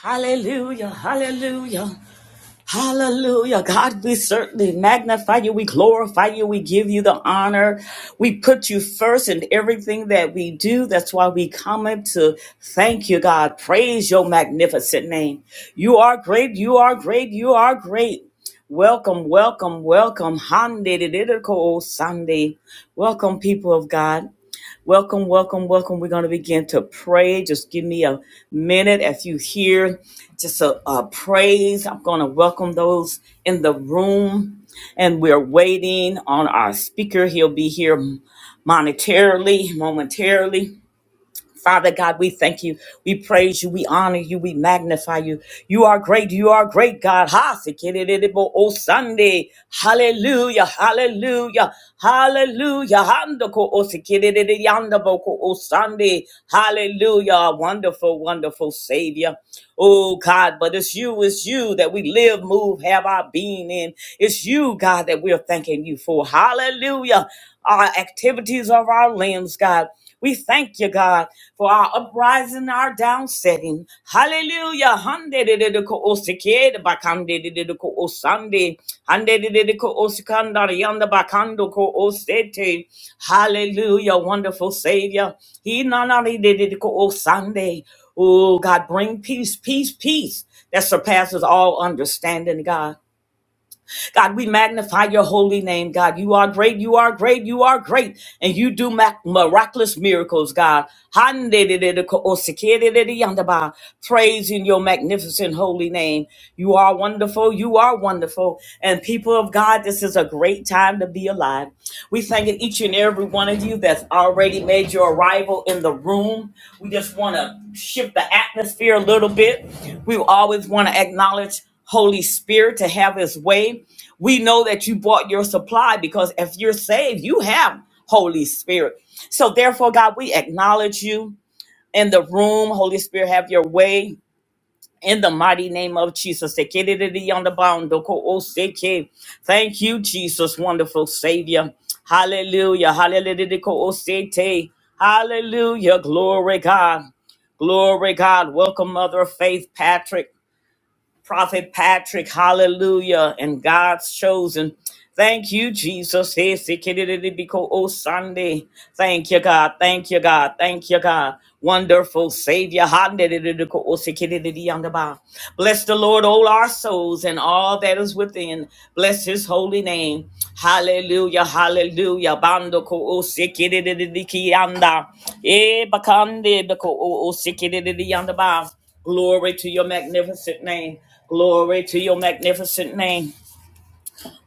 Hallelujah, hallelujah, hallelujah. God, we certainly magnify you, we glorify you, we give you the honor. We put you first in everything that we do. That's why we come in to thank you, God. Praise your magnificent name. You are great, you are great, you are great. Welcome, welcome, welcome. Hande de de de ko o Sunday. Welcome, people of God. Welcome, welcome, welcome. We're going to begin to pray. Just give me a minute if you hear just a, a praise. I'm going to welcome those in the room. And we're waiting on our speaker. He'll be here monetarily, momentarily. Father God, we thank you. We praise you. We honor you. We magnify you. You are great. You are great, God. Ha, sikiridibo, O Sunday. Hallelujah. Hallelujah. Hallelujah. Handoko, O sikiridi, yandaboko, O Sunday. Hallelujah. Our Wonderful, wonderful Savior. Oh God, but it's you, it's you that we live, move, have our being in. It's you, God, that we're thanking you for. Hallelujah. Our activities of our limbs, God. We thank you, God, for our uprising, our downsetting. Hallelujah. Hallelujah. Handedididiko osikandari yanda bakando ko osete. Hallelujah, wonderful Savior. He nananidididiko osande. Oh, God, bring peace, peace, peace that surpasses all understanding, God. God, we magnify your holy name, God. You are great, you are great, you are great, and you do mac- miraculous miracles, God. Handididididico-osikidididiyandaba. Praise in your magnificent holy name. You are wonderful, you are wonderful. And people of God, this is a great time to be alive. We thanking each and every one of you that's already made your arrival in the room. We just want to shift the atmosphere a little bit. We always want to acknowledge. Holy Spirit to have his way. We know that you bought your supply because if you're saved, you have Holy Spirit. So therefore, God, we acknowledge you in the room. Holy Spirit, have your way in the mighty name of Jesus. Thank you, Jesus, wonderful Savior. Hallelujah. Hallelujah. Hallelujah. Glory, God. Glory, God. Welcome, Mother of Faith, Patrick. Prophet Patrick, hallelujah, and God's chosen. Thank you, Jesus. Hey, Sunday. Thank you, God. Thank you, God. Thank you, God. Wonderful Savior. Bless the Lord, all our souls and all that is within. Bless his holy name. Hallelujah. Hallelujah. Eh, Glory to your magnificent name. Glory to your magnificent name.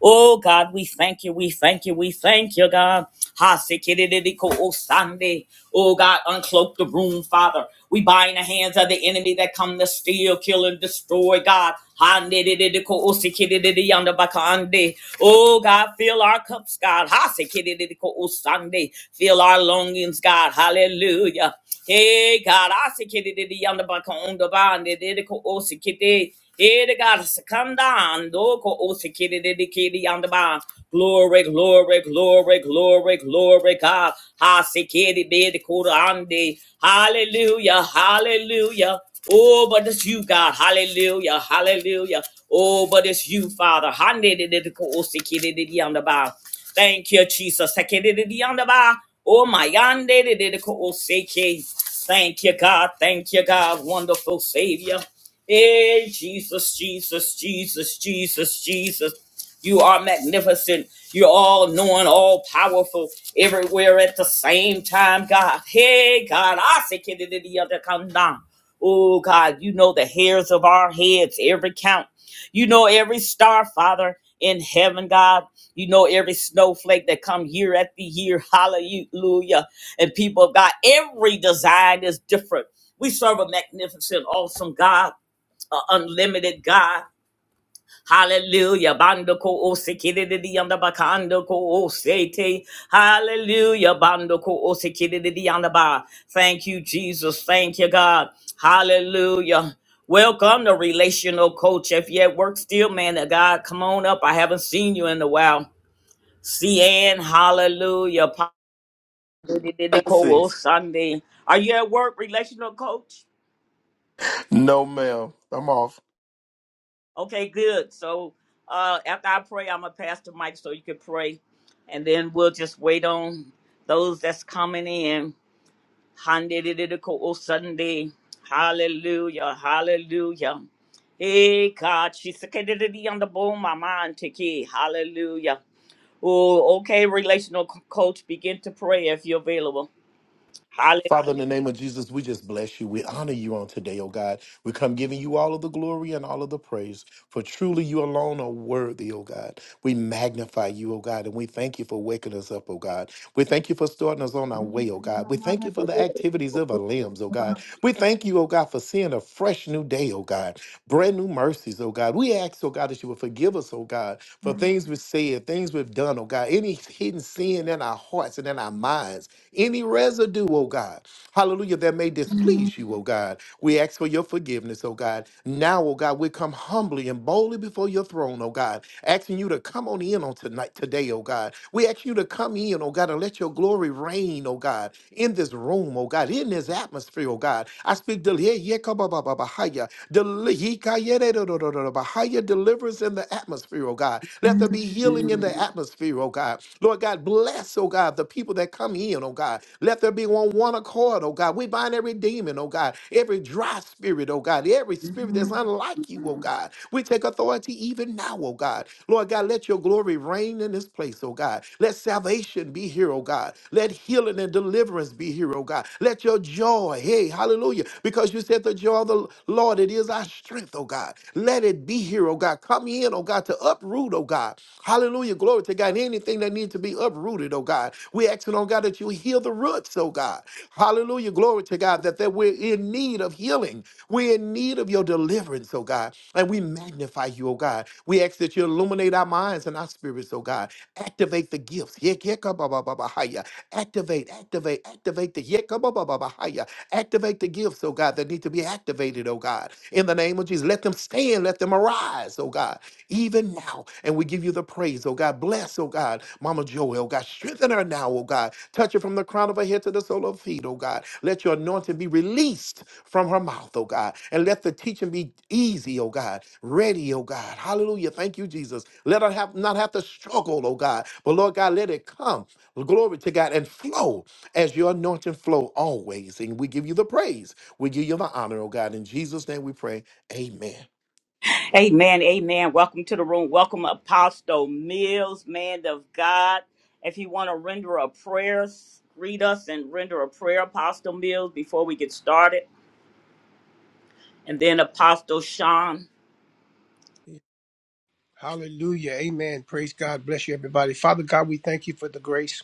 Oh God, we thank you, we thank you, we thank you, God. Ha sikidididiko o Sunday. Oh God, uncloak the room, Father. We bind the hands of the enemy that come to steal, kill, and destroy, God. Ha nidididiko o sikidididiyanda bakande. Oh God, fill our cups, God. Ha sikidididiko o Sunday. Fill our longings, God. Hallelujah. Hey God, I sikidididiyanda bakondabande. Didiko o sikidi. Ere God, secondando, ko osikiri de kiri on the bond. Glory, glory, glory, glory, glory, God. Hasikiri be the kurande. Hallelujah, hallelujah. Oh, but it's you, God. Hallelujah, hallelujah. Oh, but it's you, Father. Hande de de ko osikiri de on the bond. Thank you, Jesus. Sekiri de on the bond. Oh, my yande de de ko osiki. Thank you, God. Thank you, God. Wonderful Savior. Hey, Jesus, Jesus, Jesus, Jesus, Jesus. You are magnificent. You're all knowing, all powerful, everywhere at the same time, God. Hey, God, I say, "Kid, did the other come down. Oh, God, you know the hairs of our heads, every count. You know every star, Father, in heaven, God. You know every snowflake that come year after year. Hallelujah. And people of God, every design is different. We serve a magnificent, awesome God uh, unlimited God. Hallelujah. Bando ko o sekididi yanda bakando ko o sete. Hallelujah. Bando ko o sekididi yanda ba. Thank you, Jesus. Thank you, God. Hallelujah. Welcome to Relational Coach. If you at work still, man of God, come on up. I haven't seen you in a while. CN, hallelujah. Pa- didi ko o blessings. Sunday. Are you at work, Relational Coach? No, ma'am. I'm off. Okay, good. So uh, after I pray, I'm gonna pass the mic so you can pray, and then we'll just wait on those that's coming in. Hallelujah, Sunday. Hallelujah, hallelujah. Hey God, she's seconded on the boom, my mind ticky. Hallelujah. Oh, okay, relational co- coach, begin to pray if you're available. Father, in the name of Jesus, we just bless you. We honor you on today, oh God. We come giving you all of the glory and all of the praise, for truly you alone are worthy, oh God. We magnify you, oh God, and we thank you for waking us up, oh God. We thank you for starting us on our way, oh God. We thank you for the activities of our limbs, oh God. We thank you, oh God, for seeing a fresh new day, oh God. Brand new mercies, oh God. We ask, oh God, that you would forgive us, oh God, for things we've said, things we've done, oh God, any hidden sin in our hearts and in our minds, any residue, oh God, hallelujah, that may displease you, oh God. We ask for your forgiveness, oh God. Now, oh God, we come humbly and boldly before your throne, oh God, asking you to come on in on tonight, today, oh God. We ask you to come in, oh God, and let your glory reign, oh God, in this room, oh God, in this atmosphere, oh God. I speak del- yeah, yeah, ka- ba- ba- ba- ba- hi- ya. Del- he- ka- yeah, da- da- da- da- da- da- ba- hi- ya. deliverance in the atmosphere, oh God. Let there be healing in the atmosphere, oh God. Lord God, bless, oh God, the people that come in, oh God. Let there be on one accord, oh God. We bind every demon, oh God, every dry spirit, oh God, every spirit that's unlike you, oh God. We take take authority even now, oh God. Lord God, let your glory reign in this place, oh God. Let salvation be here, oh God. Let healing and deliverance be here, oh God. Let your joy, hey, hallelujah, because you said the joy of the Lord, it is our strength, oh God. Let it be here, oh God. Come in, oh God, to uproot, oh God. Hallelujah, glory to God. Anything that needs to be uprooted, oh God. We're asking, oh God, that you heal the roots, oh God. Hallelujah, glory to God, that, that we're in need of healing. We're in need of your deliverance, oh God. And we magnify you, oh God. We ask that you illuminate our minds and our spirits, oh God. Activate the gifts. Yekekabababahaya. Activate, activate, activate the yekabababahaya. activate the gifts, oh God, that need to be activated, oh God. In the name of Jesus, let them stand, let them arise, oh God, even now. And we give you the praise, oh God. Bless, oh God, Mama Joey, oh God. Strengthen her now, oh God. Touch her from the crown of her head to the sole of her feet, oh God. Let your anointing be released released from her mouth, oh God. And let the teaching be easy, oh God. Ready, oh God. Hallelujah. Thank you, Jesus. Let her have not have to struggle, oh God. But Lord God, let it come. Glory to God and flow as your anointing flow always. And we give you the praise. We give you the honor, oh God. In Jesus' name we pray. Amen. Amen, amen. Welcome to the room. Welcome, Apostle Mills, man of God. If you want to render a prayer, s- greet us and render a prayer, Apostle Mills, before we get started. And then Apostle Sean. Hallelujah. Amen. Praise God. Bless you, everybody. Father God, we thank you for the grace.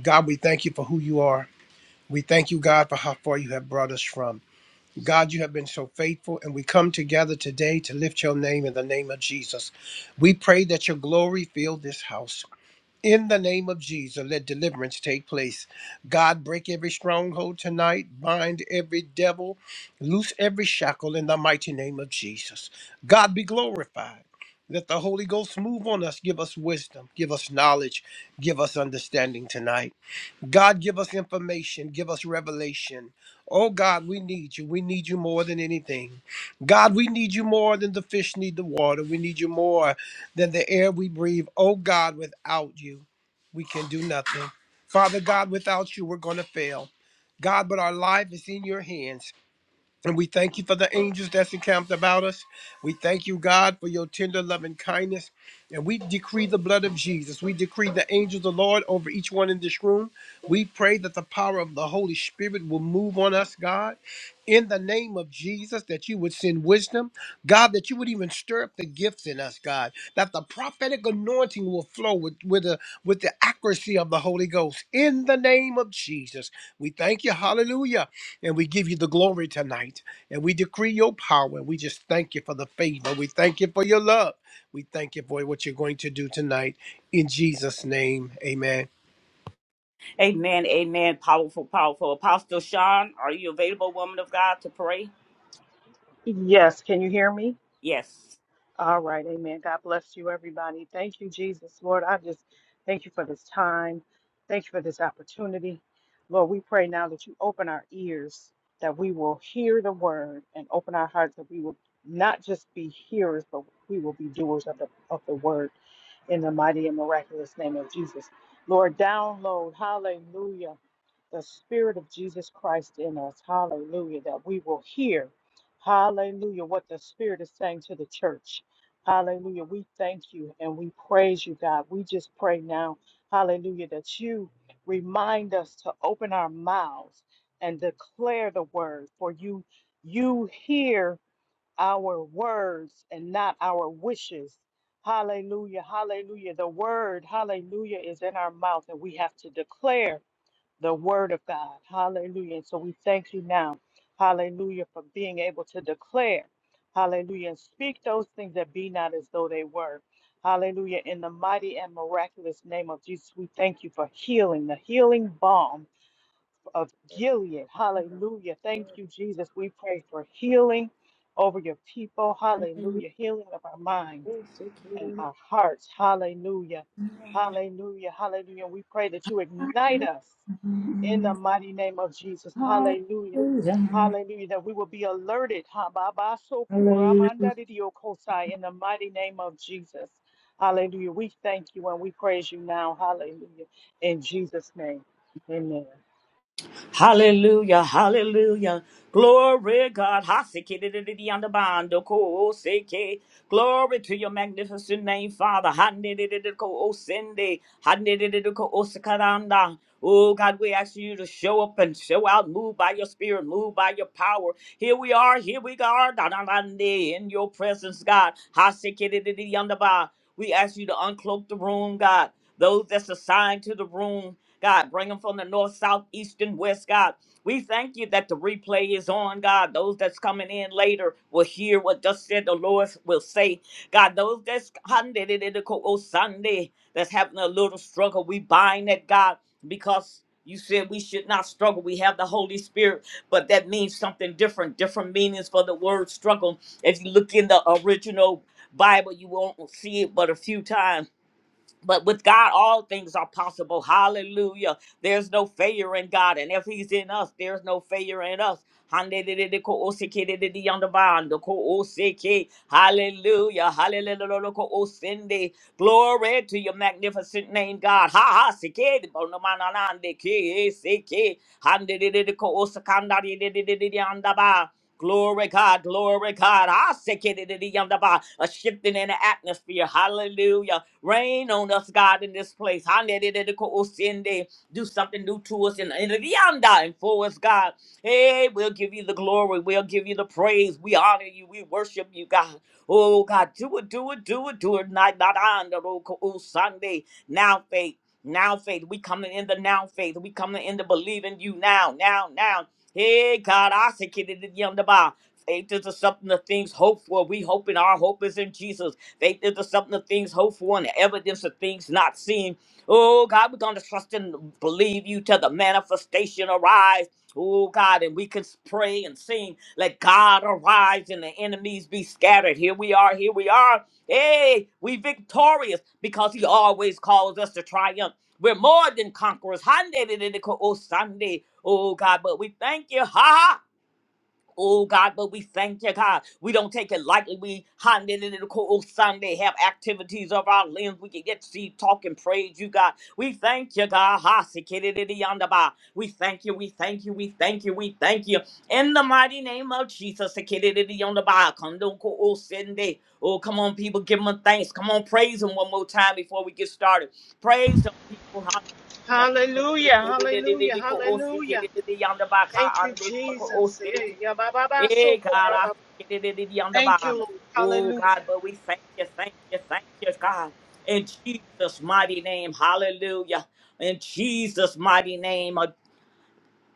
God, we thank you for who you are. We thank you, God, for how far you have brought us from. God, you have been so faithful, and we come together today to lift your name in the name of Jesus. We pray that your glory fill this house. In the name of Jesus, let deliverance take place. God, break every stronghold tonight, bind every devil, loose every shackle in the mighty name of Jesus. God be glorified. Let the Holy Ghost move on us, give us wisdom, give us knowledge, give us understanding tonight. God, give us information, give us revelation. Oh God, we need you. We need you more than anything. God, we need you more than the fish need the water. We need you more than the air we breathe. Oh God, without you, we can do nothing. Father God, without you, we're going to fail. God, but our life is in your hands. And we thank you for the angels that's encamped about us. We thank you, God, for your tender loving kindness. And we decree the blood of Jesus. We decree the angels of the Lord over each one in this room. We pray that the power of the Holy Spirit will move on us, God. In the name of Jesus, that you would send wisdom, God, that you would even stir up the gifts in us, God, that the prophetic anointing will flow with, with, the, with the accuracy of the Holy Ghost. In the name of Jesus, we thank you, hallelujah and we give you the glory tonight. And we decree your power. And we just thank you for the favor. We thank you for your love. We thank you for what you're going to do tonight. In Jesus' name, amen. Amen, amen. Powerful, powerful. Apostle Sean, are you available, woman of God, to pray? Yes, can you hear me? Yes. All right, amen. God bless you, everybody. Thank you, Jesus. Lord, I just thank you for this time. Thank you for this opportunity. Lord, we pray now that you open our ears, that we will hear the word and open our hearts, that we will not just be hearers, but we will be doers of the, of the word in the mighty and miraculous name of Jesus. Lord, download, hallelujah the Spirit of Jesus Christ in us. Hallelujah. That we will hear, hallelujah, what the Spirit is saying to the church. Hallelujah. We thank you and we praise you, God. We just pray now, hallelujah, that you remind us to open our mouths and declare the word, for you you hear our words and not our wishes. Hallelujah. Hallelujah. The word, hallelujah, is in our mouth and we have to declare the word of God. Hallelujah. And so we thank you now. Hallelujah for being able to declare. Hallelujah. And speak those things that be not as though they were. Hallelujah. In the mighty and miraculous name of Jesus, we thank you for healing, the healing balm of Gilead. Hallelujah. Thank you, Jesus. We pray for healing over your people. Hallelujah. Hallelujah. Healing of our minds and our hearts. Hallelujah. Hallelujah. Hallelujah. We pray that you ignite us in the mighty name of Jesus. Hallelujah. Hallelujah. That we will be alerted. Ha, ba, ba, so, ku, Hallelujah. di, di, o, ko, In the mighty name of Jesus. Hallelujah. We thank you and we praise you now. Hallelujah. In Jesus' name. Amen. Hallelujah, hallelujah. Glory, God. Hasikididididiyandabandokoseke. Glory to your magnificent name, Father. Hanidididikoosende. Hanidididikoosakaranda. Oh, God, we ask you to show up and show out. Move by your spirit, move by your power. Here we are, here we are. da-da-da-de, In your presence, God. Hasikidididiyandaba. We ask you to uncloak the room, God. Those that's assigned to the room. God, bring them from the north, south, east, and west, God. We thank you that the replay is on, God. Those that's coming in later will hear what thus said the Lord will say. God, those that's Sunday that's having a little struggle, we bind that, God, because you said we should not struggle. We have the Holy Spirit, but that means something different, different meanings for the word struggle. If you look in the original Bible, you won't see it but a few times but with God, all things are possible. Hallelujah. There's no failure in God. And if He's in us, there's no failure in us. Handidididico-osikidididiyondabandoko-osiki. Hallelujah. Hallelujah. Glory to your magnificent name, God. Ha ha sikid bonomananande ki siki. Handidididiko-osikandadididididiyondaba. Glory God, glory God. Ha sikidididiyondaba. A shifting in the atmosphere. Hallelujah. Rain on us, God, in this place. Hanedededeko-osende. Do something new to us and in the yanda and for us, God. Hey, we'll give you the glory. We'll give you the praise. We honor you. We worship you, God. Oh, God, do it, do it, do it, do it. Not, not on the Sunday. Now, faith. Now faith. We coming in the now faith. We coming in the believing you now, now, now. Hey God, I say kid it is young the bar. Faith is the something of things hoped for. We hoping our hope is in Jesus. They did the something of things hoped for and the evidence of things not seen. Oh God, we're gonna trust and believe you till the manifestation arrives. Oh God, and we can pray and sing, let God arise and the enemies be scattered. Here we are, here we are. Hey, we victorious because he always calls us to triumph. We're more than conquerors. Hande de de de ko- Oh Sunday. Oh God, but we thank you. Ha ha Oh God, but we thank you, God. We don't take it lightly. We hand it in the cool Sunday, have activities of our limbs. We can get to see, talk, and praise you, God. We thank you, God. Ha, si, ki, We thank you, we thank you, we thank you, we thank you. In the mighty name of Jesus, si, ki, di, di, di, cool Sunday. Oh, come on, people, give him a thanks. Come on, praise him one more time before we get started. Praise him, people. Hallelujah. Hallelujah, hallelujah, Sikididi ko'o hallelujah. sikididi yandaba. Thank Ka you, ande ko'o Jesus. Yeah, sete. yeah, ba, ba, ba, so Hey, God, cool, ba, I ba. see it it, it, on the Thank bottom. you, Oh, Lord. God, but we thank you, thank you, thank you, God. In Jesus' mighty name, hallelujah. In Jesus' mighty name, uh,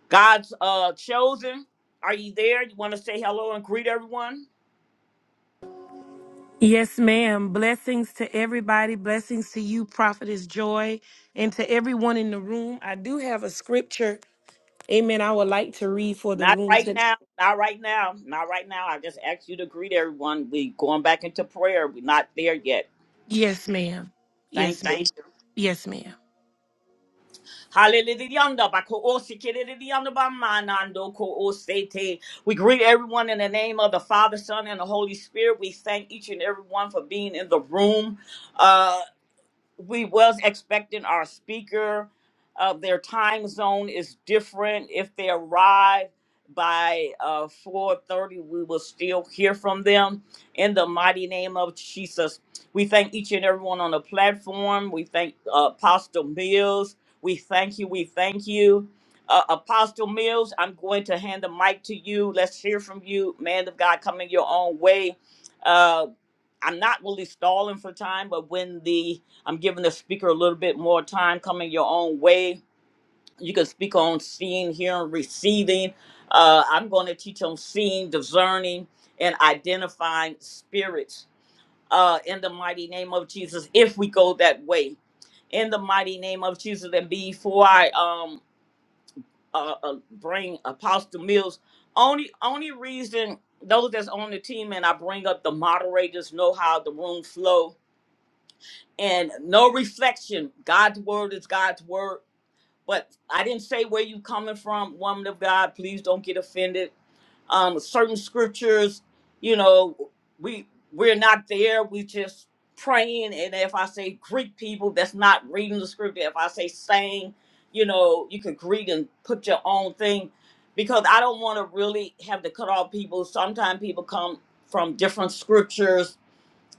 God's uh, chosen. Are you there? You want to say hello and greet everyone? Yes, ma'am. Blessings to everybody. Blessings to you, Prophetess Joy, and to everyone in the room. I do have a scripture, amen, I would like to read for the Not room. right to- now. Not right now. Not right now. I just asked you to greet everyone. We going back into prayer. We're not there yet. Yes, ma'am. Thank Yes, ma'am. you. Thank you. Yes, ma'am. Hallelujah. Bako osi kereleliyanda ba manando ko osete. We greet everyone in the name of the Father, Son, and the Holy Spirit. We thank each and every one for being in the room. uh, we was expecting our speaker. Uh, their time zone is different. If they arrive by uh, 4.30, we will still hear from them. In the mighty name of Jesus, we thank each and everyone on the platform. We thank uh, Apostle Mills. We thank you. We thank you. Uh, Apostle Mills, I'm going to hand the mic to you. Let's hear from you. Man of God, come in your own way Uh, I'm not really stalling for time, but when the I'm giving the speaker a little bit more time coming your own way, you can speak on seeing, hearing, receiving. Uh, I'm going to teach on seeing, discerning, and identifying spirits uh, in the mighty name of Jesus. If we go that way, in the mighty name of Jesus, and before I um uh, uh, bring Apostle Mills, only only reason those that's on the team and I bring up the moderators know how the room flow and no reflection. God's word is God's word. But I didn't say where you coming from, woman of God. Please don't get offended. Um, certain scriptures, you know, we we're not there. We just praying. And if I say Greek people, that's not reading the scripture. If I say saying, you know, you could greet and put your own thing, because I don't want to really have to cut off people. Sometimes people come from different scriptures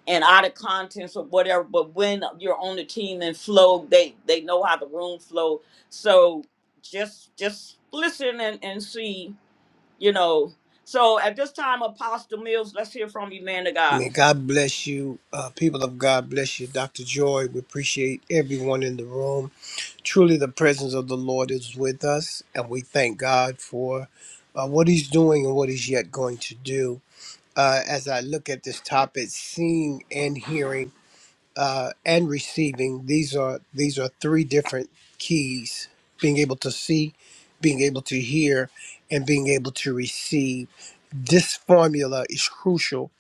and out of contents or whatever. But when you're on the team and flow, they they know how the room flow. So just just listen and, and see, you know. So at this time, Apostle Mills, let's hear from you, man of God. May God bless you. Uh, people of God bless you. Dr. Joy, we appreciate everyone in the room. Truly, the presence of the Lord is with us. And we thank God for uh, what he's doing and what he's yet going to do. Uh, as I look at this topic, seeing and hearing uh, and receiving these are these are three different keys being able to see being able to hear and being able to receive this formula is crucial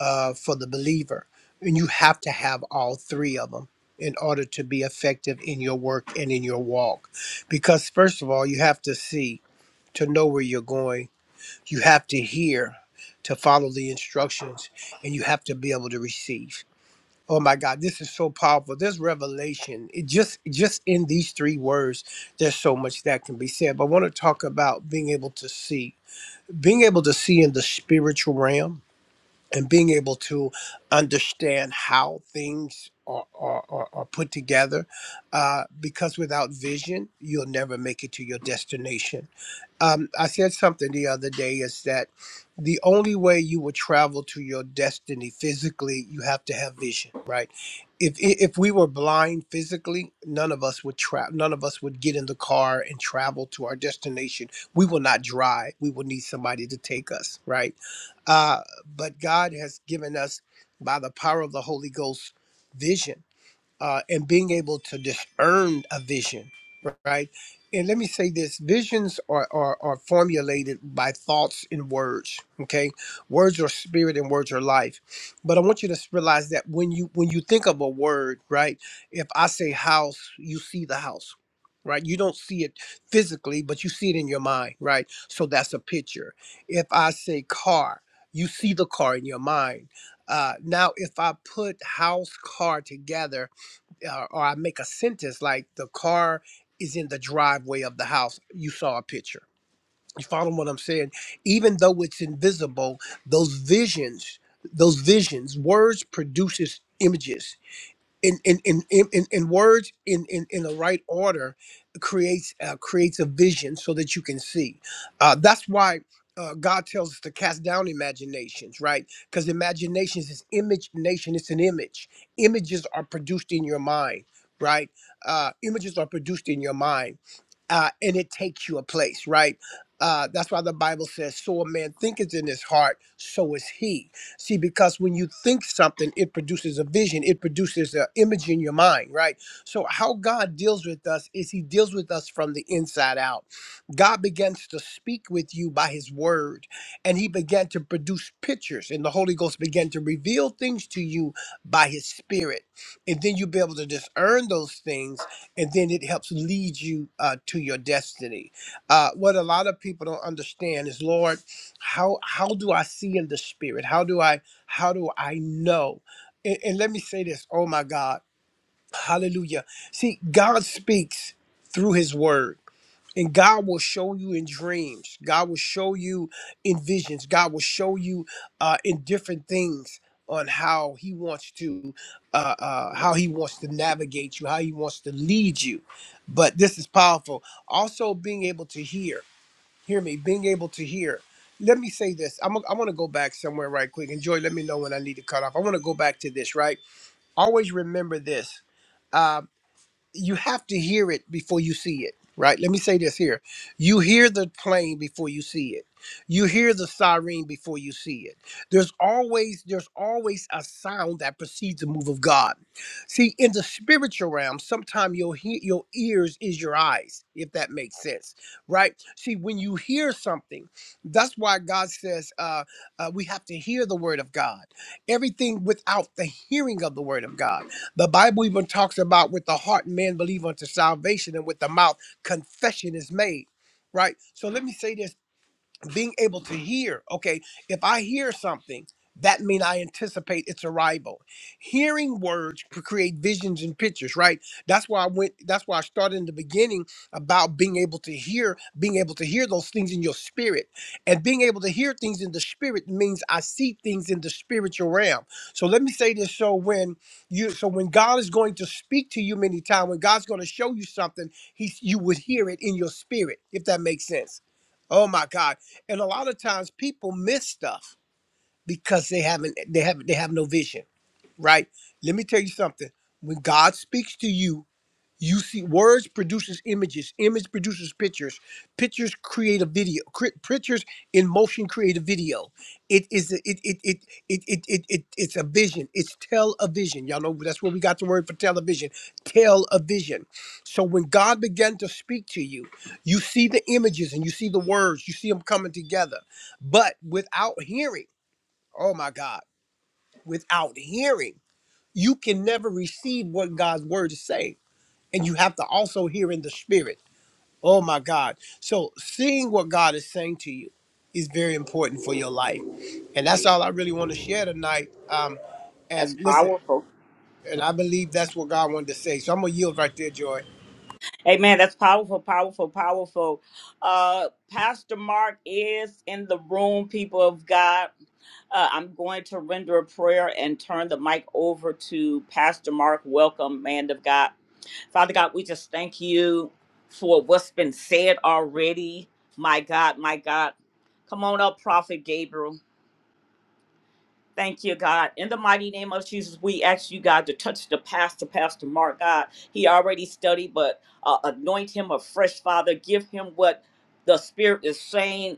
uh, for the believer and you have to have all three of them in order to be effective in your work and in your walk because first of all you have to see to know where you're going you have to hear to follow the instructions and you have to be able to receive Oh my God, this is so powerful. This revelation, it just just in these three words, there's so much that can be said. But I want to talk about being able to see, being able to see in the spiritual realm and being able to understand how things are, are, are, are put together. Uh, because without vision, you'll never make it to your destination um, I said something the other day is that the only way you will travel to your destiny physically, you have to have vision, right? If if we were blind physically, none of us would travel. None of us would get in the car and travel to our destination. We will not drive. We will need somebody to take us, right? Uh, but God has given us by the power of the Holy Ghost vision uh, and being able to discern a vision, right? And let me say this visions are, are, are formulated by thoughts and words, okay? Words are spirit and words are life. But I want you to realize that when you when you think of a word, right? If I say house, you see the house, right? You don't see it physically, but you see it in your mind, right? So that's a picture. If I say car, you see the car in your mind. Uh, now, if I put house, car together, uh, or I make a sentence like the car is in the driveway of the house. You saw a picture. You follow what I'm saying? Even though it's invisible, those visions, those visions, words produces images in in in in, in in words in, in in the right order creates uh, creates a vision so that you can see uh, that's why uh, God tells us to cast down imaginations, right? Because imaginations is image nation. It's an image. Images are produced in your mind, right? Uh, images are produced in your mind uh, and it takes you a place, right? Uh, that's why the Bible says, So a man thinketh in his heart, so is he. See, because when you think something, it produces a vision, it produces an image in your mind, right? So, how God deals with us is he deals with us from the inside out. God begins to speak with you by his word, and he began to produce pictures, and the Holy Ghost began to reveal things to you by his spirit. And then you'll be able to discern those things and then it helps lead you uh, to your destiny. Uh, what a lot of people don't understand is, Lord, how how do I see in the spirit? How do I how do I know? And, and let me say this. Oh my God Hallelujah. See, God speaks through his word. And God will show you in dreams. God will show you in visions. God will show you uh, in different things on how He wants to, uh, uh, how He wants to navigate you, how He wants to lead you. But this is powerful. Also, being able to hear. Hear me. Being able to hear. Let me say this. I'm. I want to go back somewhere right quick. And Joy, let me know when I need to cut off. I want to go back to this. Right. Always remember this. Uh, you have to hear it before you see it, right? Let me say this here. You hear the plane before you see it. You hear the siren before you see it. There's always there's always a sound that precedes the move of God. See, in the spiritual realm, sometimes your he- your ears is your eyes, if that makes sense, right? See, when you hear something, that's why God says uh, uh, we have to hear the word of God. Everything without the hearing of the word of God. The Bible even talks about with the heart man believe unto salvation and with the mouth confession is made. Right? So let me say this being able to hear okay if i hear something that means i anticipate its arrival hearing words cr- create visions and pictures right that's why i went that's why i started in the beginning about being able to hear being able to hear those things in your spirit and being able to hear things in the spirit means i see things in the spiritual realm so let me say this so when you so when god is going to speak to you many times when god's going to show you something he you would hear it in your spirit if that makes sense Oh my God and a lot of times people miss stuff because they haven't they have they have no vision right let me tell you something when god speaks to you you see, words produces images. Image produces pictures. Pictures create a video. Cre- pictures in motion create a video. It is a, it, it, it, it, it, it, it it's a vision. It's television. Y'all know that's where we got the word for television. Television. So when God began to speak to you, you see the images and you see the words. You see them coming together. But without hearing, oh my God, without hearing, you can never receive what God's word is saying and you have to also hear in the spirit. Oh my God. So seeing what God is saying to you is very important for your life. And that's all I really want to share tonight. Um, That's and listen, powerful. and I believe that's what God wanted to say. So I'm going to yield right there, Joy. Amen. That's powerful, powerful, powerful. Uh, Pastor Mark is in the room, people of God. Uh, I'm going to render a prayer and turn the mic over to Pastor Mark. Welcome, man of God. Father God, we just thank you for what's been said already. My God, my God. Come on up, Prophet Gabriel. Thank you, God. In the mighty name of Jesus, we ask you, God, to touch the pastor, Pastor Mark, God. He already studied, but uh, anoint him afresh, Father. Give him what the Spirit is saying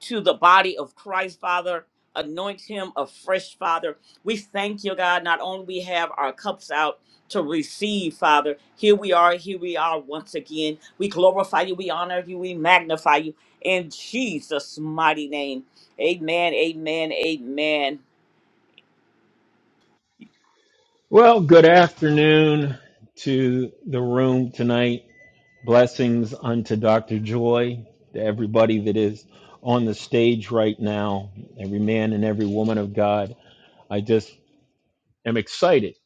to the body of Christ, Father. Anoint him afresh, Father. We thank you, God. Not only we have our cups out to receive, Father. Here we are, here we are once again. We glorify you, we honor you, we magnify you in Jesus' mighty name. Amen, amen, amen. Well, good afternoon to the room tonight. Blessings unto Dr. Joy, to everybody that is on the stage right now, every man and every woman of God. I just am excited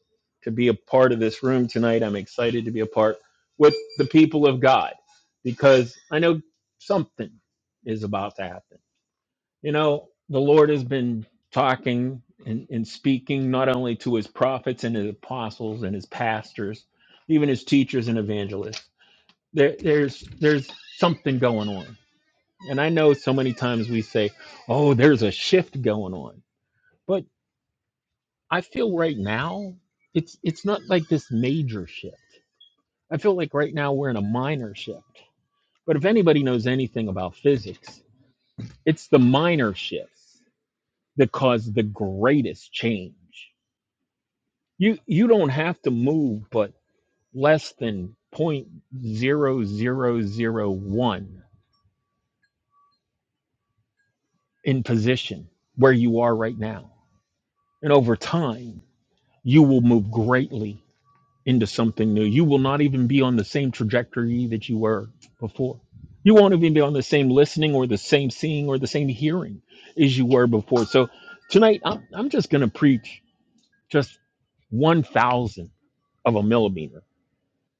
to be a part of this room tonight. I'm excited to be a part with the people of God because I know something is about to happen. You know, the Lord has been talking and, and speaking not only to his prophets and his apostles and his pastors, even his teachers and evangelists. There, there's there's something going on. And I know so many times we say, "Oh, there's a shift going on." But I feel right now it's it's not like this major shift. I feel like right now we're in a minor shift. But if anybody knows anything about physics, it's the minor shifts that caused the greatest change. You you don't have to move but less than point zero zero zero one in position where you are right now. And over time, you will move greatly into something new. You will not even be on the same trajectory that you were before. You won't even be on the same listening or the same seeing or the same hearing as you were before. So tonight I'm I'm just gonna preach just one thousandth of a millimeter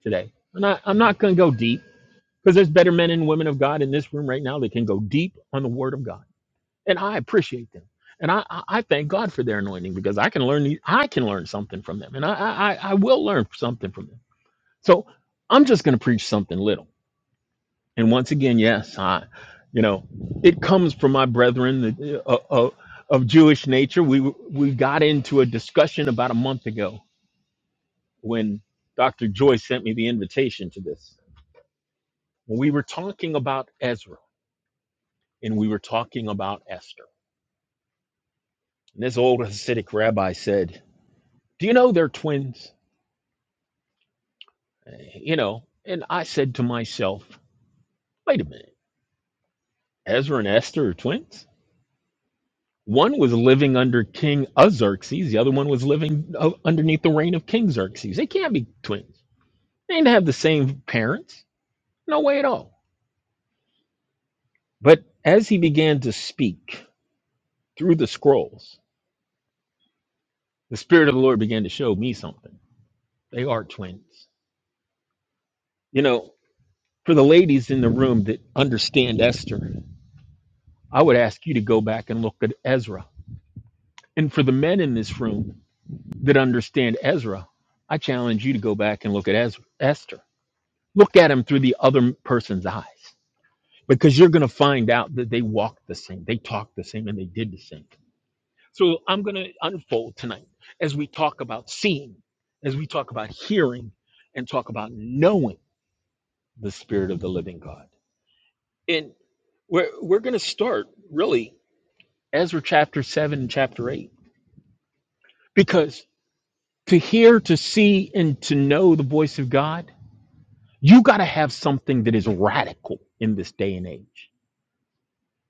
today. And I, I'm not going to go deep because there's better men and women of God in this room right now that can go deep on the Word of God, and I appreciate them. And I, I I thank God for their anointing because I can learn the- I can learn something from them, and I I, I I will learn something from them. So I'm just going to preach something little. And once again, yes, I, you know, it comes from my brethren that uh, uh, of Jewish nature. We we got into a discussion about a month ago when Dr. Joy sent me the invitation to this When we were talking about Ezra and we were talking about Esther, and this old Hasidic rabbi said, Do you know they're twins? You know, and I said to myself, Wait a minute, Ezra and Esther are twins? One was living under King Xerxes, the other one was living uh, underneath the reign of King Xerxes. They can't be twins. They didn't have the same parents. No way at all. But as he began to speak through the scrolls, the Spirit of the Lord began to show me something. They are twins. You know, For the ladies in the room that understand Esther, I would ask you to go back and look at Ezra. And for the men in this room that understand Ezra, I challenge you to go back and look at Ezra, Esther. Look at him through the other person's eyes because you're going to find out that they walked the same, they talked the same, and they did the same. So I'm going to unfold tonight as we talk about seeing, as we talk about hearing, and talk about knowing the Spirit of the living God. And we're, we're going to start really. Ezra chapter 7 and chapter 8. Because to hear, to see, and to know the voice of God, you got to have something that is radical in this day and age.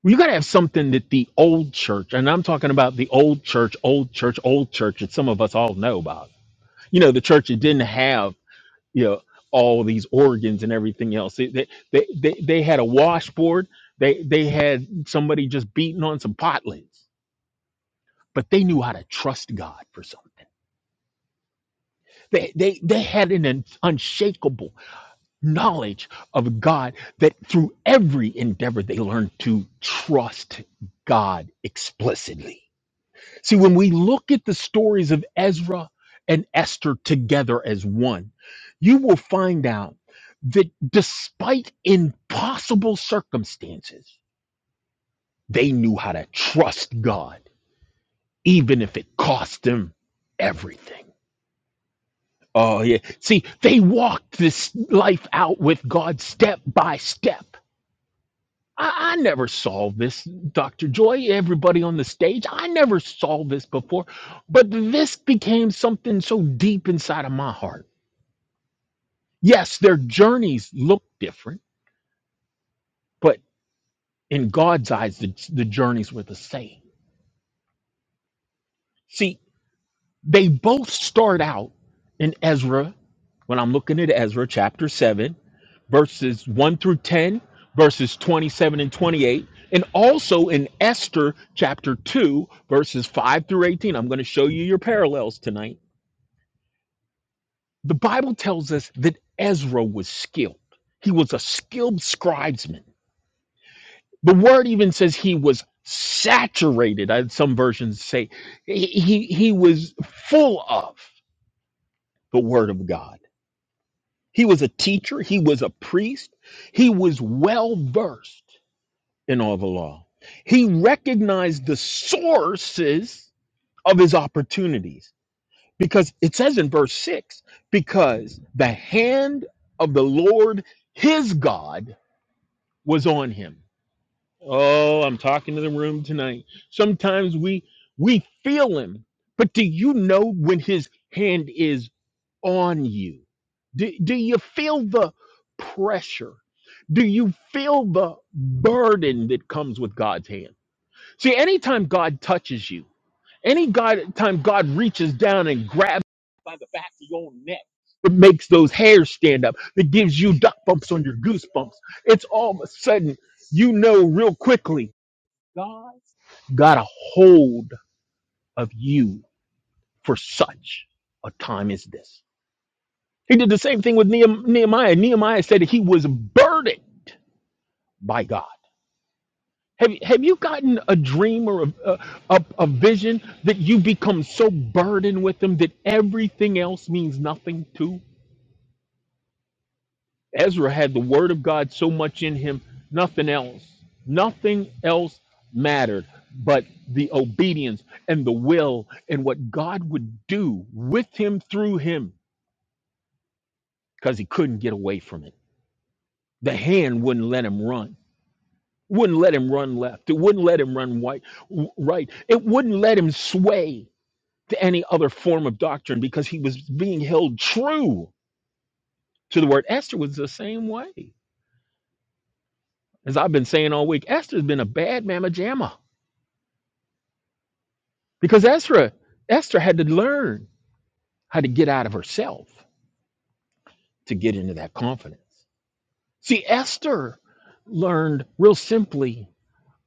You got to have something that the old church, and I'm talking about the old church, old church, old church that some of us all know about. You know, the church that didn't have, you know, all these organs and everything else. They, they, they, they they had a washboard. They, they had somebody just beating on some pot lids, but they knew how to trust God for something They, they, they had an un- unshakable knowledge of God that through every endeavor they learned to trust God explicitly. See, when we look at the stories of Ezra and Esther together as one, you will find out that despite impossible circumstances, they knew how to trust God, even if it cost them everything. Oh, yeah. See, they walked this life out with God step by step. I, I never saw this, Dr. Joy, everybody on the stage. I never saw this before, but this became something so deep inside of my heart. Yes, their journeys look different, but in God's eyes, the, the journeys were the same. See, they both start out in Ezra, when I'm looking at Ezra chapter 7 verses 1 through 10, verses 27 and 28, and also in Esther chapter 2, verses 5 through 18. I'm going to show you your parallels tonight. The Bible tells us that Ezra was skilled, he was a skilled scribesman. The word even says he was saturated, I- some versions say he, he, he was full of the word of God. He was a teacher, he was a priest, he was well versed. in all the law. He recognized the sources of his opportunities because it says in verse 6 because the hand of the Lord his God was on him. Oh, I'm talking to the room tonight. Sometimes we we feel him, but do you know when his hand is on you? Do, do you feel the pressure? Do you feel the burden that comes with God's hand? See, anytime God touches you, any God time God reaches down and grabs it makes those hairs stand up, that gives you duck bumps on your goosebumps, it's all of a sudden you know real quickly got a hold of you for such a time as this. He did the same thing with Nehem- Nehemiah. Nehemiah said that he was burdened by God. Have, have you gotten a dream or a, a, a a vision that you become so burdened with them that everything else means nothing to? Ezra had the word of God so much in him, nothing else, nothing else mattered but the obedience and the will and what God would do with him through him because he couldn't get away from it. The hand wouldn't let him run, wouldn't let him run left, it wouldn't let him run white, right, it wouldn't let him sway to any other form of doctrine because he was being held true to the word. Esther was the same way. As I've been saying all week, Esther's been a bad mama jamma because Esther, Esther had to learn how to get out of herself to get into that confidence. See, Esther learned real simply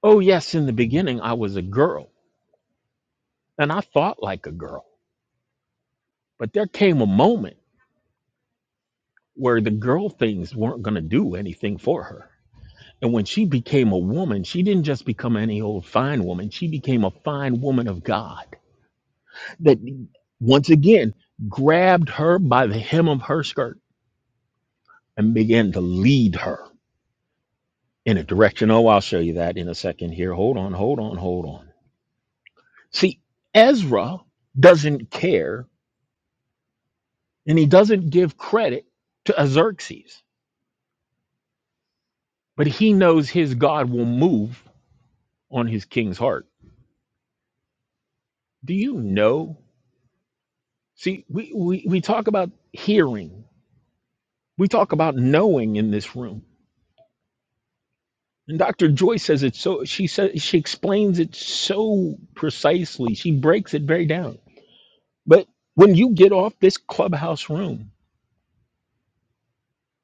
oh, yes, in the beginning, I was a girl and I thought like a girl, but there came a moment where the girl things weren't going to do anything for her And when she became a woman, she didn't just become any old fine woman. She became a fine woman of God that once again grabbed her by the hem of her skirt and began to lead her in a direction. Oh, I'll show you that in a second here. Hold on, hold on, hold on. See, Ezra doesn't care and he doesn't give credit to Xerxes, but he knows his God will move on his king's heart. Do you know? See, we, we, we talk about hearing We talk about knowing in this room. And Dr. Joy says it so she says she explains it so precisely. She breaks it very down. But when you get off this clubhouse room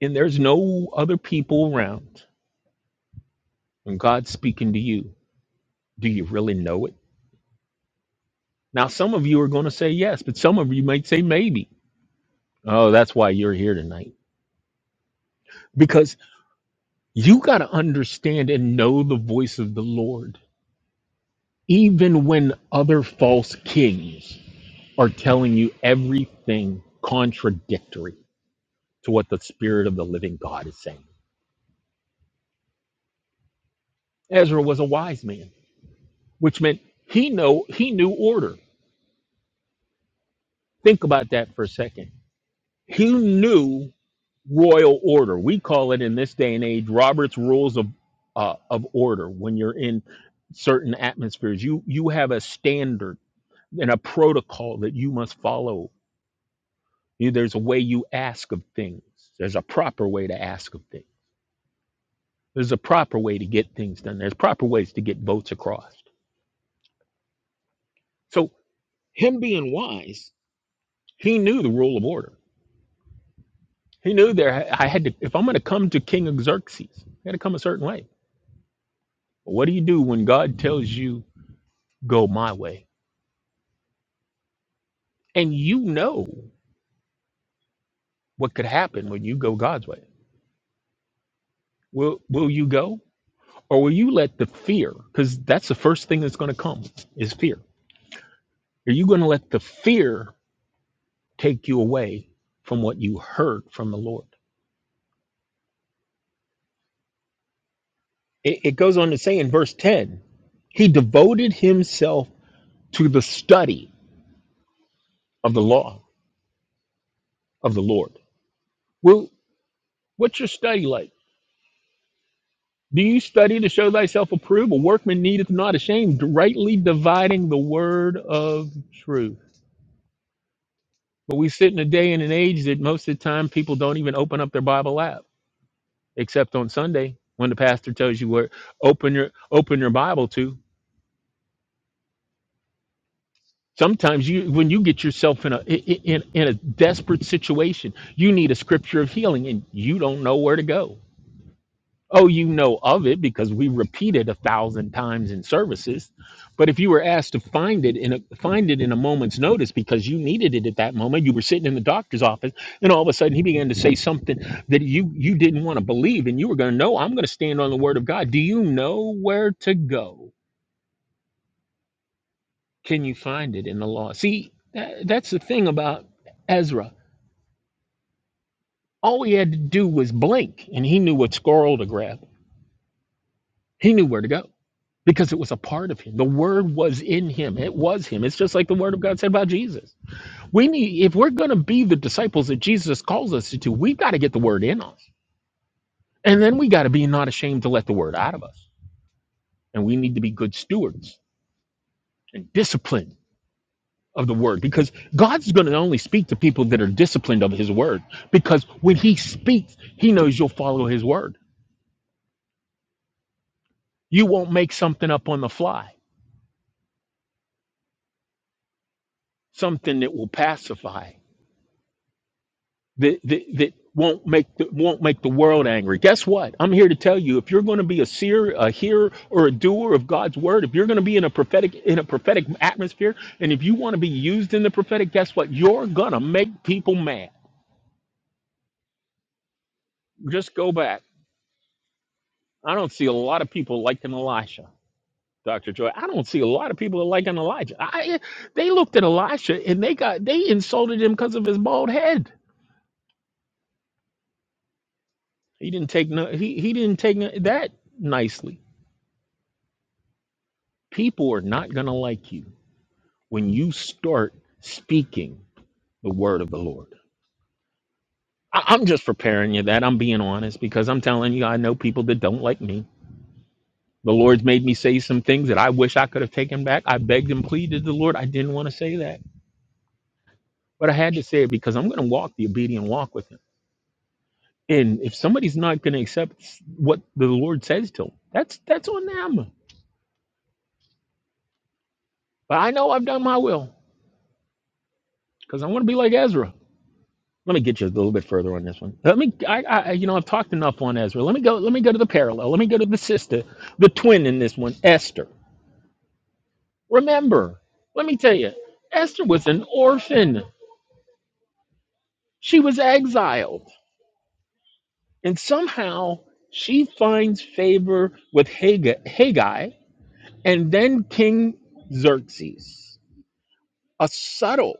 and there's no other people around and God's speaking to you, do you really know it? Now some of you are going to say yes, but some of you might say maybe. Oh, that's why you're here tonight. Because you got to understand and know the voice of the Lord even when other false kings are telling you everything contradictory to what the spirit of the living God is saying. Ezra was a wise man, which meant he know he knew order. Think about that for a second. He knew royal order. We call it in this day and age Robert's rules of uh, of order. When you're in certain atmospheres, you you have a standard and a protocol that you must follow. You- There's a way you ask of things. There's a proper way to ask of things There's a proper way to get things done. There's proper ways to get votes across. So him being wise, he knew the rule of order. He knew there I had to if I'm gonna come to King Xerxes, I gotta come a certain way. But what do you do when God tells you go my way? And you know what could happen when you go God's way. Will will you go? Or will you let the fear, because that's the first thing that's gonna come is fear. Are you gonna let the fear take you away from what you heard from the Lord? It, it goes on to say in verse 10, he devoted himself to the study of the law of the Lord. Well, what's your study like? Do you study to show thyself approved? A workman needeth not ashamed, rightly dividing the word of truth. But we sit in a day and an age that most of the time people don't even open up their Bible app, except on Sunday when the pastor tells you where open your open your Bible to. Sometimes you, when you get yourself in a in, in a desperate situation, you need a scripture of healing, and you don't know where to go. Oh, you know of it because we repeat it a thousand times in services. But if you were asked to find it in a find it in a moment's notice because you needed it at that moment, you were sitting in the doctor's office, and all of a sudden he began to say something that you you didn't want to believe, and you were going to know. I'm going to stand on the word of God. Do you know where to go? Can you find it in the law? See, that, that's the thing about Ezra. All he had to do was blink, and he knew what scroll to grab. He knew where to go because it was a part of him. The word was in him. It was him. It's just like the word of God said about Jesus. We need, if we're going to be the disciples that Jesus calls us to, we've got to get the word in us. And then we got to be not ashamed to let the word out of us. And we need to be good stewards and disciplined of the word because God's going to only speak to people that are disciplined of his word because when he speaks, he knows you'll follow his word. You won't make something up on the fly, something that will pacify, that, that, that won't make the, won't make the world angry. Guess what? I'm here to tell you if you're going to be a seer, a hearer or a doer of God's word, if you're going to be in a prophetic in a prophetic atmosphere and if you want to be used in the prophetic, guess what? You're going to make people mad. Just go back. I don't see a lot of people liking Elisha Dr. Joy. I don't see a lot of people that liking Elijah. I, eh, they looked at Elisha and they got they insulted him because of his bald head. He didn't take no he, he didn't take no, that nicely. People are not gonna like you when you start speaking the word of the Lord. I, I'm just preparing you that I'm being honest because I'm telling you I know people that don't like me. The Lord's made me say some things that I wish I could have taken back. I begged and pleaded the Lord. I didn't want to say that, but I had to say it because I'm going to walk the obedient walk with Him. And if somebody's not going to accept what the Lord says to them, that's that's on them. But I know I've done my will because I want to be like Ezra. Let me get you a little bit further on this one. Let me, I, I, you know, I've talked enough on Ezra. Let me go. Let me go to the parallel. Let me go to the sister, the twin in this one, Esther. Remember, let me tell you, Esther was an orphan. She was exiled, and somehow she finds favor with Hag- Haggai, and then King Xerxes. A subtle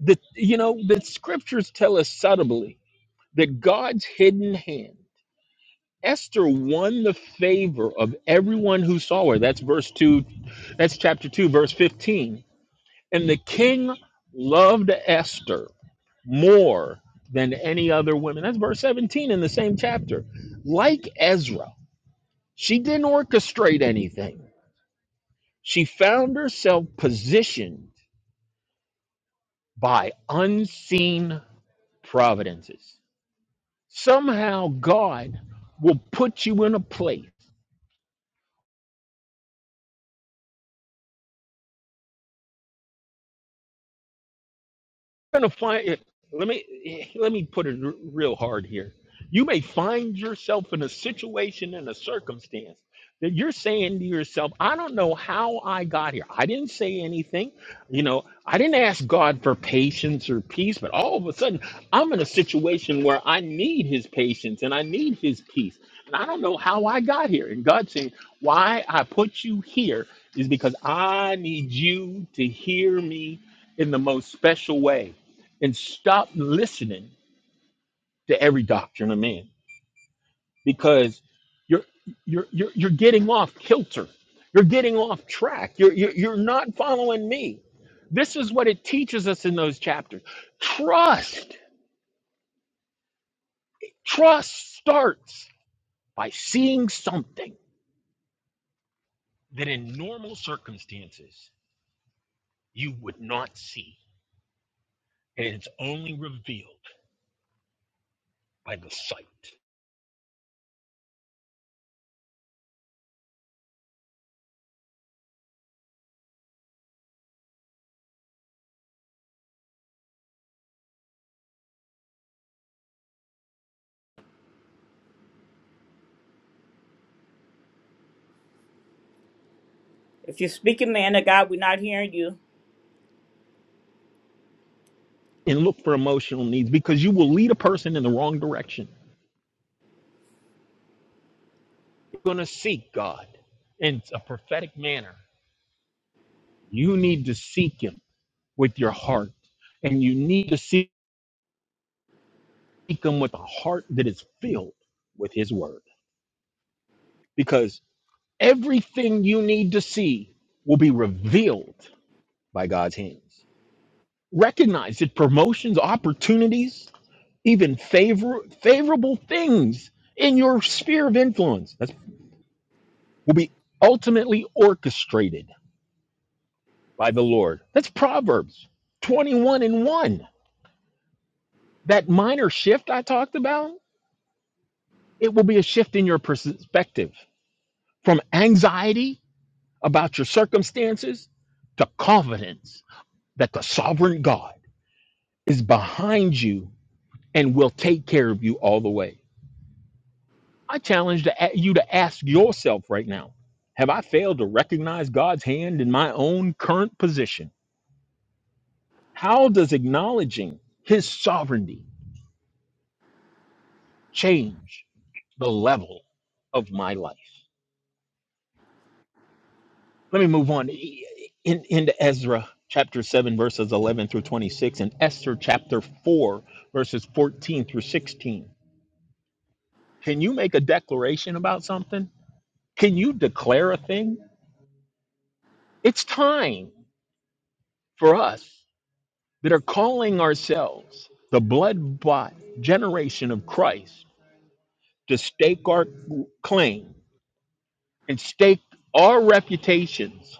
The, you know, the scriptures tell us subtly that God's hidden hand. Esther won the favor of everyone who saw her. That's verse 2, that's chapter 2, verse 15. And the king loved Esther more than any other woman. That's verse 17 in the same chapter. Like Ezra, she didn't orchestrate anything. She found herself positioned by unseen providences. Somehow God will put you in a place gonna find it. Let me let me put it r- real hard here. You may find yourself in a situation and a circumstance that you're saying to yourself, "I don't know how I got here. I didn't say anything. You know, I didn't ask God for patience or peace, but all of a sudden, I'm in a situation where I need His patience and I need His peace, and I don't know how I got here." And God saying, "Why I put you here is because I need you to hear me in the most special way." and stop listening to every doctrine of man because you're you're you're, you're getting off kilter you're getting off track you're, you're you're not following me this is what it teaches us in those chapters trust trust starts by seeing something that in normal circumstances you would not see and it's only revealed by the sight If you're speaking, man of God, we're not hearing you. and look for emotional needs because you will lead a person in the wrong direction going to seek God in a prophetic manner, you need to seek Him with your heart. And you need to seek Him with a heart that is filled with His Word. Because everything you need to see will be revealed by God's hands. Recognize that promotions, opportunities, even favor, favorable things in your sphere of influence that's, will be ultimately orchestrated by the Lord. That's Proverbs 21 and 1 that minor shift I talked about, it will be a shift in your perspective from anxiety about your circumstances to confidence that the sovereign God is behind you and will take care of you all the way. I challenge to- you to ask yourself right now Have I failed to recognize God's hand in my own current position? How does acknowledging his sovereignty change the level of my life? Let me move on E- e, in, into Ezra chapter 7, verses 11 through 26, and Esther chapter 4, verses 14 through 16. Can you make a declaration about something? Can you declare a thing? It's time for us that are calling ourselves the blood bought generation of Christ to stake our claim and stake our reputations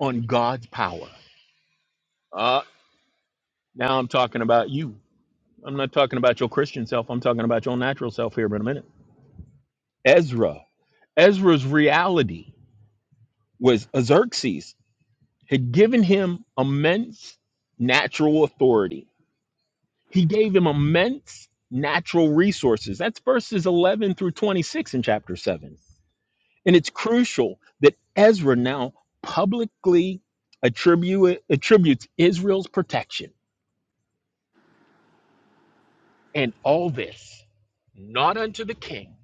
on God's power. Uh, now I'm talking about you I'm not talking about your Christian self. I'm talking about your natural self here in a minute. Ezra. Ezra's reality was Xerxes had given him immense natural authority. He gave him immense natural resources. That's verses 11 through 26 in chapter 7. And it's crucial that Ezra now publicly attribute, attributes Israel's protection and all this, not unto the king,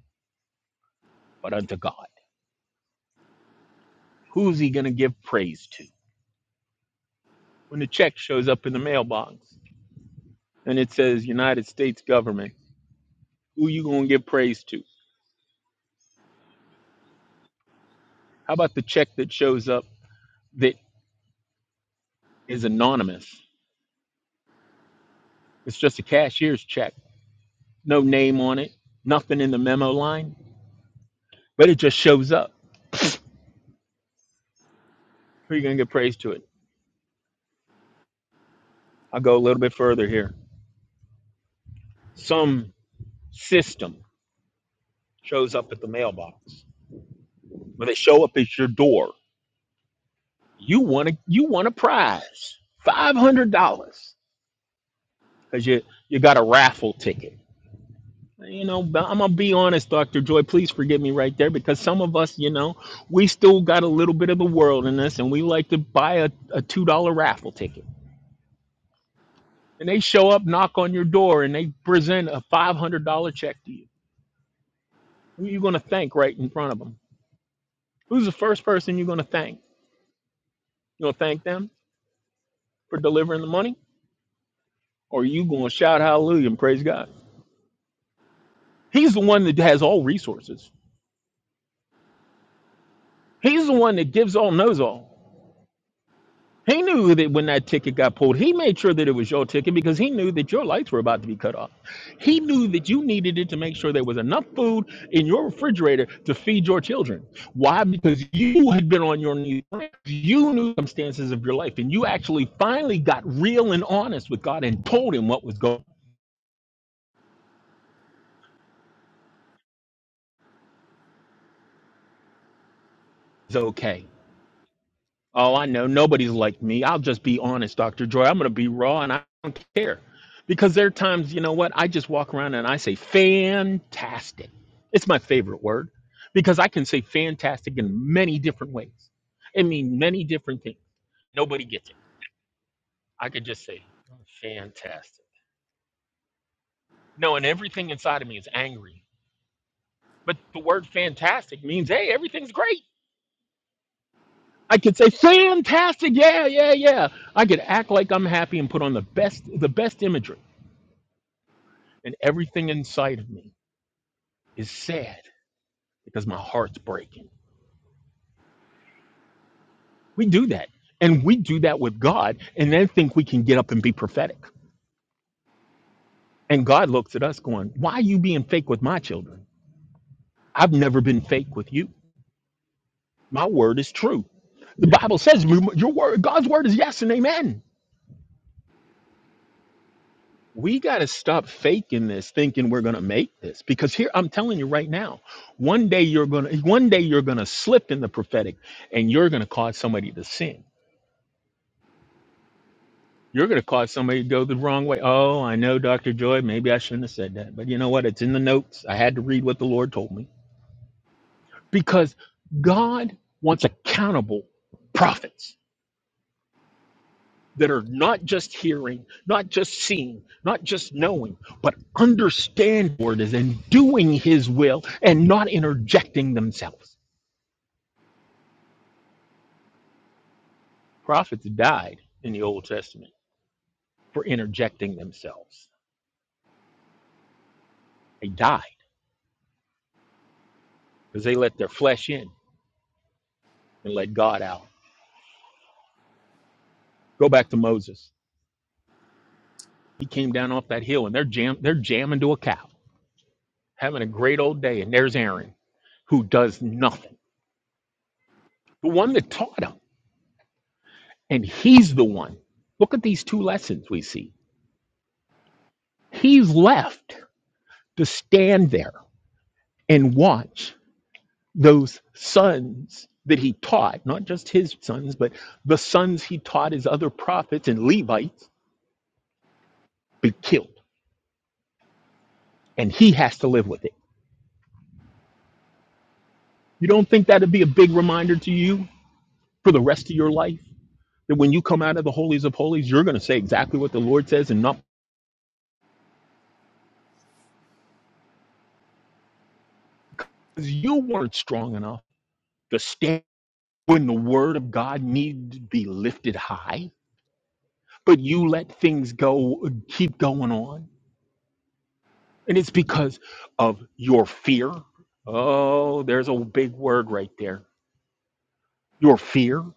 but unto God. who's he going to give praise to? When the check shows up in the mailbox and it says United States government, who you going to give praise to? How about the check that shows up that is anonymous? It's just a cashier's check, no name on it, nothing in the memo line, but it just shows up. Who are you going to give praise to it? I'll go a little bit further here. Some system shows up at the mailbox. When they show up at your door, you want a you want a prize, five hundred dollars because you you got a raffle ticket. You know, but I'm gonna be honest, Doctor Joy. Please forgive me right there because some of us, you know, we still got a little bit of the world in us, and we like to buy a, a two dollar raffle ticket. And they show up, knock on your door, and they present a five hundred dollar check to you. Who are you gonna thank right in front of them? Who's the first person you're gonna thank? You gonna thank them for delivering the money, or are you gonna shout hallelujah and praise God? He's the one that has all resources. He's the one that gives all, knows all. He knew that when that ticket got pulled, he made sure that it was your ticket because he knew that your lights were about to be cut off. He knew that you needed it to make sure there was enough food in your refrigerator to feed your children. Why? Because you had been on your knees. You knew the circumstances of your life, and you actually finally got real and honest with God and told him what was going. on. It's okay. Oh, I know. Nobody's like me. I'll just be honest, Dr. Joy. I'm going to be raw and I don't care. Because there are times, you know what? I just walk around and I say fantastic. It's my favorite word because I can say fantastic in many different ways. It means many different things. Nobody gets it. I could just say fantastic. No, and everything inside of me is angry. But the word fantastic means, hey, everything's great. I could say fantastic. Yeah, yeah, yeah. I could act like I'm happy and put on the best the best imagery and everything inside of me is sad because my heart's breaking. We do that. And we do that with God and then think we can get up and be prophetic. And God looks at us going, Why are you being fake with my children? I've never been fake with you. My word is true. The Bible says your word, God's word is yes and amen. We got to stop faking this, thinking we're going to make this. Because here, I'm telling you right now, one day you're going to, one day you're going to slip in the prophetic and you're going to cause somebody to sin You're going to cause somebody to go the wrong way. Oh, I know, Dr. Joy. Maybe I shouldn't have said that. But you know what? It's in the notes. I had to read what the Lord told me because God wants accountable prophets that are not just hearing, not just seeing, not just knowing, but understand what it is and doing his will and not interjecting themselves. Prophets died in the Old Testament for interjecting themselves. They died because they let their flesh in and let God out. Go back to Moses. He came down off that hill and they're jam they're jamming to a cow, having a great old day. And there's Aaron, who does nothing. The one that taught him. And he's the one. Look at these two lessons we see. He's left to stand there and watch those sons that he taught, not just his sons, but the sons he taught his other prophets and Levites be killed. And he has to live with it. You don't think that'd be a big reminder to you for the rest of your life? That when you come out of the holies of holies, you're going to say exactly what the Lord says and not because you weren't strong enough to stand when the word of God needed to be lifted high, but you let things go, keep going on. And it's because of your fear. Oh, there's a big word right there. Your fear, of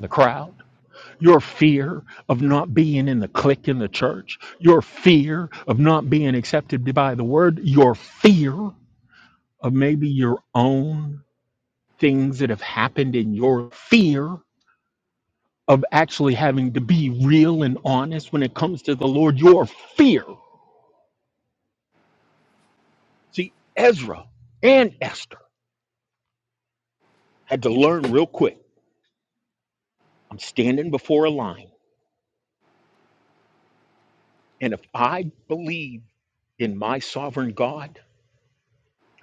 the crowd your fear of not being in the clique in the church, your fear of not being accepted by the word, your fear of maybe your own things that have happened in your fear of actually having to be real and honest when it comes to the Lord, your fear. See, Ezra and Esther had to learn real quick. I'm standing before a line, and if I believe in my sovereign God,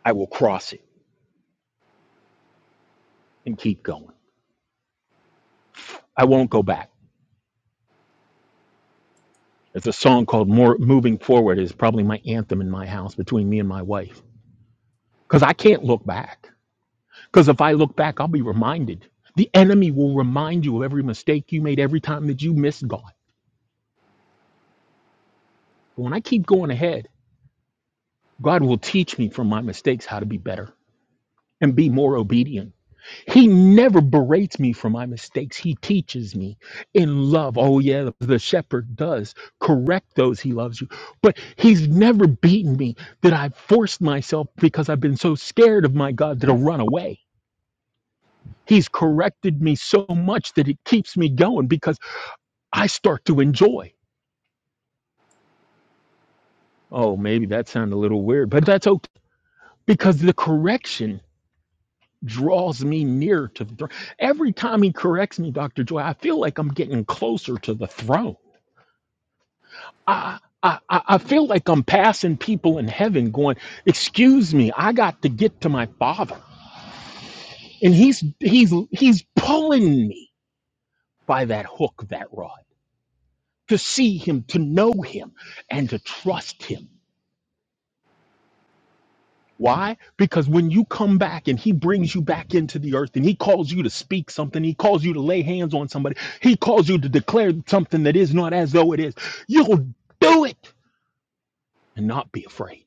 I will cross it and keep going. I won't go back. There's a song called More Moving Forward is probably my anthem in my house between me and my wife. Because I can't look back. Because if I look back, I'll be reminded. The enemy will remind you of every mistake you made every time that you missed God. But when I keep going ahead, God will teach me from my mistakes how to be better and be more obedient. He never berates me for my mistakes. He teaches me in love. Oh, yeah, the shepherd does correct those he loves you. But he's never beaten me that I forced myself because I've been so scared of my God that I'll run away. He's corrected me so much that it keeps me going because I start to enjoy. Oh, maybe that sounded a little weird, but that's okay because the correction draws me near to the throne. Every time he corrects me, Dr. Joy, I feel like I'm getting closer to the throne. I, I, I I feel like I'm passing people in heaven going, excuse me, I got to get to my father. And he's, he's, he's pulling me by that hook, that rod to see him, to know him and to trust him. Why? Because when you come back and he brings you back into the earth and he calls you to speak something, he calls you to lay hands on somebody, he calls you to declare something that is not as though it is, you'll do it and not be afraid.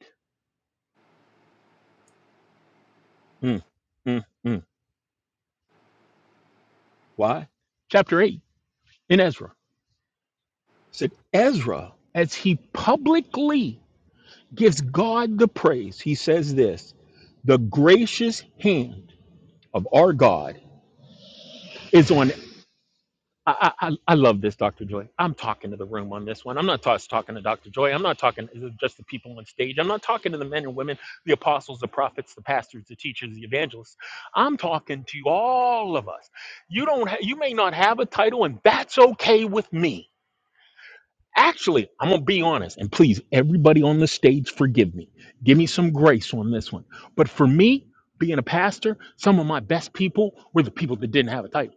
Mm, mm, mm. Why? Chapter 8 in Ezra It said, Ezra, as he publicly gives God the praise, he says this the gracious hand of our God is on I, I, I I love this, Dr. Joy. I'm talking to the room on this one. I'm not just talking to Dr. Joy. I'm not talking to just the people on stage. I'm not talking to the men and women, the apostles, the prophets, the pastors, the teachers, the evangelists. I'm talking to all of us. You don't. Ha- you may not have a title, and that's okay with me. Actually, I'm gonna be honest, and please, everybody on the stage, forgive me. Give me some grace on this one. But for me, being a pastor, some of my best people were the people that didn't have a title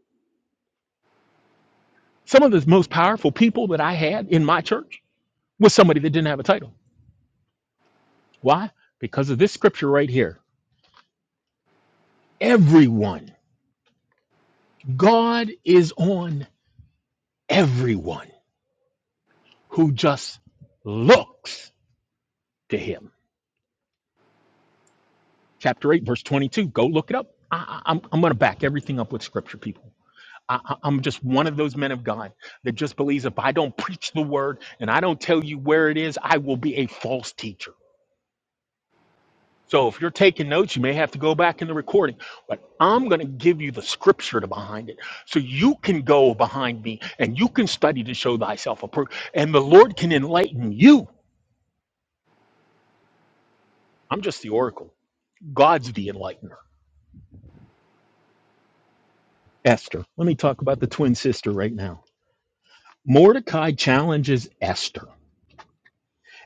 Some of the most powerful people that I had in my church was somebody that didn't have a title. Why? Because of this scripture right here. Everyone, God is on everyone who just looks to him. Chapter 8, verse 22. Go look it up. I, I, am I'm going to back everything up with scripture, people. I, I- I'm just one of those men of God that just believes if I don't preach the word and I don't tell you where it is, I will be a false teacher. So if you're taking notes, you may have to go back in the recording, but I'm going to give you the scripture to behind it. So you can go behind me and you can study to show thyself approved. And the Lord can enlighten you. I'm just the oracle. God's the enlightener. Esther. Let me talk about the twin sister right now. Mordecai challenges Esther.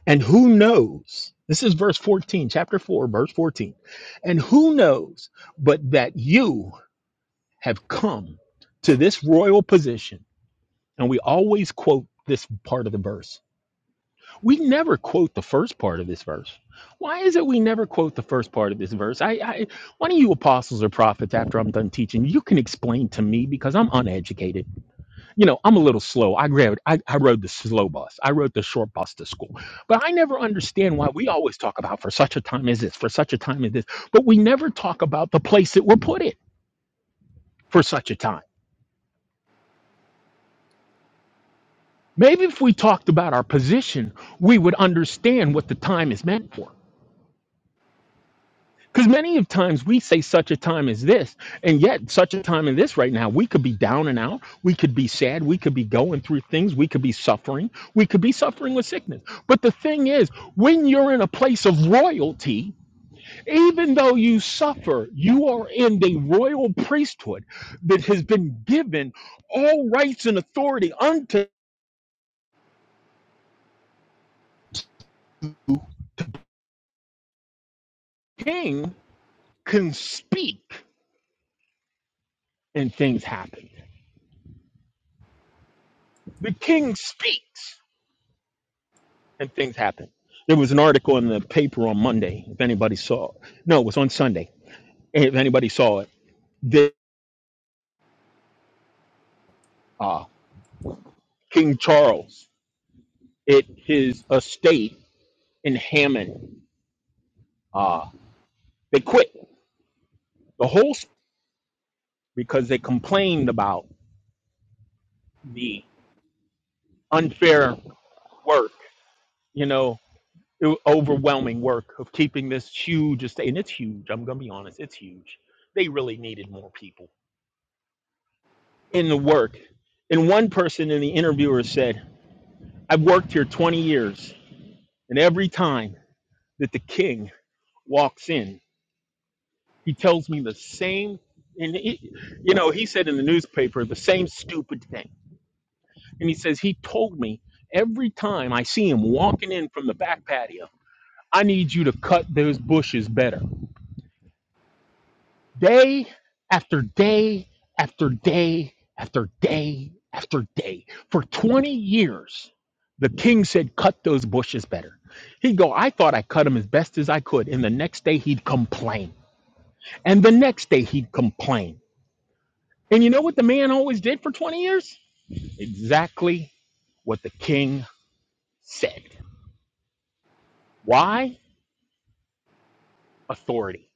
And who knows? This is verse 14, chapter 4, verse 14. And who knows but that you have come to this royal position And we always quote this part of the verse. We never quote the first part of this verse. Why is it we never quote the first part of this verse? I, I one of you apostles or prophets, after I'm done teaching, you can explain to me because I'm uneducated. You know, I'm a little slow. I grabbed I, I rode the slow bus. I rode the short bus to school. But I never understand why we always talk about for such a time as this, for such a time as this, but we never talk about the place that we're put in for such a time. Maybe if we talked about our position, we would understand what the time is meant for. Because many of times we say such a time as this, and yet such a time as this right now, we could be down and out, we could be sad, we could be going through things, we could be suffering, we could be suffering with sickness. But the thing is, when you're in a place of royalty, even though you suffer, you are in the royal priesthood that has been given all rights and authority unto the King can speak and things happen. The king speaks and things happen. There was an article in the paper on Monday, if anybody saw it. No, it was on Sunday. If anybody saw it, that uh, King Charles at his estate in Hammond, uh, they quit the whole s- because they complained about the unfair work, you know, o- overwhelming work of keeping this huge estate. And it's huge. I'm going to be honest, it's huge. They really needed more people in the work. And one person in the interviewer said, I've worked here 20 years, and every time that the king walks in, he tells me the same. And he, you know, he said in the newspaper the same stupid thing. And he says, He told me every time I see him walking in from the back patio, I need you to cut those bushes better. day after day after day after day after day. For 20 years, the king said, Cut those bushes better. He'd go, I thought I cut them as best as I could. And the next day, he'd complain. And the next day, he'd complain. And you know what the man always did for 20 years? Exactly what the king said. Why? Authority.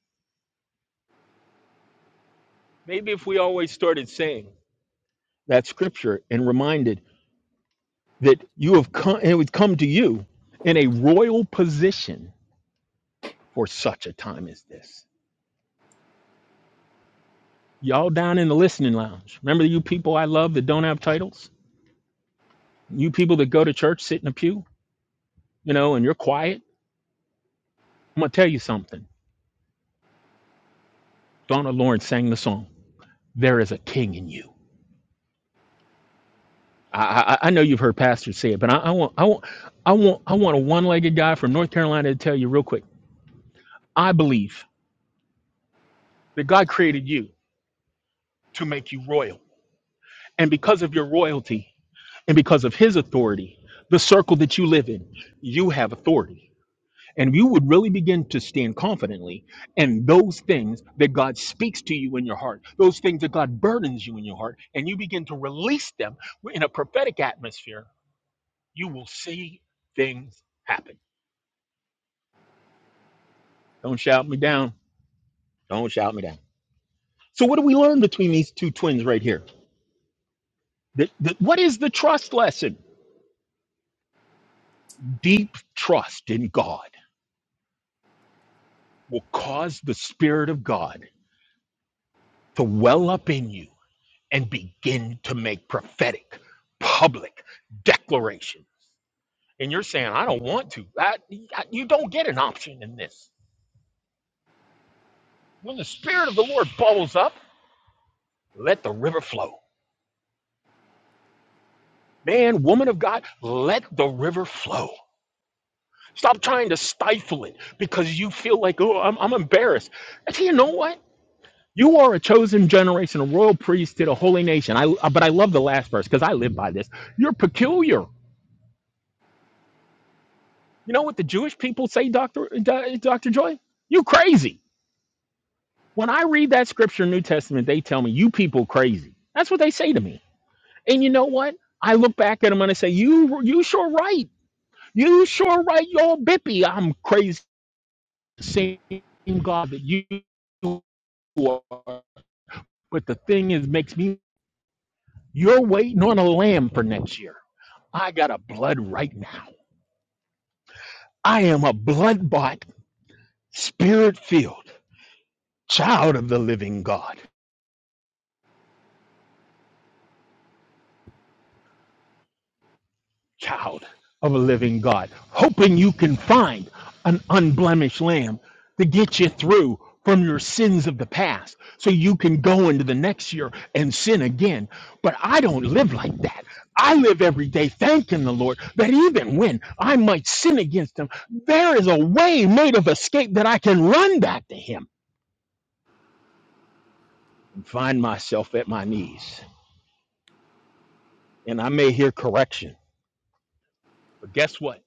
Maybe if we always started saying that scripture and reminded that you have come it would come to you in a royal position for such a time as this. Y'all down in the listening lounge. Remember you people I love that don't have titles? You people that go to church, sit in a pew, you know, and you're quiet. I'm gonna tell you something. Donna Lawrence sang the song, There is a King in You. I, I, I know you've heard pastors say it, but I, I want I want I want I want a one-legged guy from North Carolina to tell you real quick. I believe that God created you to make you royal. And because of your royalty and because of his authority, the circle that you live in, you have authority. And you would really begin to stand confidently. And those things that God speaks to you in your heart, those things that God burdens you in your heart, and you begin to release them in a prophetic atmosphere, you will see things happen. Don't shout me down. Don't shout me down. So, what do we learn between these two twins right here? The- the- what is the trust lesson? Deep trust in God will cause the Spirit of God to well up in you and begin to make prophetic, public declaration. And you're saying, I don't want to. I, I- you don't get an option in this. When the Spirit of the Lord bubbles up, let the river flow. Man, woman of God, let the river flow. Stop trying to stifle it because you feel like, oh, I'm, I'm embarrassed. And you know what? You are a chosen generation, a royal priest to the holy nation. I uh, but I love the last verse because I live by this. You're peculiar. You know what the Jewish people say, Doctor Do- Doctor Joy? You crazy. When I read that scripture, in New Testament, they tell me you people crazy. That's what they say to me. And you know what? I look back at them and I say, you you sure right. You sure right. Y'all bippy. I'm crazy. Same God that you are. But the thing is, makes me. You're waiting on a lamb for next year. I got a blood right now. I am a blood bought, spirit filled child of the living God, child of a living God, hoping you can find an unblemished lamb to get you through from your sins of the past so you can go into the next year and sin again. But I don't live like that. I live every day thanking the Lord that even when I might sin against Him, there is a way made of escape that I can run back to Him. find myself at my knees. And I may hear correction, but guess what?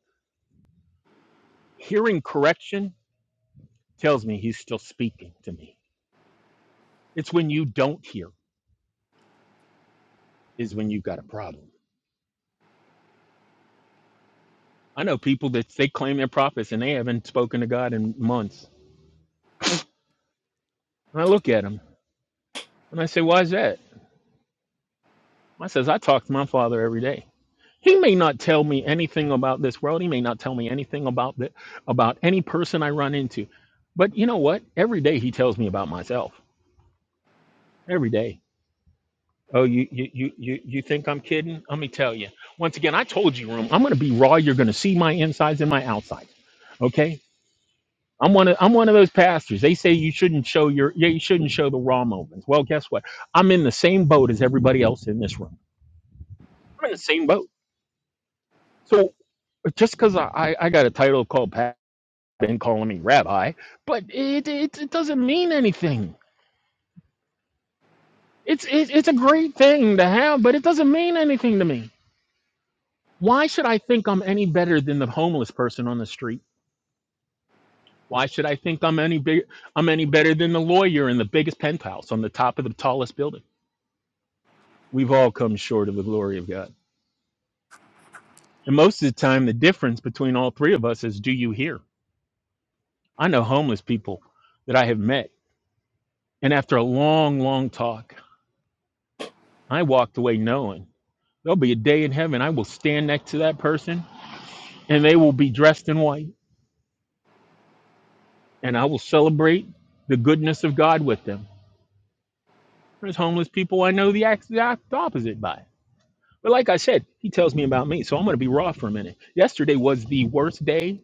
Hearing correction tells me he's still speaking to me. It's when you don't hear is when you've got a problem. I know people that they claim they're prophets and they haven't spoken to God in months. And I look at them and I say, why is that? I says, I talk to my father every day. He may not tell me anything about this world. He may not tell me anything about the, about any person I run into. But you know what? Every day he tells me about myself. Every day Oh, you you you you you think I'm kidding? Let me tell you. Once again, I told you, room. I'm going to be raw. You're going to see my insides and my outsides. Okay. I'm one of I'm one of those pastors. They say you shouldn't show your yeah you shouldn't show the raw moments. Well, guess what? I'm in the same boat as everybody else in this room. I'm in the same boat. So just because I, I I got a title called Pat and calling me rabbi, but it it, it doesn't mean anything. It's it, it's a great thing to have, but it doesn't mean anything to me. Why should I think I'm any better than the homeless person on the street? Why should I think I'm any big I'm any better than the lawyer in the biggest penthouse on the top of the tallest building? We've all come short of the glory of God. And most of the time the difference between all three of us is do you hear? I know homeless people that I have met and after a long long talk I walked away knowing there'll be a day in heaven I will stand next to that person and they will be dressed in white and I will celebrate the goodness of God with them There's homeless people I know the exact opposite by. But like I said, he tells me about me, so I'm going to be raw for a minute. Yesterday was the worst day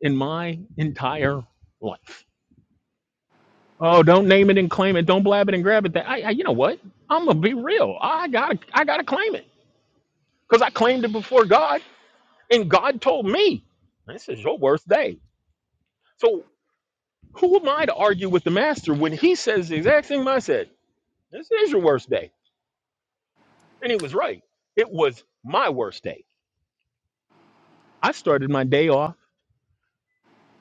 in my entire life. Oh, don't name it and claim it. Don't blab it and grab it. That I, I you know what? I'm gonna be real. I gotta, I gotta claim it because I claimed it before God, and God told me this is your worst day. So who am I to argue with the Master when He says the exact thing I said? This is your worst day, and He was right. It was my worst day I started my day off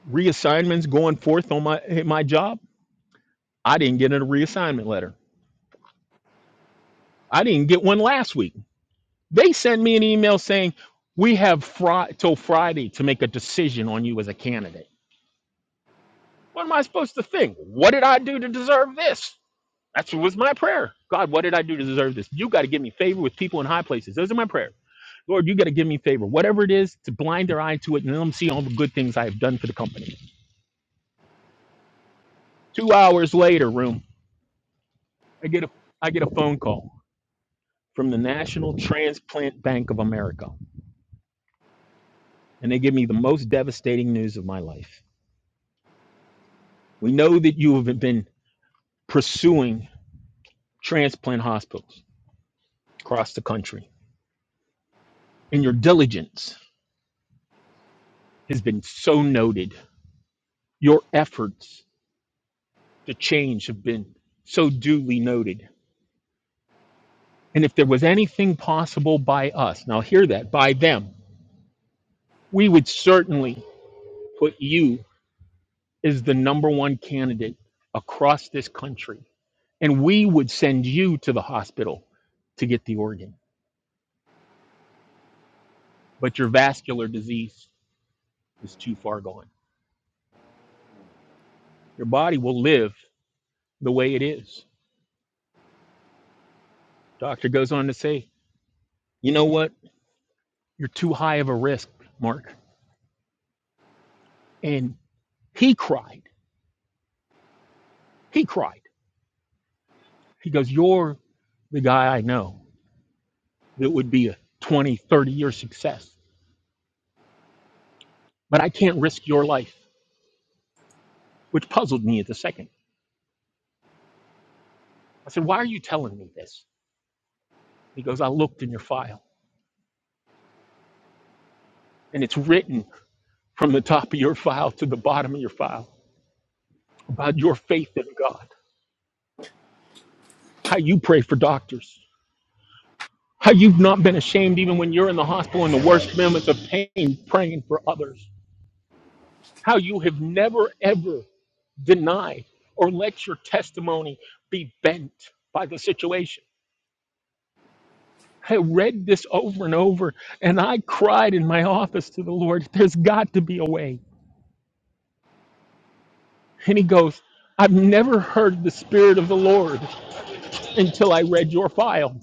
reassignments going forth on my eh, my job. I didn't get a reassignment letter. I didn't get one last week. They sent me an email saying we have fri- till Friday to make a decision on you as a candidate. What am I supposed to think? What did I do to deserve this? That's was my prayer. God, what did I do to deserve this? You got to give me favor with people in high places. Those are my prayer. Lord, you got to give me favor. Whatever it is, to blind their eye to it and let them see all the good things I have done for the company. Two hours later, room. I get a I get a phone call from the National Transplant Bank of America, and they give me the most devastating news of my life. We know that you have been pursuing transplant hospitals across the country, and your diligence has been so noted. Your efforts to change have been so duly noted. And if there was anything possible by us, now hear that, by them, we would certainly put you as the number one candidate across this country and we would send you to the hospital to get the organ. But your vascular disease is too far gone. Your body will live the way it is. Doctor goes on to say, You know what? You're too high of a risk, Mark. And he cried. He cried. He goes, You're the guy I know that would be a 20, 30 year success, but I can't risk your life, which puzzled me at the second. I said, Why are you telling me this? He goes, I looked in your file and it's written from the top of your file to the bottom of your file about your faith in God, how you pray for doctors, how you've not been ashamed even when you're in the hospital in the worst moments of pain praying for others, how you have never ever denied or let your testimony be bent by the situation. I read this over and over and I cried in my office to the Lord, there's got to be a way. And he goes, I've never heard the Spirit of the Lord until I read your file.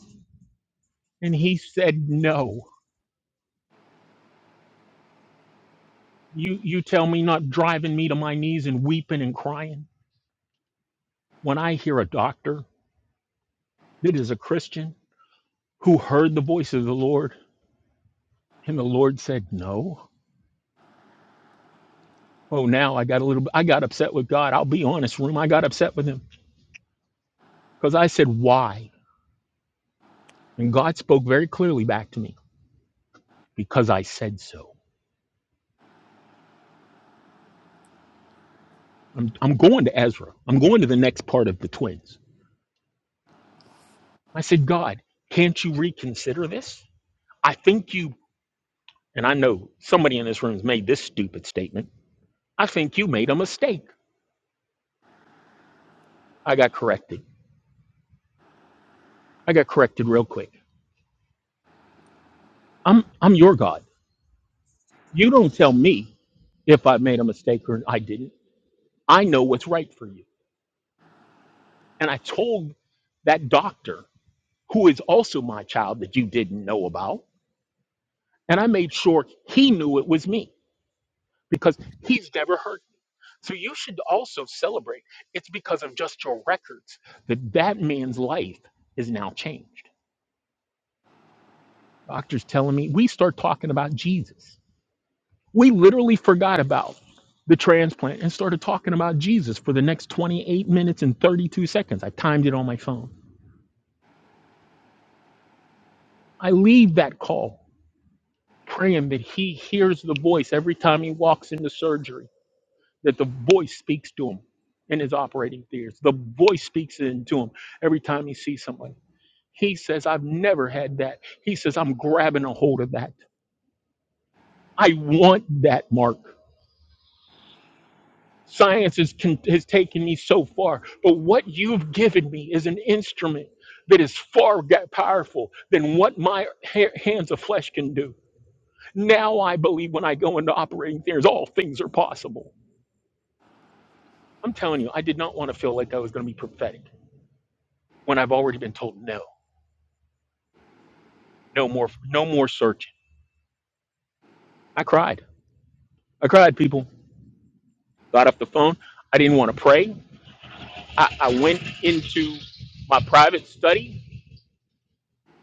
And he said, No. You you tell me not driving me to my knees and weeping and crying. When I hear a doctor that is a Christian who heard the voice of the Lord and the Lord said no. Oh now I got a little I got upset with God. I'll be honest, room. I got upset with him. Because I said why? And God spoke very clearly back to me. Because I said so. I'm I'm going to Ezra. I'm going to the next part of the twins. I said, God, can't you reconsider this? I think you and I know somebody in this room has made this stupid statement. I think you made a mistake. I got corrected. I got corrected real quick. I'm I'm your God. You don't tell me if I made a mistake or I didn't. I know what's right for you. And I told that doctor, who is also my child that you didn't know about, and I made sure he knew it was me because he's never hurt. So you should also celebrate. It's because of just your records that that man's life is now changed Doctors telling me we start talking about Jesus. We literally forgot about the transplant and started talking about Jesus for the next 28 minutes and 32 seconds. I timed it on my phone. I leave that call praying that he hears the voice every time he walks into surgery, that the voice speaks to him in his operating theaters. The voice speaks into him every time he sees somebody. He says, I've never had that. He says, I'm grabbing a hold of that. I want that, Mark. Science has, con- has taken me so far, but what you've given me is an instrument that is far ga- powerful than what my ha- hands of flesh can do. Now I believe when I go into operating theaters, all things are possible. I'm telling you, I did not want to feel like I was going to be prophetic when I've already been told no, no more, no more searching. I cried. I cried, people. Got off the phone. I didn't want to pray. I, I went into my private study.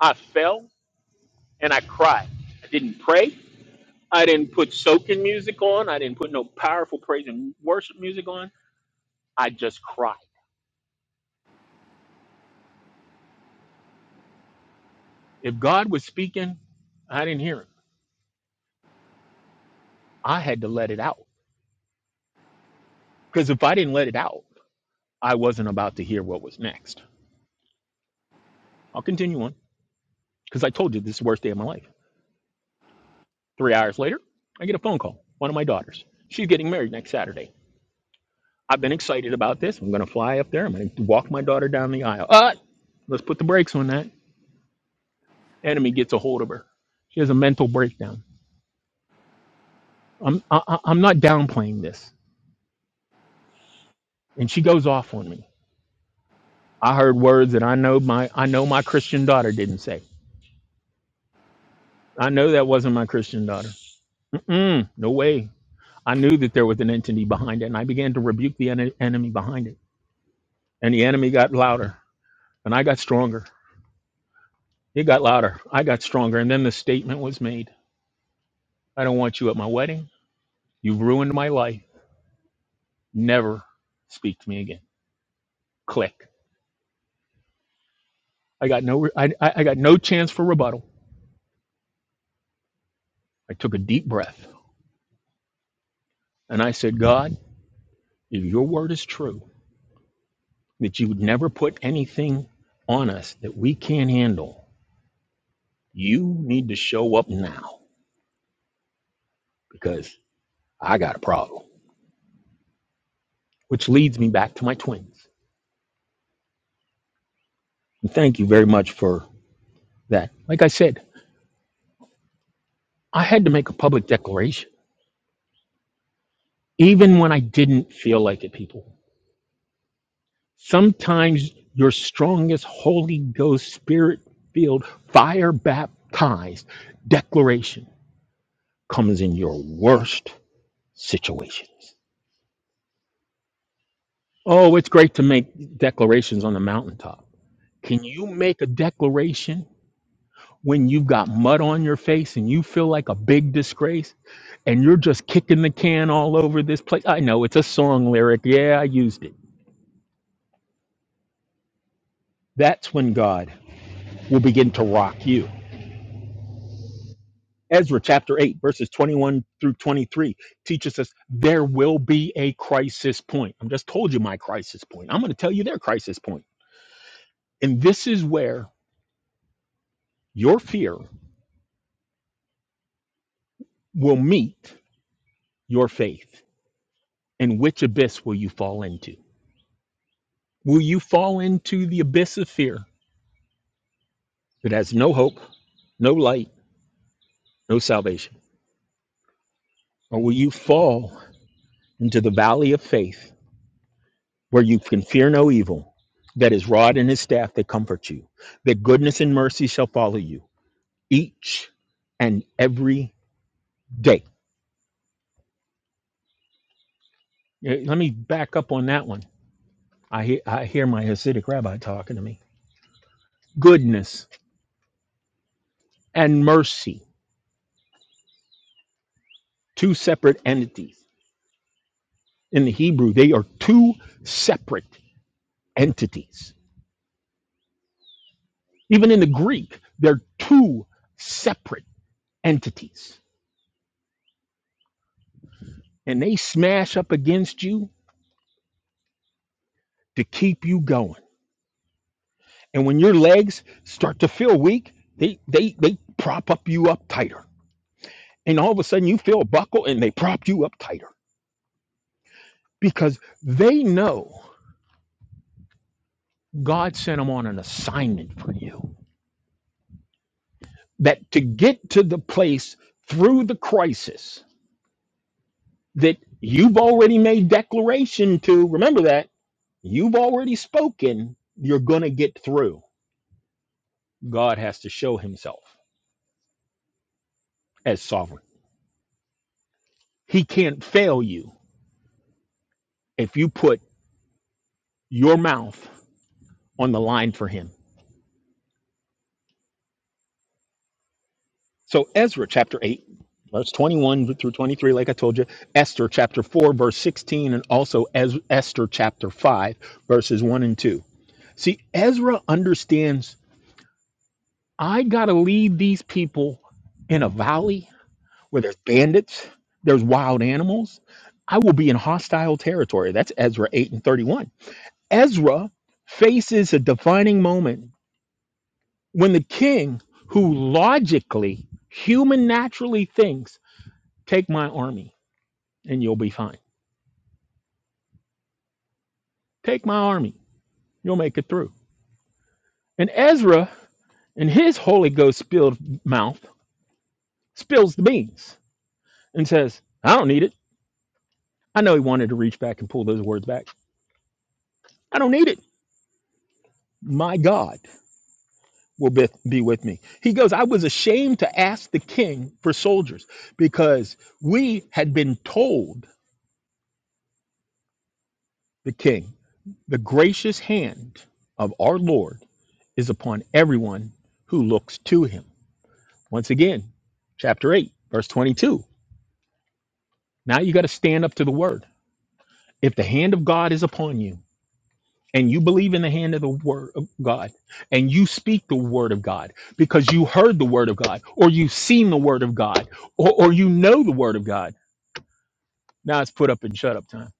I fell and I cried. I didn't pray. I didn't put soaking music on. I didn't put no powerful praise and worship music on. I just cried. If God was speaking, I didn't hear him. I had to let it out. Because if I didn't let it out, I wasn't about to hear what was next. I'll continue on because I told you this is the worst day of my life. Three hours later, I get a phone call. One of my daughters. She's getting married next Saturday. I've been excited about this. I'm going to fly up there. I'm going to walk my daughter down the aisle. Uh, let's put the brakes on that. Enemy gets a hold of her. She has a mental breakdown I'm I, I- I'm not downplaying this. And she goes off on me. I heard words that I know my I know my Christian daughter didn't say. I know that wasn't my Christian daughter. Mm-mm, no way. I knew that there was an entity behind it, and I began to rebuke the en- enemy behind it. And the enemy got louder, and I got stronger. It got louder. I got stronger. And then the statement was made: "I don't want you at my wedding. You've ruined my life. Never speak to me again." Click. I got no. Re- I I I got no chance for rebuttal. I took a deep breath, and I said, "God." If your word is true, that you would never put anything on us that we can't handle, you need to show up now because I got a problem. Which leads me back to my twins. And thank you very much for that. Like I said, I had to make a public declaration, even when I didn't feel like it, people. Sometimes your strongest Holy Ghost spirit filled, fire baptized declaration comes in your worst situations. Oh, it's great to make declarations on the mountaintop. Can you make a declaration when you've got mud on your face and you feel like a big disgrace and you're just kicking the can all over this place? I know it's a song lyric. Yeah, I used it. That's when God will begin to rock you. Ezra chapter 8, verses 21 through 23 teaches us there will be a crisis point. I'm just told you my crisis point. I'm going to tell you their crisis point. And this is where your fear will meet your faith? And which abyss will you fall into? Will you fall into the abyss of fear that has no hope, no light, no salvation? Or will you fall into the valley of faith where you can fear no evil, that his rod and his staff that comfort you, that goodness and mercy shall follow you each and every day? Eh, Let me back up on that one. I, he- I hear my Hasidic rabbi talking to me. Goodness and mercy, two separate entities in the Hebrew, they are two separate entities. Even in the Greek, they're two separate entities. And they smash up against you to keep you going. And when your legs start to feel weak, they they they prop up you up tighter. And all of a sudden you feel a buckle and they prop you up tighter because they know God sent them on an assignment for you. That to get to the place through the crisis that you've already made declaration to remember that you've already spoken you're going to get through god has to show himself as sovereign he can't fail you if you put your mouth on the line for him so ezra chapter 8 verse 21 through 23 like i told you esther chapter 4 verse 16 and also Ez- esther chapter 5 verses 1 and 2 see ezra understands i got to lead these people in a valley where there's bandits, there's wild animals. I will be in hostile territory. That's Ezra 8 and 31. Ezra faces a defining moment when the king, who logically, human naturally thinks, take my army and you'll be fine. Take my army, you'll make it through. And Ezra, in his Holy Ghost spilled mouth, spills the beans and says, I don't need it. I know he wanted to reach back and pull those words back. I don't need it. My God will be, be with me. He goes, I was ashamed to ask the king for soldiers because we had been told the king, the gracious hand of our Lord is upon everyone who looks to him. Once again, chapter 8, verse 22. Now you got to stand up to the word. If the hand of God is upon you, and you believe in the hand of the word of God, and you speak the word of God because you heard the word of God, or you've seen the word of God, or, or you know the word of God Now it's put up and shut up time.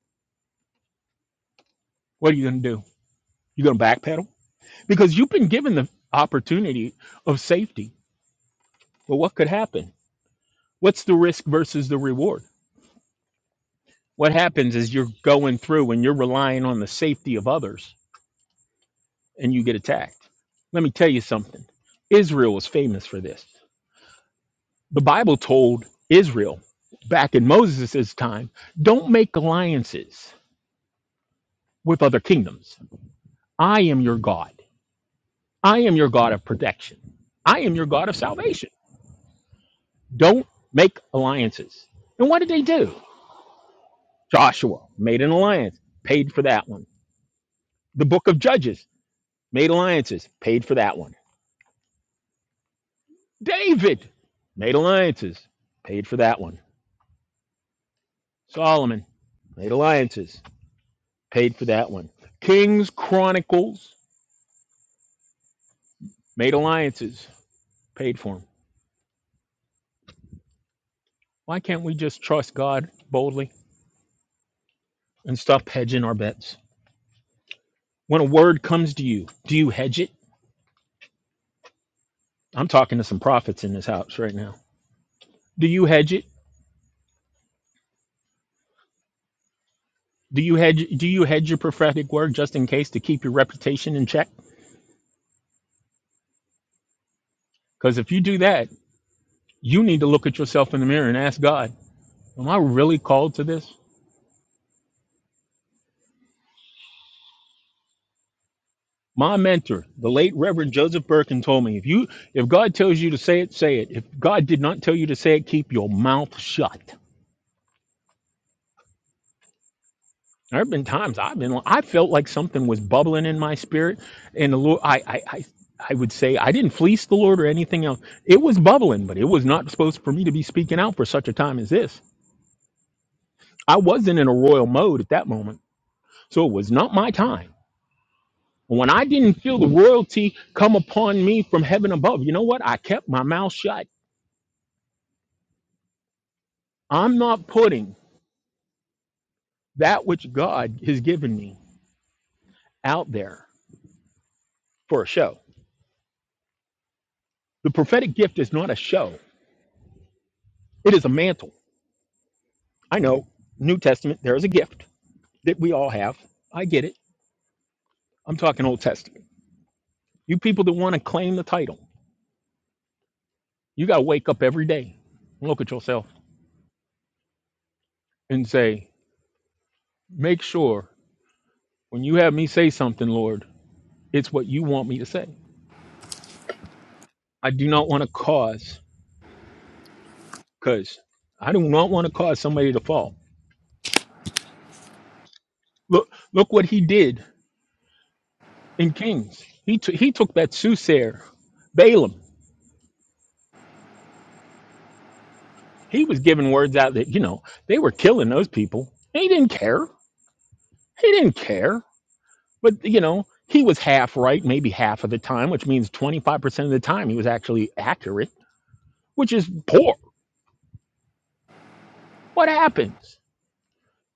What are you going to do? You're going to backpedal? Because you've been given the opportunity of safety. But what could happen? What's the risk versus the reward? What happens is you're going through and you're relying on the safety of others and you get attacked. Let me tell you something Israel was famous for this. The Bible told Israel back in Moses' time don't make alliances with other kingdoms. I am your God. I am your God of protection. I am your God of salvation. Don't make alliances. And what did they do? Joshua made an alliance, paid for that one. The book of Judges made alliances, paid for that one. David made alliances, paid for that one. Solomon made alliances, paid for that one. Kings, Chronicles made alliances, paid for them. Why can't we just trust God boldly and stop hedging our bets? When a word comes to you, do you hedge it? I'm talking to some prophets in this house right now. Do you hedge it? Do you hedge do you hedge your prophetic word just in case to keep your reputation in check? Because if you do that, you need to look at yourself in the mirror and ask God, Am I really called to this? My mentor, the late Reverend Joseph Birkin, told me if you if God tells you to say it, say it. If God did not tell you to say it, keep your mouth shut. There have been times I've been I felt like something was bubbling in my spirit, and the Lord I I, I I would say I didn't fleece the Lord or anything else. It was bubbling, but it was not supposed for me to be speaking out for such a time as this I wasn't in a royal mode at that moment. So it was not my time. When I didn't feel the royalty come upon me from heaven above, you know what? I kept my mouth shut. I'm not putting that which God has given me out there for a show. The prophetic gift is not a show, it is a mantle. I know, New Testament, there is a gift that we all have. I get it. I'm talking Old Testament. You people that want to claim the title, you got to wake up every day and look at yourself and say, make sure When you have me say something, Lord, it's what you want me to say. I do not want to cause, because I do not want to cause somebody to fall. Look, look what he did in Kings. He took he took that soothsayer, Balaam. He was giving words out that you know they were killing those people. And He didn't care. He didn't care. But you know he was half right, maybe half of the time, which means twenty five percent of the time he was actually accurate, which is poor. What happens?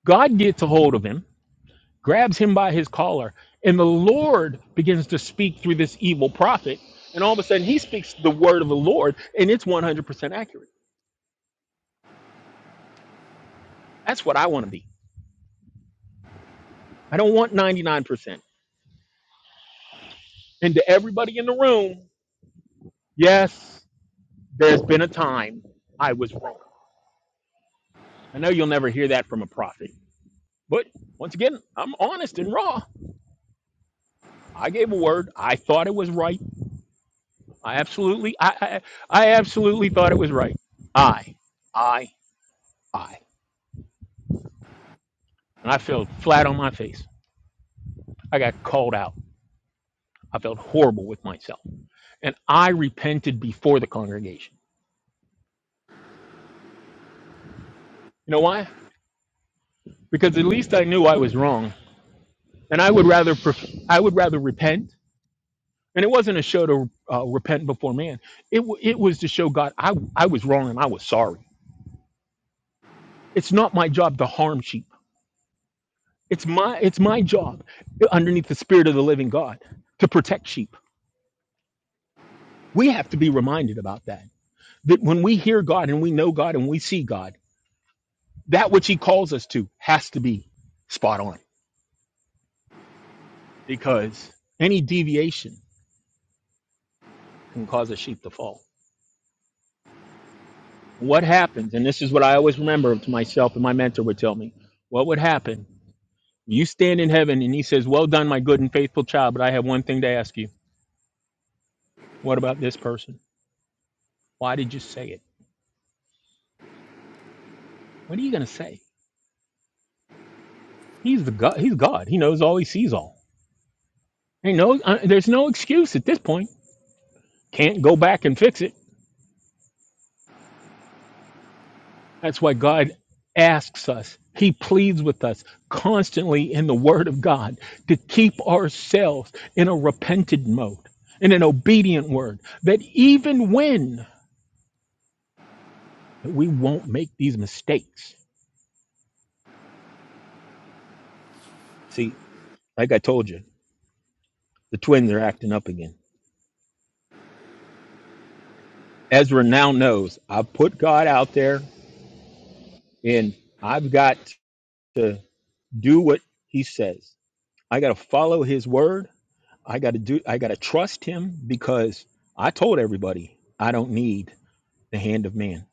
God gets a hold of him grabs him by his collar, and the Lord begins to speak through this evil prophet. And all of a sudden, he speaks the word of the Lord, and it's 100% accurate. That's what I want to be. I don't want 99%. And to everybody in the room, yes, there's been a time I was wrong. I know you'll never hear that from a prophet, but once again, I'm honest and raw. I gave a word. I thought it was right. I absolutely, I, I, I absolutely thought it was right. I, I, I, and I fell flat on my face. I got called out. I felt horrible with myself. And I repented before the congregation. You know why? Because at least I knew I was wrong. And I would rather pref- I would rather repent. And it wasn't a show to uh, repent before man. It w- it was to show God I I was wrong and I was sorry. It's not my job to harm sheep. It's my it's my job underneath the spirit of the living God to protect sheep. We have to be reminded about that. That when we hear God and we know God and we see God that which he calls us to has to be spot on because any deviation can cause a sheep to fall. What happens, and this is what I always remember to myself and my mentor would tell me, what would happen? You stand in heaven and he says, Well done, my good and faithful child, but I have one thing to ask you. What about this person? Why did you say it? What are you going to say? He's the God. He's God. He knows all. He sees all. He knows. Uh, there's no excuse at this point. Can't go back and fix it That's why God asks us, He pleads with us constantly in the Word of God to keep ourselves in a repentant mode, in an obedient word, that even when we won't make these mistakes. See, like I told you, the twins are acting up again. Ezra now knows I've put God out there and I've got to do what He says, I got to follow His word I got to do I got to trust him because I told everybody I don't need the hand of man.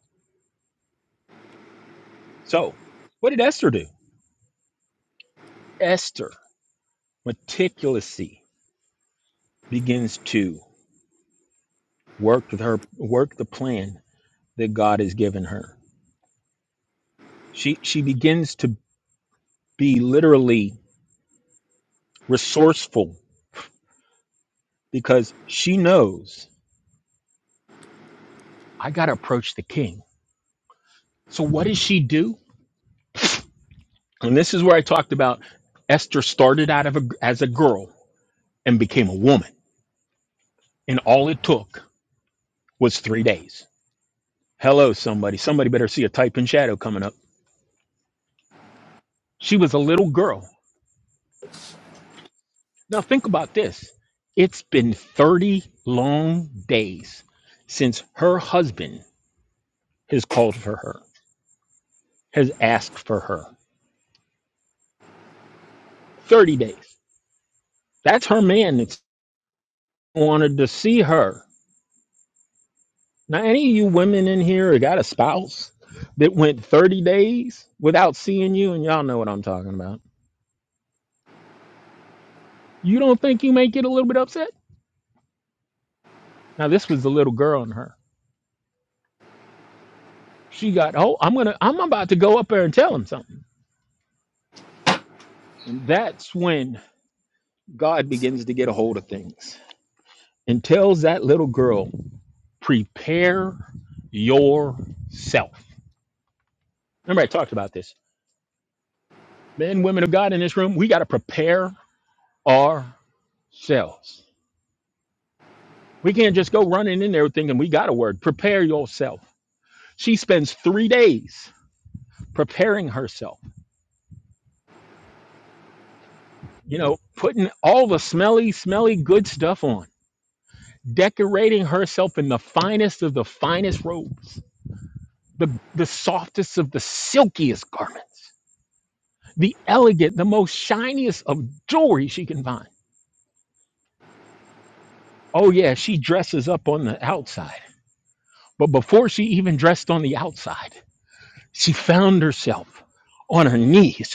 So, what did Esther do? Esther meticulously begins to work with her work the plan that God has given her. She she begins to be literally resourceful because she knows I got to approach the king. So what does she do? And this is where I talked about Esther started out of a, as a girl and became a woman. And all it took was three days. Hello, somebody. Somebody better see a type in shadow coming up. She was a little girl. Now, think about this it's been 30 long days since her husband has called for her, has asked for her. 30 days. That's her man that's wanted to see her. Now, any of you women in here that got a spouse that went 30 days without seeing you, and y'all know what I'm talking about, you don't think you may get a little bit upset? Now, this was the little girl in her. She got, oh, I'm gonna, I'm about to go up there and tell him something. And that's when God begins to get a hold of things and tells that little girl, prepare yourself. Remember, I talked about this. Men, women of God in this room, we got to prepare ourselves. We can't just go running in there thinking we got a word. Prepare yourself. She spends three days preparing herself, you know, putting all the smelly, smelly good stuff on decorating herself in the finest of the finest robes, the, the softest of the silkiest garments, the elegant, the most shiniest of jewelry she can find. Oh, yeah, she dresses up on the outside. But before she even dressed on the outside, she found herself on her knees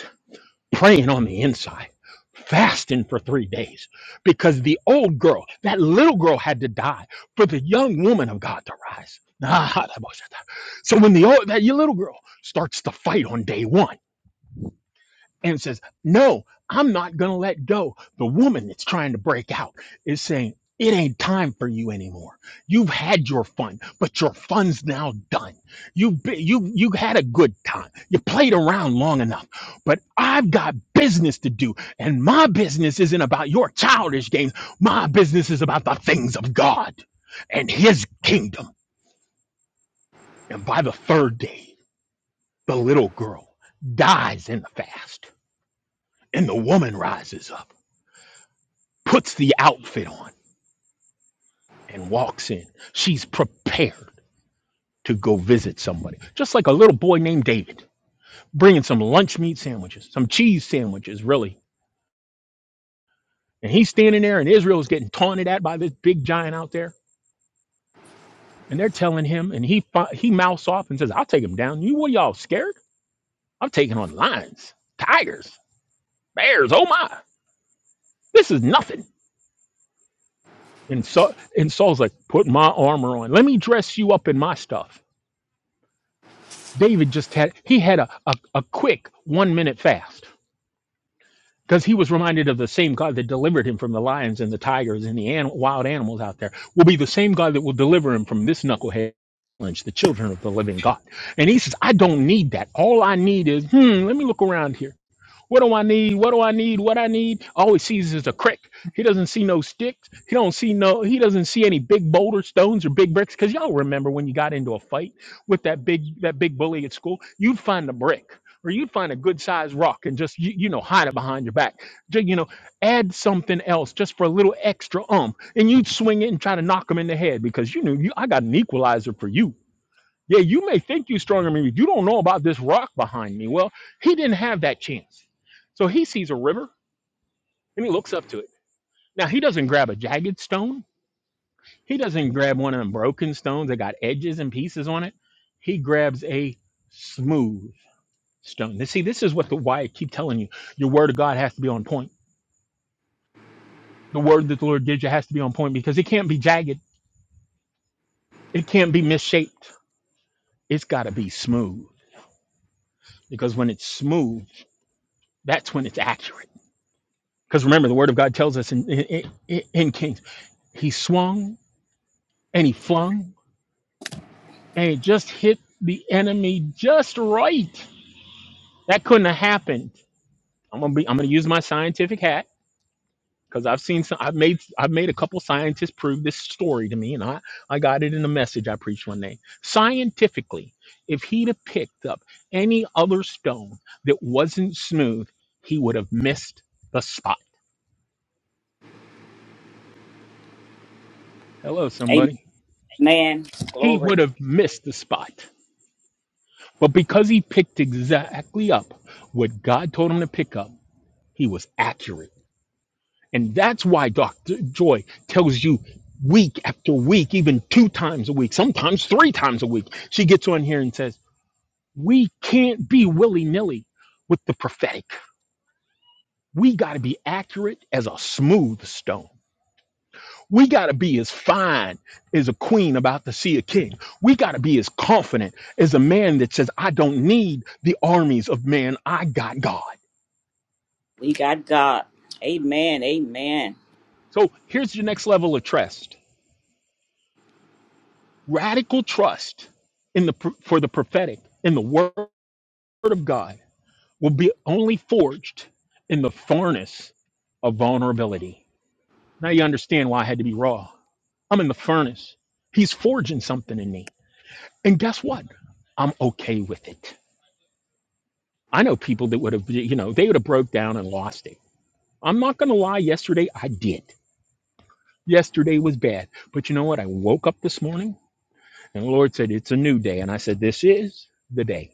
praying on the inside, fasting for three days because the old girl, that little girl, had to die for the young woman of God to rise. So when the old, that little girl starts to fight on day one, and says, No, I'm not going to let go. The woman that's trying to break out is saying, It ain't time for you anymore. You've had your fun, but your fun's now done. You, be- you, you had a good time. You played around long enough, but I've got business to do. And my business isn't about your childish games. My business is about the things of God and his kingdom. And by the third day, the little girl dies in the fast and the woman rises up puts the outfit on and walks in. She's prepared to go visit somebody, just like a little boy named David, bringing some lunch meat sandwiches, some cheese sandwiches, really. And he's standing there, and Israel's getting taunted at by this big giant out there, and they're telling him, and he fi- he mouths off and says, "I'll take him down. You what are y'all scared? I'm taking on lions, tigers, bears. Oh my, this is nothing." And so and Saul's like, "Put my armor on. Let me dress you up in my stuff." David just had he had a, a, a quick one minute fast because he was reminded of the same God that delivered him from the lions and the tigers and the an, wild animals out there will be the same God that will deliver him from this knucklehead challenge, the children of the living God. And he says, I don't need that. All I need is, hmm, let me look around here. What do I need? What do I need? What I need? All he sees is a crick. He doesn't see no sticks. He don't see no. He doesn't see any big boulder stones or big bricks. Cause y'all remember when you got into a fight with that big that big bully at school, you'd find a brick or you'd find a good sized rock and just you, you know hide it behind your back. Ju- You know, add something else just for a little extra um, and you'd swing it and try to knock him in the head because you knew you I got an equalizer for you yeah, you may think you're stronger than me. but You don't know about this rock behind me. Well, he didn't have that chance. So he sees a river and he looks up to it. Now, he doesn't grab a jagged stone, he doesn't grab one of them broken stones that got edges and pieces on it. He grabs a smooth stone. Now, see, this is what the why I keep telling you your word of God has to be on point. The word that the Lord gives you has to be on point because it can't be jagged, it can't be misshaped. It's got to be smooth because when it's smooth, that's when it's accurate Because remember, the word of God tells us in, in, in in Kings, he swung and he flung and it just hit the enemy just right. That couldn't have happened. I'm gonna be. I'm gonna use my scientific hat because I've seen some. I've made. I've made a couple scientists prove this story to me, and I I got it in a message I preached one day. Scientifically, if he'd have picked up any other stone that wasn't smooth, he would have missed the spot. Hello, somebody. Amen. He would Glory. have missed the spot But because he picked exactly up what God told him to pick up, he was accurate. And that's why Dr. Joy tells you week after week, even two times a week, sometimes three times a week, she gets on here and says, We can't be willy nilly with the prophetic. We got to be accurate as a smooth stone. We got to be as fine as a queen about to see a king. We got to be as confident as a man that says, I don't need the armies of man. I got God. We got God. Amen. Amen. So here's your next level of trust radical trust in the, pr- for the prophetic, in the word of God, will be only forged in the furnace of vulnerability. Now you understand why I had to be raw. I'm in the furnace. He's forging something in me. And guess what? I'm okay with it. I know people that would have, you know, they would have broke down and lost it. I'm not going to lie. Yesterday, I did. Yesterday was bad. But you know what? I woke up this morning And the Lord said, It's a new day. And I said, This is the day.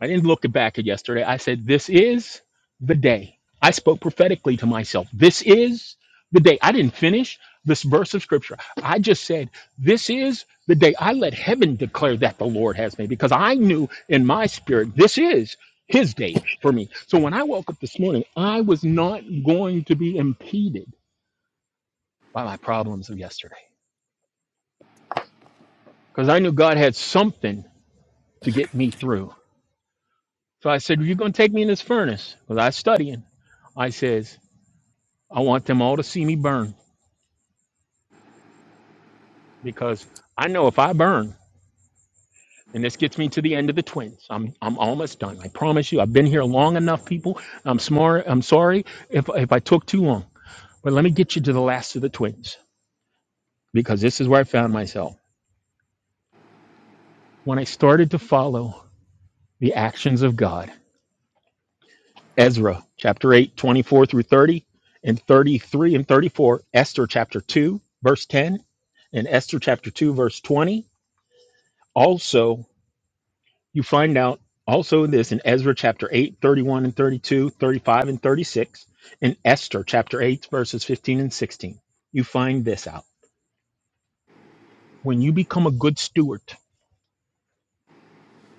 I didn't look back at yesterday. I said, This is the day. I spoke prophetically to myself. This is the day. I didn't finish this verse of scripture. I just said, This is the day. I let heaven declare that the Lord has made because I knew in my spirit, this is his day for me. So when I woke up this morning, I was not going to be impeded by my problems of yesterday because I knew God had something to get me through So I said, "Well, You're going to take me in this furnace because I studying. I says, I want them all to see me burn because I know if I burn, and this gets me to the end of the twins. I'm I'm almost done. I promise you. I've been here long enough, people. I'm smart. I'm sorry if if I took too long. But let me get you to the last of the twins because this is where I found myself. When I started to follow the actions of God, Ezra chapter 8 24 through 30, and 33 and 34, Esther chapter 2, verse 10, and Esther chapter 2, verse 20. Also, you find out also this in Ezra chapter 8 31 and 32 35 and 36, and Esther chapter 8, verses 15 and 16. You find this out. When you become a good steward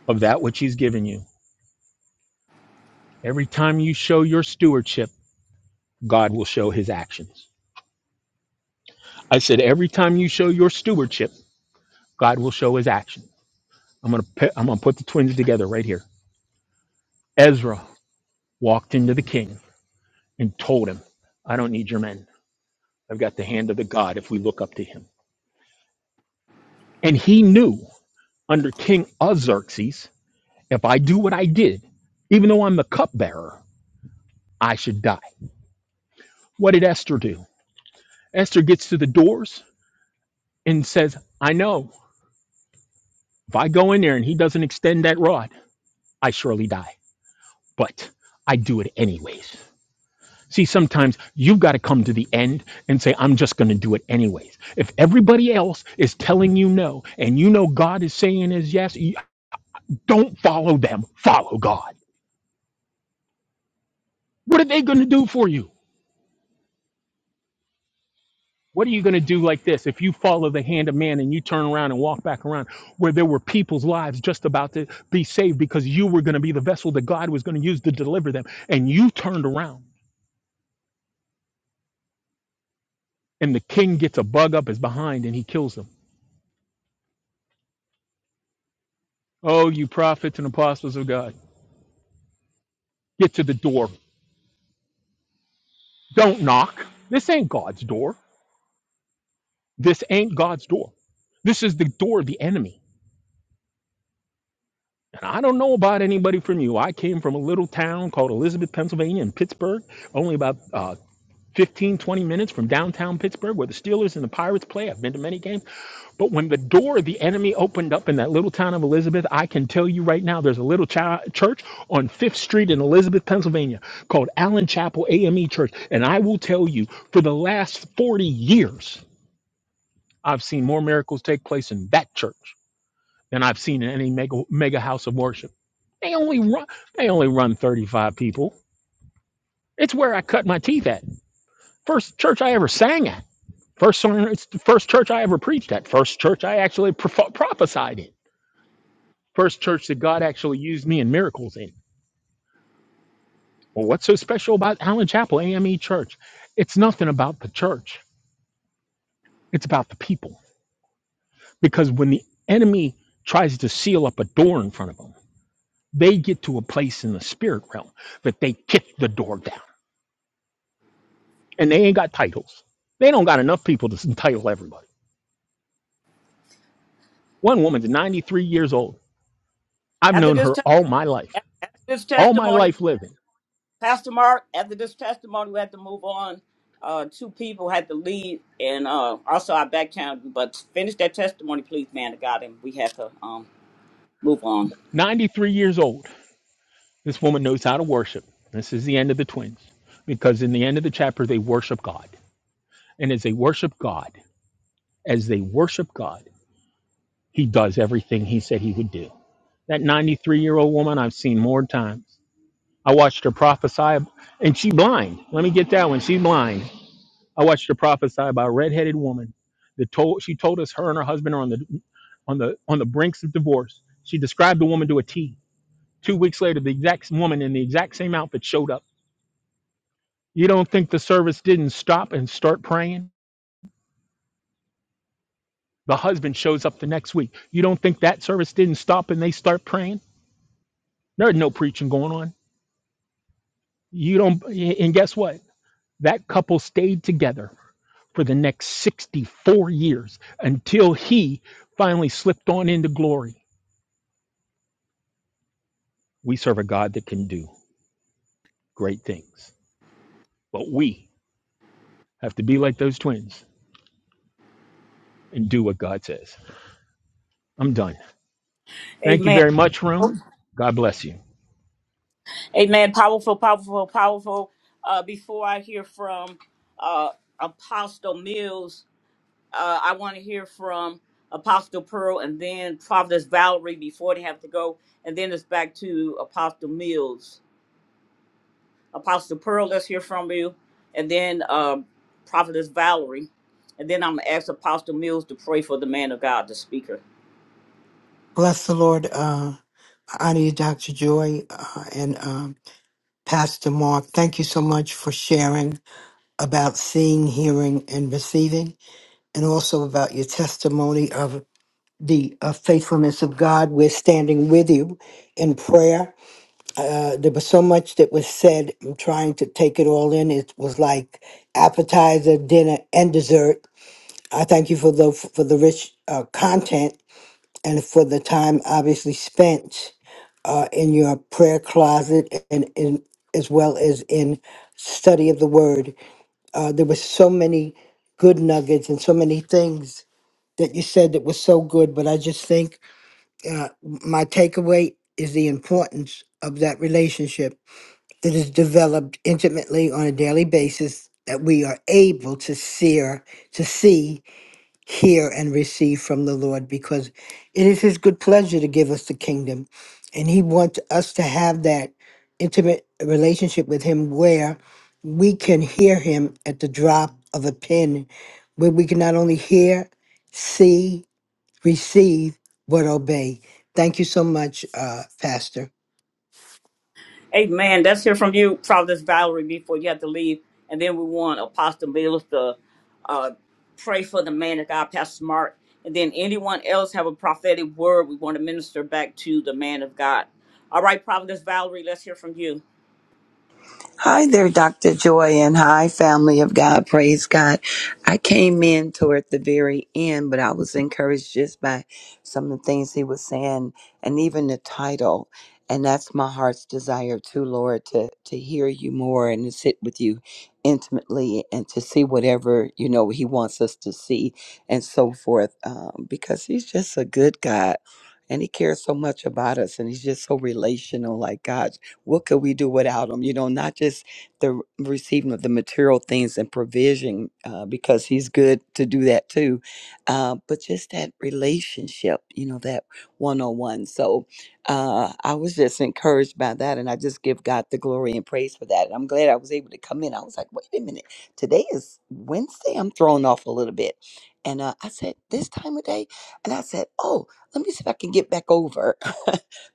of that which he's given you, every time you show your stewardship, God will show his actions. I said, every time you show your stewardship, God will show his action. I'm going to I'm going to put the twins together right here. Ezra walked into the king and told him, "I don't need your men. I've got the hand of the God if we look up to him." And he knew under King Xerxes, if I do what I did, even though I'm the cupbearer, I should die. What did Esther do? Esther gets to the doors and says, "I know if I go in there and he doesn't extend that rod, I surely die, but I do it anyways." See, sometimes you've got to come to the end and say, I'm just going to do it anyways. If everybody else is telling you no and you know God is saying is yes, you- don't follow them, follow God. What are they going to do for you? What are you going to do like this if you follow the hand of man and you turn around and walk back around where there were people's lives just about to be saved because you were going to be the vessel that God was going to use to deliver them and you turned around and the king gets a bug up his behind and he kills them. Oh, you prophets and apostles of God, get to the door Don't knock. This ain't God's door. This ain't God's door. This is the door of the enemy. And I don't know about anybody from you. I came from a little town called Elizabeth, Pennsylvania, in Pittsburgh, only about uh, 15, twenty minutes from downtown Pittsburgh, where the Steelers and the Pirates play. I've been to many games. But when the door of the enemy opened up in that little town of Elizabeth, I can tell you right now, there's a little chi- church on Fifth Street in Elizabeth, Pennsylvania, called Allen Chapel AME Church. And I will tell you, for the last 40 years, I've seen more miracles take place in that church than I've seen in any mega, mega house of worship. They only run they only run 35 people. It's where I cut my teeth at. First church I ever sang at. First sermon, it's the first church I ever preached at. First church I actually prof- prophesied in. First church that God actually used me in miracles in. Well, what's so special about Allen Chapel AME Church? It's nothing about the church. It's about the people. Because when the enemy tries to seal up a door in front of them, They get to a place in the spirit realm that they kick the door down. And they ain't got titles. They don't got enough people to entitle everybody. One woman's 93 years old. I've After known this, her te- all my life, after this all my testimony, life living. Pastor Mark, after this testimony, we had to move on. Uh, two people had to leave, and uh, also our back channel. But finish that testimony, please, man of God, and we have to um, move on. 93 years old. This woman knows how to worship. This is the end of the twins because in the end of the chapter, they worship God. And as they worship God, as they worship God, he does everything he said he would do. That 93 year old woman I've seen more times. I watched her prophesy, and she blind. Let me get that one. She blind. I watched her prophesy about a redheaded woman that told she told us her and her husband are on the on the on the brinks of divorce. She described the woman to a T. Two weeks later, the exact s- woman in the exact same outfit showed up. You don't think the service didn't stop and start praying? The husband shows up the next week. You don't think that service didn't stop and they start praying? There's no preaching going on. You don't, and guess what? That couple stayed together for the next 64 years until he finally slipped on into glory. We serve a God that can do great things, but we have to be like those twins and do what God says. I'm done. Thank you Amen. very much, Room. God bless you. Amen. Powerful, powerful, powerful. Uh, before I hear from uh, Apostle Mills, uh, I want to hear from Apostle Pearl and then Providence Valerie before they have to go, and then it's back to Apostle Mills. Apostle Pearl, let's hear from you. And then um, Prophetess Valerie. And then I'm going to ask Apostle Mills to pray for the man of God, the speaker. Bless the Lord. Uh, I honor you, Dr. Joy uh, and um, Pastor Mark. Thank you so much for sharing about seeing, hearing, and receiving, and also about your testimony of the uh, faithfulness of God. We're standing with you in prayer. Uh, there was so much that was said. I'm trying to take it all in. It was like appetizer, dinner, and dessert. I thank you for the for the rich uh, content and for the time obviously spent. uh, in your prayer closet and in as well as in study of the word. Uh, there were so many good nuggets and so many things that you said that was so good, but I just think uh, my takeaway is the importance of that relationship that is developed intimately on a daily basis that we are able to sear to see hear and receive from the Lord because it is His good pleasure to give us the kingdom. And He wants us to have that intimate relationship with Him where we can hear Him at the drop of a pin, where we can not only hear, see, receive, but obey. Thank you so much, uh, Pastor. Amen. Let's hear from you, Prophetess Valerie, before you have to leave. And then we want Apostle Mills to uh, pray for the man of God, Pastor Mark. And then anyone else have a prophetic word we want to minister back to the man of God. All right, Prophetess Valerie, let's hear from you. Hi there, Dr. Joy, and hi, family of God. Praise God. I came in toward the very end, but I was encouraged just by some of the things he was saying and even the title. And that's my heart's desire too, Lord, to, to hear you more and to sit with you intimately and to see whatever, you know, he wants us to see and so forth, um, because he's just a good God. And he cares so much about us, and he's just so relational, like God. What could we do without him? You know, not just the receiving of the material things and provision, uh, because he's good to do that too, uh, but just that relationship, you know, that one on one. So uh, I was just encouraged by that, and I just give God the glory and praise for that. And I'm glad I was able to come in. I was like, wait a minute, today is Wednesday. I'm thrown off a little bit. And uh, I said, this time of day? And I said, oh, let me see if I can get back over.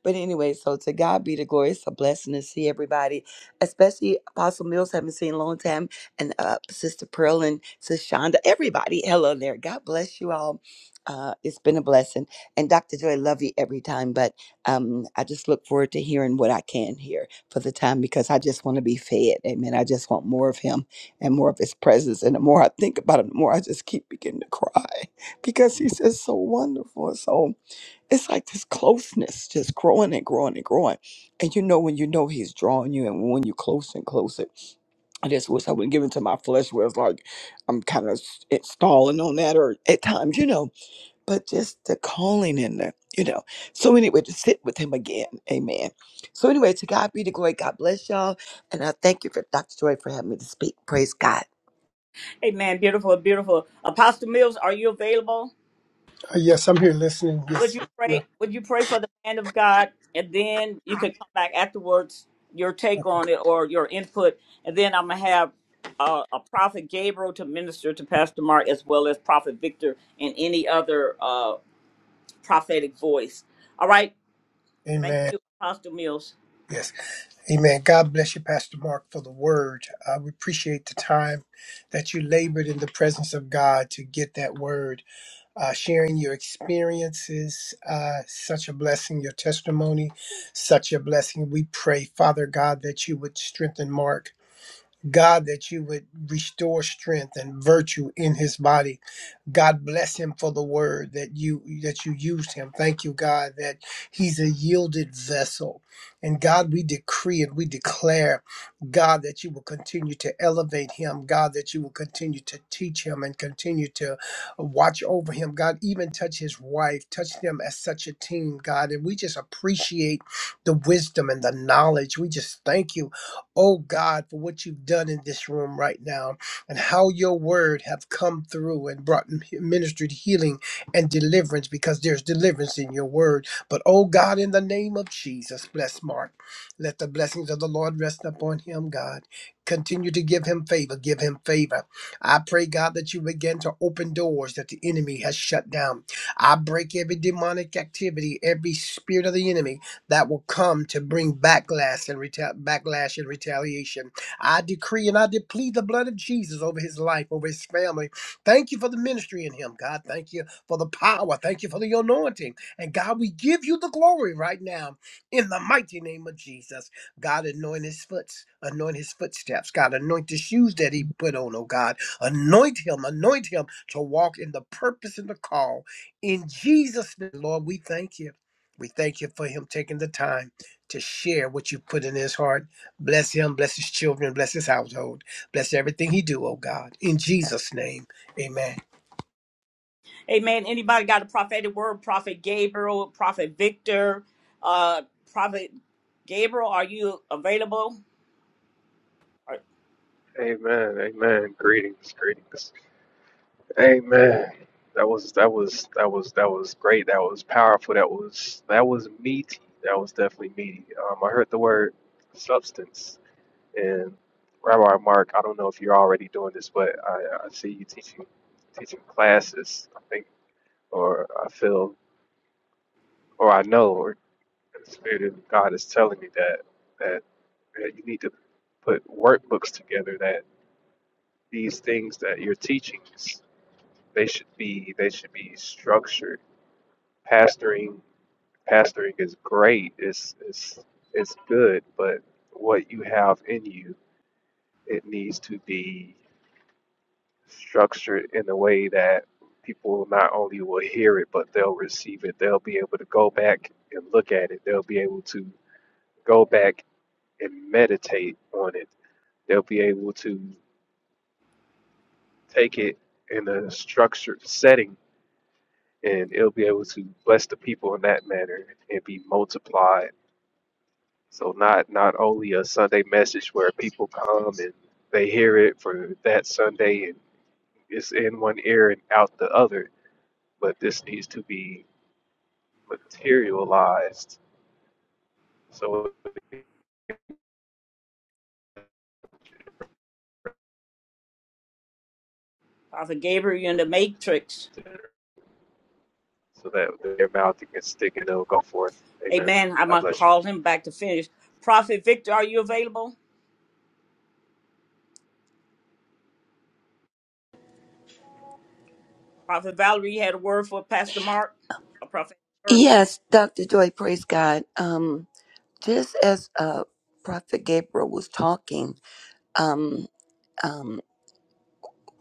But anyway, so to God be the glory. It's a blessing to see everybody, especially Apostle Mills, haven't seen in a long time, and uh, Sister Pearl and Sister Shonda, everybody. Hello there. God bless you all. Uh, it's been a blessing. And Dr. Joy, love you every time, but um, I just look forward to hearing what I can hear for the time because I just want to be fed. Amen. I just want more of Him and more of His presence. And the more I think about Him, the more I just keep beginning to cry because He's just so wonderful. So, it's like this closeness just growing and growing and growing. And you know when you know he's drawing you and when you close and closer. I just wish I wouldn't give in to my flesh where it's like I'm kind of stalling on that or at times, you know, but just the calling in there, you know. So anyway, to sit with him again. Amen. So anyway, to God be the glory. God bless y'all. And I thank you for Dr. Joy for having me to speak. Praise God. Amen. Beautiful, beautiful. Apostle Mills, are you available? Uh, yes, I'm here listening. Would Yes. you pray? Would you pray for the man of God, and then you could come back afterwards, your take on it or your input, and then I'm gonna have uh, a prophet Gabriel to minister to Pastor Mark as well as Prophet Victor and any other uh, prophetic voice. All right. Thank Amen. you, Apostle Mills. Yes. Amen. God bless you, Pastor Mark, for the word. Uh, we appreciate the time that you labored in the presence of God to get that word uh, sharing your experiences. Uh, such a blessing, your testimony, such a blessing. We pray, Father God, that you would strengthen Mark God, that you would restore strength and virtue in his body. God bless him for the word that you that you used him. Thank you, God, that he's a yielded vessel. And God, we decree and we declare, God, that you will continue to elevate him. God, that you will continue to teach him and continue to watch over him. God, even touch his wife, touch them as such a team, God. And we just appreciate the wisdom and the knowledge. We just thank you oh God, for what you've done in this room right now and how your word have come through and brought ministered healing and deliverance because there's deliverance in your word. But oh God, in the name of Jesus, bless Mark. Let the blessings of the Lord rest upon him, God. Continue to give him favor, give him favor. I pray, God, that you begin to open doors that the enemy has shut down. I break every demonic activity, every spirit of the enemy that will come to bring backlash and reta- backlash and retaliation. I decree and I deplete the blood of Jesus over his life, over his family. Thank you for the ministry in him, God. Thank you for the power. Thank you for the anointing. And God, we give you the glory right now in the mighty name of Jesus. God, anoint his foot, anoint his footsteps. God, anoint the shoes that he put on, oh God. Anoint him, anoint him to walk in the purpose and the call. In Jesus' name, Lord, we thank you. We thank you for him taking the time to share what you put in his heart. Bless him, bless his children, bless his household, bless everything he do, oh God. In Jesus' name, amen. Amen. Anybody got a prophetic word? Prophet Gabriel, Prophet Victor, uh, Prophet Gabriel, are you available? Or Amen. Amen. Greetings. Greetings. Amen. That was that was that was that was great. That was powerful. That was that was meaty. That was definitely meaty. Um, I heard the word substance and Rabbi Mark. I don't know if you're already doing this, but I, I see you teaching teaching classes. I think, or I feel, or I know, or the Spirit of God is telling me that that, that you need to put workbooks together. That these things that you're teaching They should be they should be structured. Pastoring pastoring is great. It's it's it's good, but what you have in you, it needs to be structured in a way that people not only will hear it, but they'll receive it. They'll be able to go back and look at it. They'll be able to go back and meditate on it. They'll be able to take it in a structured setting and it'll be able to bless the people in that manner and be multiplied. So not not only a Sunday message where people come and they hear it for that Sunday and it's in one ear and out the other, but this needs to be materialized so Prophet Gabriel, you're in the matrix. so that their mouth can stick and it'll go forth. Amen. Amen. I'm God gonna bless you. call him back to finish. Prophet Victor, are you available? Prophet Valerie, you had a word for Pastor Mark. A prophet word. Yes, Dr. Joy, praise God. Um, just as uh, Prophet Gabriel was talking, um, um,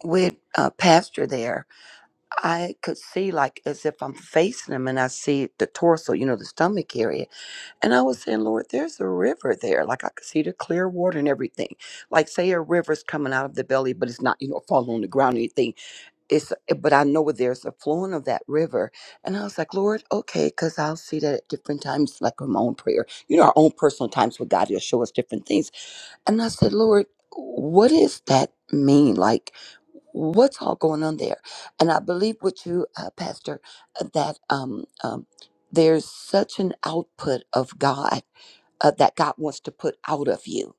with a pastor there, I could see like as if I'm facing him and I see the torso, you know, the stomach area. And I was saying, Lord, there's a river there. Like I could see the clear water and everything. Like say a river's coming out of the belly, but it's not, you know, falling on the ground or anything. It's, eh, but I know there's a flowing of that river. And I was like, Lord, okay, because I'll see that at different times, like in my own prayer. You know, our own personal times with God, He'll show us different things. And I said, Lord, what does that mean? Like, what's all going on there? And I believe with you, uh, Pastor, uh, that um, um, there's such an output of God uh, that God wants to put out of you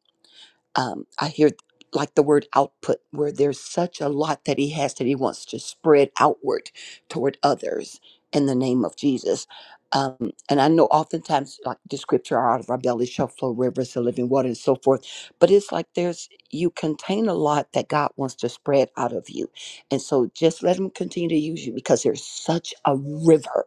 um, I hear like the word output, where there's such a lot that he has that he wants to spread outward toward others in the name of Jesus. Um, and I know oftentimes, like the scripture, out of our belly shall flow rivers of living water and so forth. But it's like there's, you contain a lot that God wants to spread out of you. And so just let him continue to use you because there's such a river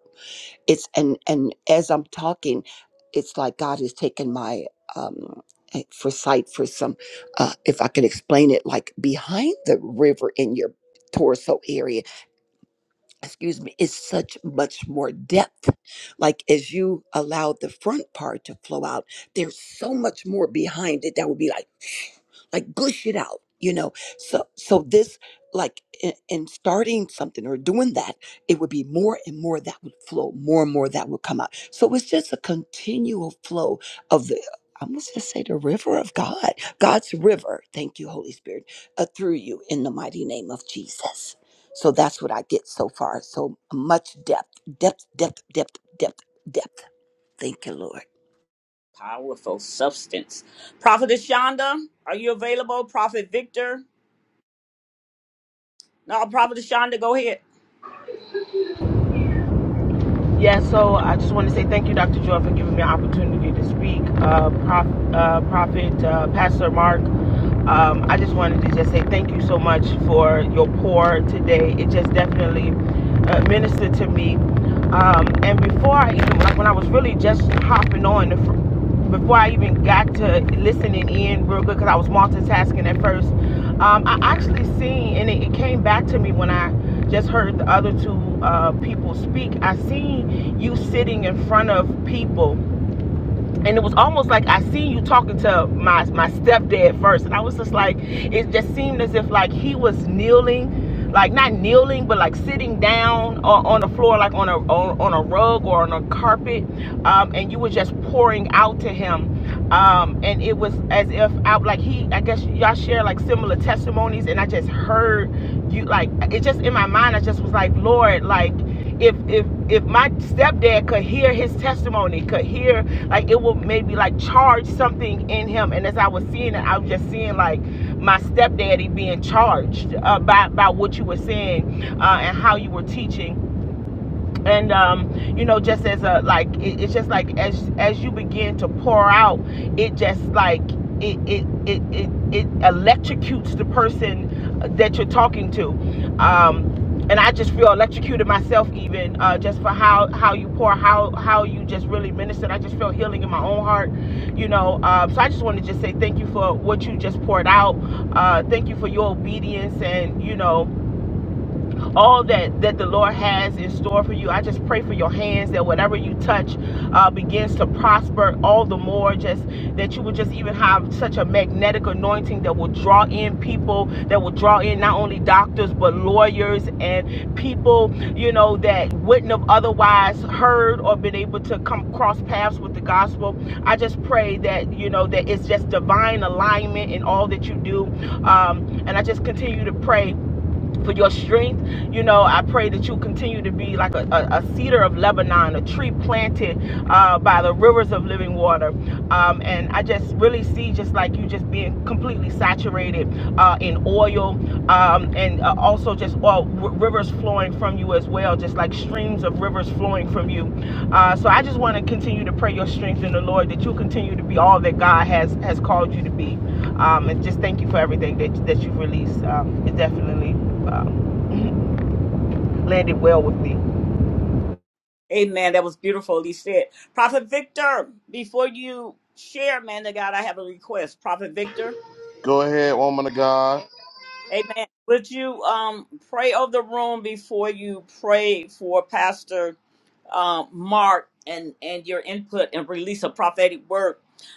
it's and and as I'm talking, it's like God has taken my um eh, for sight for some uh if I can explain it like behind the river in your torso area excuse me, is such much more depth. Like as you allow the front part to flow out, there's so much more behind it that would be like, like gush it out, you know. So, so this, like in, in starting something or doing that, it would be more and more that would flow, more and more that would come out. So it's just a continual flow of the. I must just say the river of God, God's river. Thank you, Holy Spirit, uh, through you in the mighty name of Jesus. So that's what I get so far. So much depth, depth, depth, depth, depth, depth. Thank you, Lord. powerful substance. Prophet Ashonda, are you available? Prophet Victor. No, Prophet Ashonda, go ahead. Yeah, so I just want to say thank you, Dr. Joy, for giving me an opportunity to speak. Uh, Prof, uh, Prophet, uh, Pastor Mark, um, I just wanted to just say thank you so much for your pour today. It just definitely uh, ministered to me. Um, and before I even, like when I was really just hopping on, the fir- before I even got to listening in real good, because I was multitasking at first, um, I actually seen, and it, it came back to me when I just heard the other two uh, people speak. I seen you sitting in front of people and it was almost like I see you talking to my my stepdad first, and I was just like, it just seemed as if like he was kneeling, like not kneeling, but like sitting down on, on the floor, like on a on, on a rug or on a carpet, um, and you were just pouring out to him, um, and it was as if I like he, I guess y'all share like similar testimonies, and I just heard you like it just in my mind, I just was like, Lord, like if if if my stepdad could hear his testimony, could hear like it will maybe like charge something in him. And as I was seeing it, I was just seeing like my stepdaddy being charged uh, by by what you were saying uh, and how you were teaching and um, you know just as a like it, it's just like as as you begin to pour out it just like it it it it, it electrocutes the person that you're talking to um and I just feel electrocuted myself, even uh, just for how, how you pour, how how you just really ministered. I just feel healing in my own heart, you know. Uh, so I just want to just say thank you for what you just poured out. Uh, thank you for your obedience, and you know, all that that the Lord has in store for you. I just pray for your hands that whatever you touch uh, begins to prosper all the more. Just that you would just even have such a magnetic anointing that will draw in people, that will draw in not only doctors but lawyers and people you know that wouldn't have otherwise heard or been able to come cross paths with the gospel. I just pray that you know that it's just divine alignment in all that you do, um, and I just continue to pray for your strength. You know, I pray that you continue to be like a, a, a cedar of Lebanon, a tree planted uh, by the rivers of living water um, and I just really see just like you just being completely saturated uh, in oil, um, and uh, also just well, r- rivers flowing from you as well, just like streams of rivers flowing from you. Uh, so I just want to continue to pray your strength in the Lord that you'll continue to be all that God has has called you to be, um, and just thank you for everything that that you've released. Um, it definitely um, landed well with me. Amen. That was beautiful. He said, Prophet Victor, before you share, man of God, I have a request. Prophet Victor, Go ahead, woman of God. Amen. Would you um pray over the room before you pray for Pastor? uh, Mark and and your input and release a prophetic word.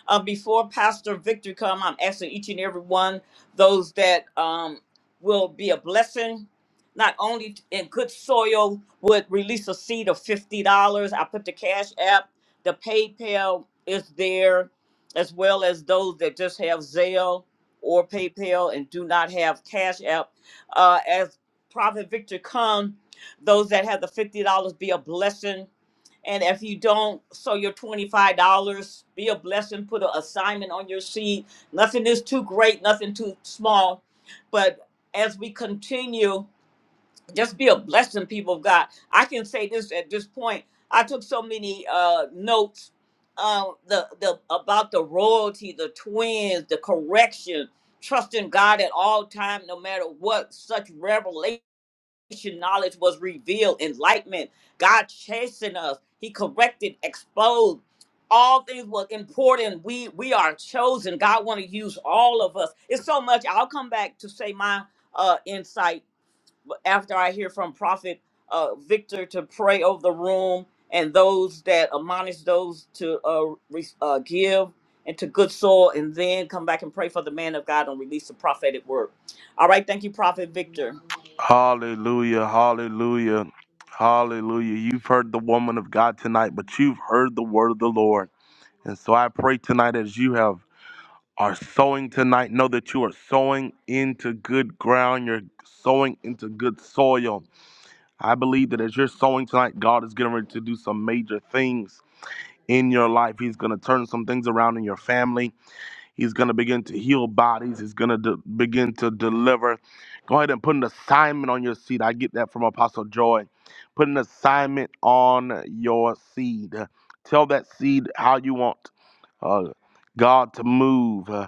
Uh, before Pastor Victor come, I'm asking each and every one those that um, will be a blessing, not only in good soil, would release a seed of fifty dollars. I put the cash app, the PayPal is there, as well as those that just have Zelle or PayPal and do not have cash app. Uh, as Prophet Victor come those that have the fifty dollars be a blessing. And if you don't so your $25, be a blessing, put an assignment on your seed. Nothing is too great, nothing too small. But as we continue, just be a blessing, people of God. I can say this at this point. I took so many uh, notes um, the, the, about the royalty, the twins, the correction, trusting God at all time, no matter what, such revelation knowledge was revealed, enlightenment. God chasing us. He corrected, exposed. All things were important. We we are chosen. God want to use all of us. It's so much. I'll come back to say my uh insight after I hear from Prophet uh Victor to pray over the room and those that admonish those to uh, re- uh give into good soil and then come back and pray for the man of God and release the prophetic word. All right, thank you, Prophet Victor. Hallelujah, hallelujah, hallelujah. You've heard the woman of God tonight, but you've heard the word of the Lord. And so I pray tonight as you have are sowing tonight, know that you are sowing into good ground. You're sowing into good soil. I believe that as you're sowing tonight, God is getting ready to do some major things in your life. He's going to turn some things around in your family. He's going to begin to heal bodies. He's going to de- begin to deliver. Go ahead and put an assignment on your seed. I get that from Apostle Joy. Put an assignment on your seed. Tell that seed how you want uh, God to move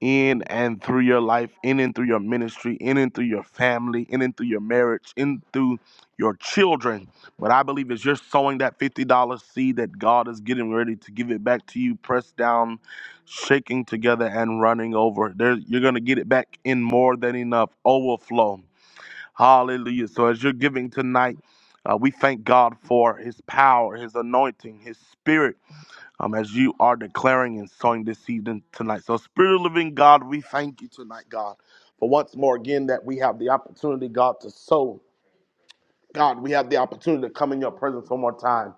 in and through your life, in and through your ministry, in and through your family, in and through your marriage, in through your children. But I believe as you're sowing that $50 seed that God is getting ready to give it back to you, pressed down, shaking together, and running over. There, you're going to get it back in more than enough overflow. Hallelujah. So as you're giving tonight, uh, we thank God for his power, his anointing, his spirit um, as you are declaring and sowing this season tonight. So, Spirit of the Living God, we thank you tonight, God, for once more again that we have the opportunity, God, to sow. God, we have the opportunity to come in your presence one more time.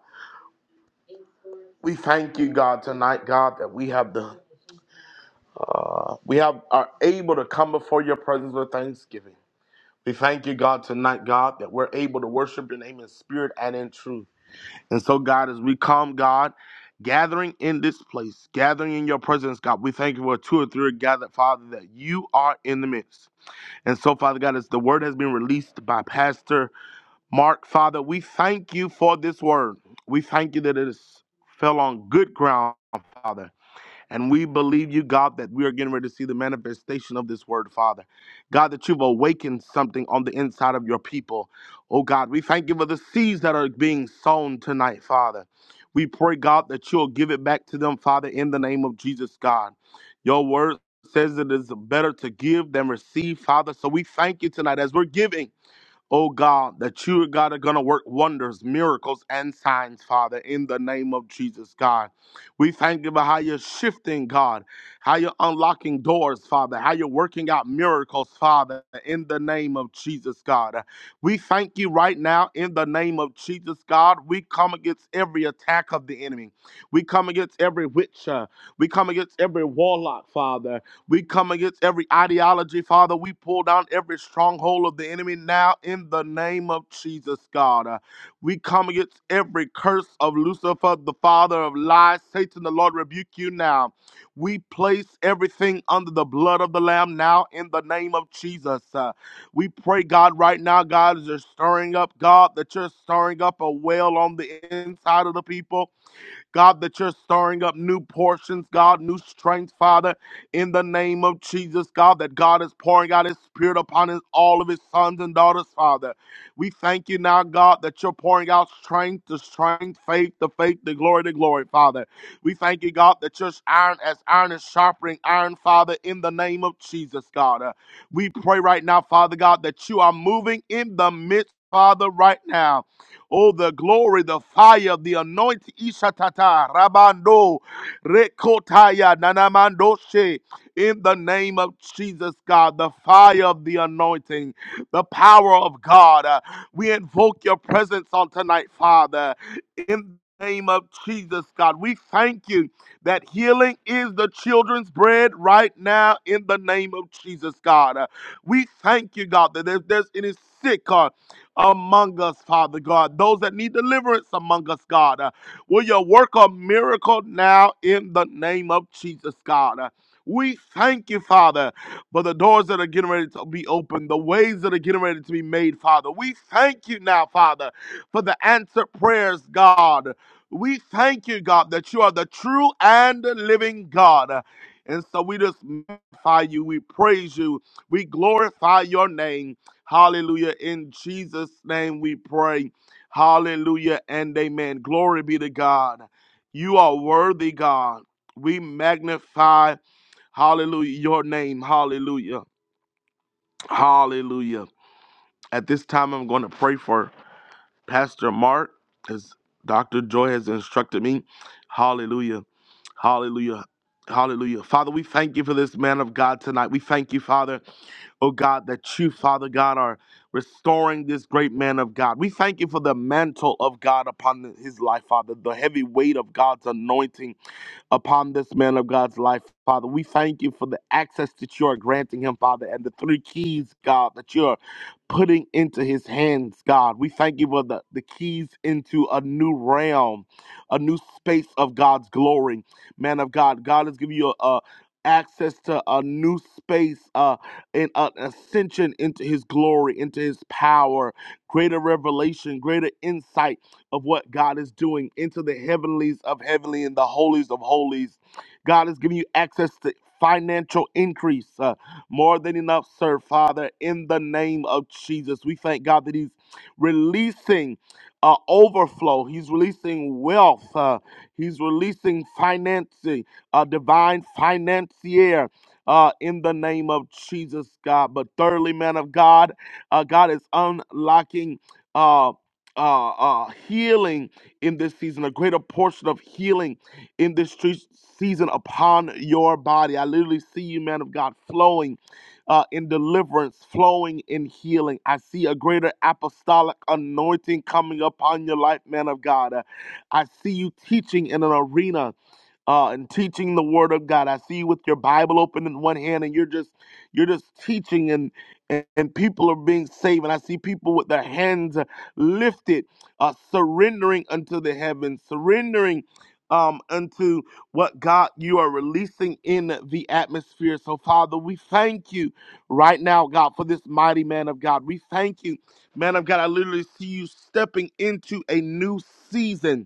We thank you, God, tonight, God, that we have the we have are able to come before your presence with thanksgiving. We thank you, God, tonight, God, that we're able to worship your name in spirit and in truth. And so, God, as we come, God, gathering in this place, gathering in your presence, God, we thank you for two or three are gathered, Father, that you are in the midst. And so, Father God, as the word has been released by Pastor Mark, Father, we thank you for this word. We thank you that it is fell on good ground, Father. And we believe you, God, that we are getting ready to see the manifestation of this word, Father. God, that you've awakened something on the inside of your people. Oh, God, we thank you for the seeds that are being sown tonight, Father. We pray, God, that you'll give it back to them, Father, in the name of Jesus, God. Your word says it is better to give than receive, Father. So we thank you tonight as we're giving. Oh God, that you, God, are going to work wonders, miracles, and signs, Father, in the name of Jesus, God. We thank you for how you're shifting, God, how you're unlocking doors, Father, how you're working out miracles, Father, in the name of Jesus, God. We thank you right now in the name of Jesus, God. We come against every attack of the enemy. We come against every witch. uh, we come against every warlock, Father. We come against every ideology, Father. We pull down every stronghold of the enemy now in the name of Jesus, God. Uh, We come against every curse of Lucifer, the father of lies. Satan, the Lord, rebuke you now. We place everything under the blood of the Lamb now in the name of Jesus. Uh, we pray, God, right now, God, as you're stirring up, God, that you're stirring up a well on the inside of the people. God, that you're stirring up new portions, God, new strength, Father, in the name of Jesus, God, that God is pouring out his spirit upon his, all of his sons and daughters, Father. We thank you now, God, that you're pouring out strength to strength, faith to faith, the glory to glory, Father. We thank you, God, that you're iron as iron is sharpening iron, Father, in the name of Jesus, God. Uh, we pray right now, Father God, that you are moving in the midst, Father, right now. Oh, the glory, the fire, the anointing. Ishatata, Rabando, Rekotaya, Nanamandoshe. In the name of Jesus, God, the fire of the anointing, the power of God. Uh, we invoke your presence on tonight, Father. In the name of Jesus, God, we thank you that healing is the children's bread right now in the name of Jesus, God. Uh, we thank you, God, that if there's any sick, God, among us, Father God. Those that need deliverance among us, God. Uh, will you work a miracle now in the name of Jesus, God? Uh, we thank you, Father, for the doors that are getting ready to be opened, the ways that are getting ready to be made, Father. We thank you now, Father, for the answered prayers, God. We thank you, God, that you are the true and living God. And so we just magnify you, we praise you, we glorify your name. Hallelujah. In Jesus' name we pray. Hallelujah and amen. Glory be to God. You are worthy, God. We magnify, hallelujah, your name. Hallelujah. Hallelujah. At this time, I'm going to pray for Pastor Mark as Dr. Joy has instructed me. Hallelujah. Hallelujah. Hallelujah. Father, we thank you for this man of God tonight. We thank you, Father oh God, that you, Father God, are restoring this great man of God. We thank you for the mantle of God upon his life, Father, the heavy weight of God's anointing upon this man of God's life, Father. We thank you for the access that you are granting him, Father, and the three keys, God, that you are putting into his hands, God. We thank you for the, the keys into a new realm, a new space of God's glory. Man of God, God has given you a, a access to a new space uh and an uh, ascension into his glory into his power greater revelation greater insight of what God is doing into the heavenlies of heavenly and the holies of holies. God is giving you access to financial increase, uh, more than enough, sir, Father, in the name of Jesus. We thank God that He's releasing uh, overflow, He's releasing wealth, uh, He's releasing financing, a divine financier. Uh, in the name of Jesus, God. But thirdly, man of God, uh, God is unlocking. uh, uh, uh, healing in this season, a greater portion of healing in this tre- season upon your body. I literally see you, man of God, flowing uh, in deliverance, flowing in healing. I see a greater apostolic anointing coming upon your life, man of God. Uh, I see you teaching in an arena uh, and teaching the Word of God. I see you with your Bible open in one hand, and you're just you're just teaching, and and, and people are being saved. And I see people with their hands lifted, uh, surrendering unto the heavens, surrendering. Um, unto what God you are releasing in the atmosphere. So, Father, we thank you right now, God, for this mighty man of God. We thank you, man of God. I literally see you stepping into a new season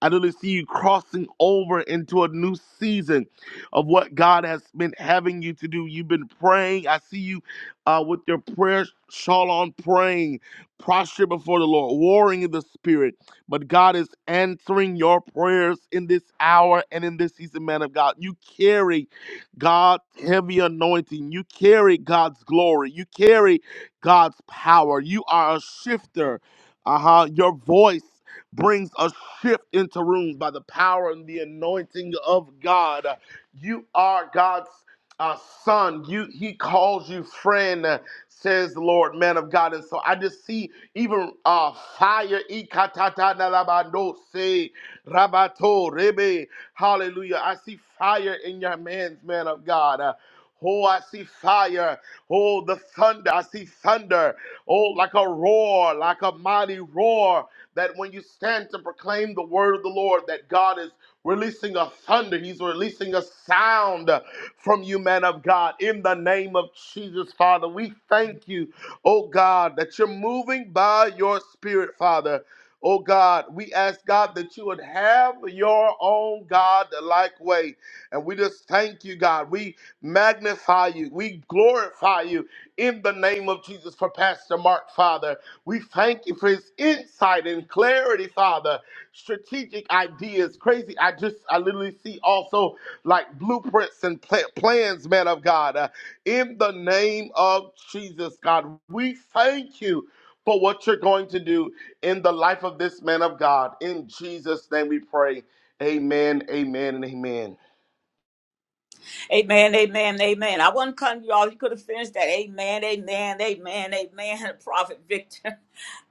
I literally see you crossing over into a new season of what God has been having you to do. You've been praying. I see you uh, with your prayer shawl on, praying, prostrate before the Lord, warring in the spirit. But God is answering your prayers in this hour and in this season, man of God. You carry God's heavy anointing. You carry God's glory. You carry God's power. You are a shifter. Uh huh. Your voice brings a shift into rooms by the power and the anointing of God. You are God's uh, son. You He calls you friend, uh, says the Lord, man of God. And so I just see even uh, fire. Ikatatadalabandose, Rabato rebe. Hallelujah. I see fire in your hands, man of God. Uh, Oh, I see fire. Oh, the thunder. I see thunder. Oh, like a roar, like a mighty roar that when you stand to proclaim the word of the Lord, that God is releasing a thunder, He's releasing a sound uh, from you, man of God, in the name of Jesus, Father. We thank you, oh God, that you're moving by your spirit, Father. Oh God, we ask God that you would have your own God like way. And we just thank you, God. We magnify you. We glorify you in the name of Jesus for Pastor Mark, Father. We thank you for his insight and clarity, Father. Strategic ideas, crazy. I just, I literally see also like blueprints and pla- plans, man of God. Uh, in the name of Jesus, God, we thank you for what you're going to do in the life of this man of God. In Jesus' name we pray. Amen, amen, and amen. Amen, amen, amen. I wasn't cutting you all. You could have finished that. Amen, amen, amen, amen. Prophet Victor.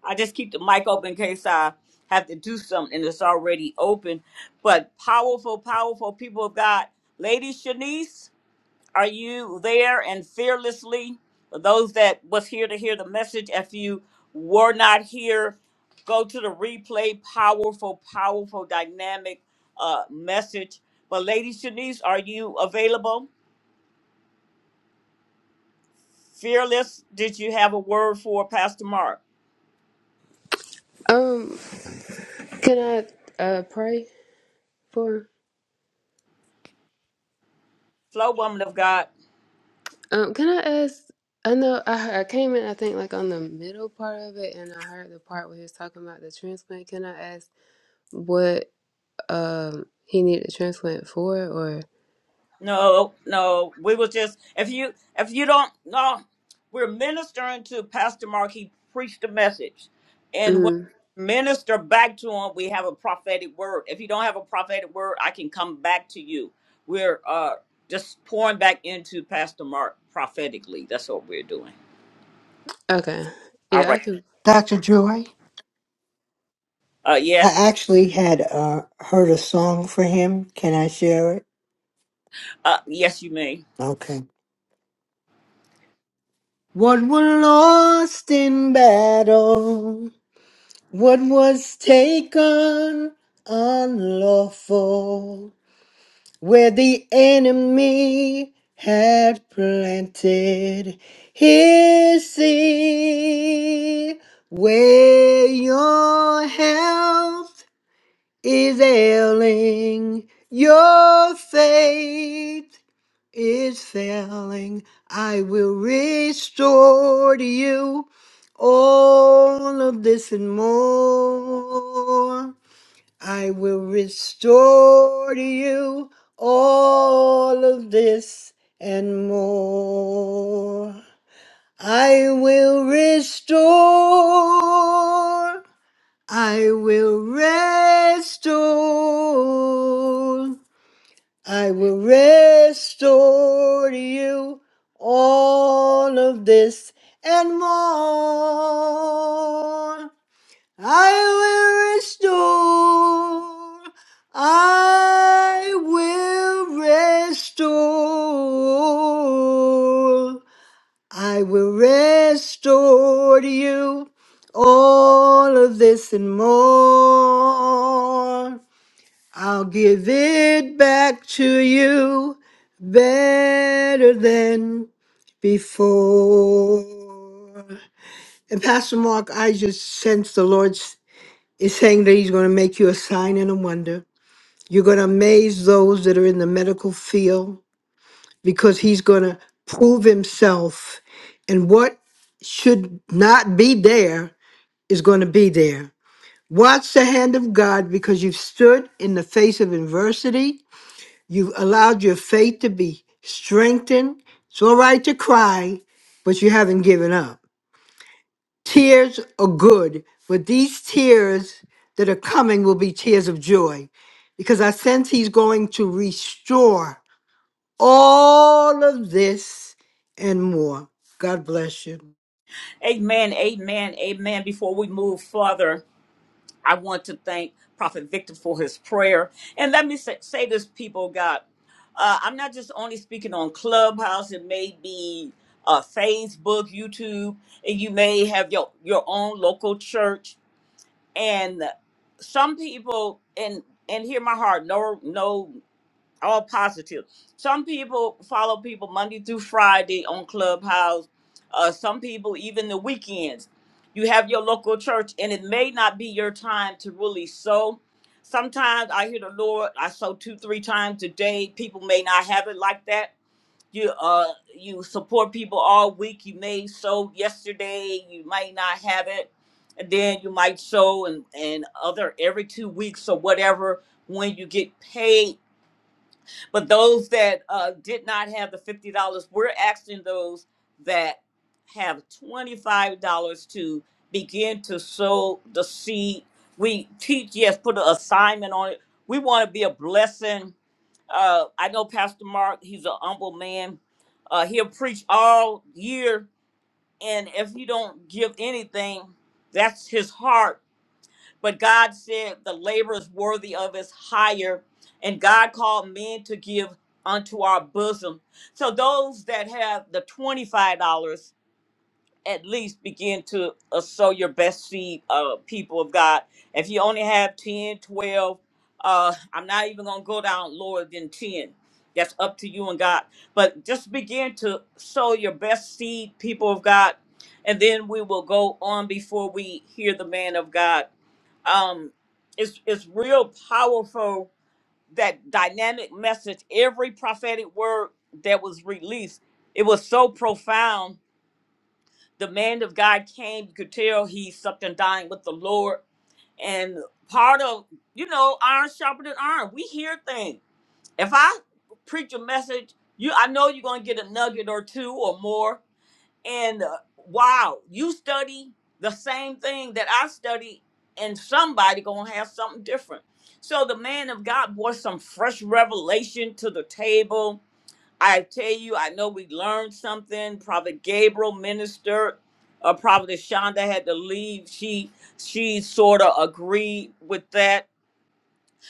I just keep the mic open in case I have to do something that's already open. But powerful, powerful people of God. Lady Shanice, are you there and fearlessly? For those that was here to hear the message, if you were not here, go to the replay. Powerful, powerful, dynamic uh, message. But Lady Shanice, are you available? Fearless, did you have a word for Pastor Mark? Um, can I uh pray for? Flow woman of God. Um, can I ask? I know I, heard- I came in. I think like on the middle part of it, and I heard the part where he was talking about the transplant. Can I ask what um he needed a transplant for? Or No, no. We was just if you if you don't no, we're ministering to Pastor Mark. He preached a message. And when mm, we minister back to him, we have a prophetic word. If you don't have a prophetic word, I can come back to you. We're uh just pouring back into Pastor Mark prophetically. That's what we're doing. okay, All yeah, I right. can. Dr. Joy, Uh yes. I actually had uh, heard a song for him. Can I share it? Uh yes you may. Okay. What was lost in battle? What was taken unlawful? Where the enemy had planted his seed, where your health is ailing. Your faith is failing. I will restore to you all of this and more. I will restore to you all of this and more. I will restore. I will restore. I will restore to you all of this and more. I will restore. I will restore I will restore to you all of this and more. I'll give it back to you better than before. And Pastor Mark, I just sense the Lord is saying that He's going to make you a sign and a wonder. You're going to amaze those that are in the medical field because he's going to prove himself and what should not be there is going to be there. Watch the hand of God because you've stood in the face of adversity. You've allowed your faith to be strengthened. It's all right to cry, but you haven't given up. Tears are good, but these tears that are coming will be tears of joy because I sense he's going to restore all of this and more. God bless you. Amen. Amen. Amen. Before we move further. I want to thank Prophet Victor for his prayer. And let me say, say this, people, of God, uh, I'm not just only speaking on Clubhouse. It may be uh, Facebook, YouTube, and you may have your your own local church. And some people, and and hear my heart, no, no all positive. Some people follow people Monday through Friday on Clubhouse. Uh, some people even the weekends. You have your local church, and it may not be your time to really sow. Sometimes I hear the Lord. I sow two, three times a day. People may not have it like that. You uh, you support people all week. You may sow yesterday. You might not have it, and then you might sow and and other every two weeks or whatever when you get paid but those that uh, did not have the fifty dollars, we're asking those that have twenty-five dollars to begin to sow the seed. We teach, yes, put an assignment on it. We want to be a blessing. Uh, I know Pastor Mark; he's an humble man. Uh, he'll preach all year, and if you don't give anything, that's his heart but God said the labor is worthy of his hire, and God called men to give unto our bosom. So those that have the twenty-five dollars at least begin to uh, sow your best seed, uh, people of God. If you only have ten, twelve, uh, I'm not even gonna go down lower than 10. That's up to you and God. But just begin to sow your best seed, people of God, and then we will go on before we hear the man of God um it's it's real powerful that dynamic message every prophetic word that was released it was so profound the man of god came you could tell he's something dying with the lord and part of you know iron sharpened iron we hear things if i preach a message you i know you're gonna get a nugget or two or more and uh, wow, you study the same thing that I study, and somebody gonna have something different. So the man of God brought some fresh revelation to the table. I tell you, I know we learned something. Prophet Gabriel ministered. Uh, Prophet Shonda had to leave. She she sort of agreed with that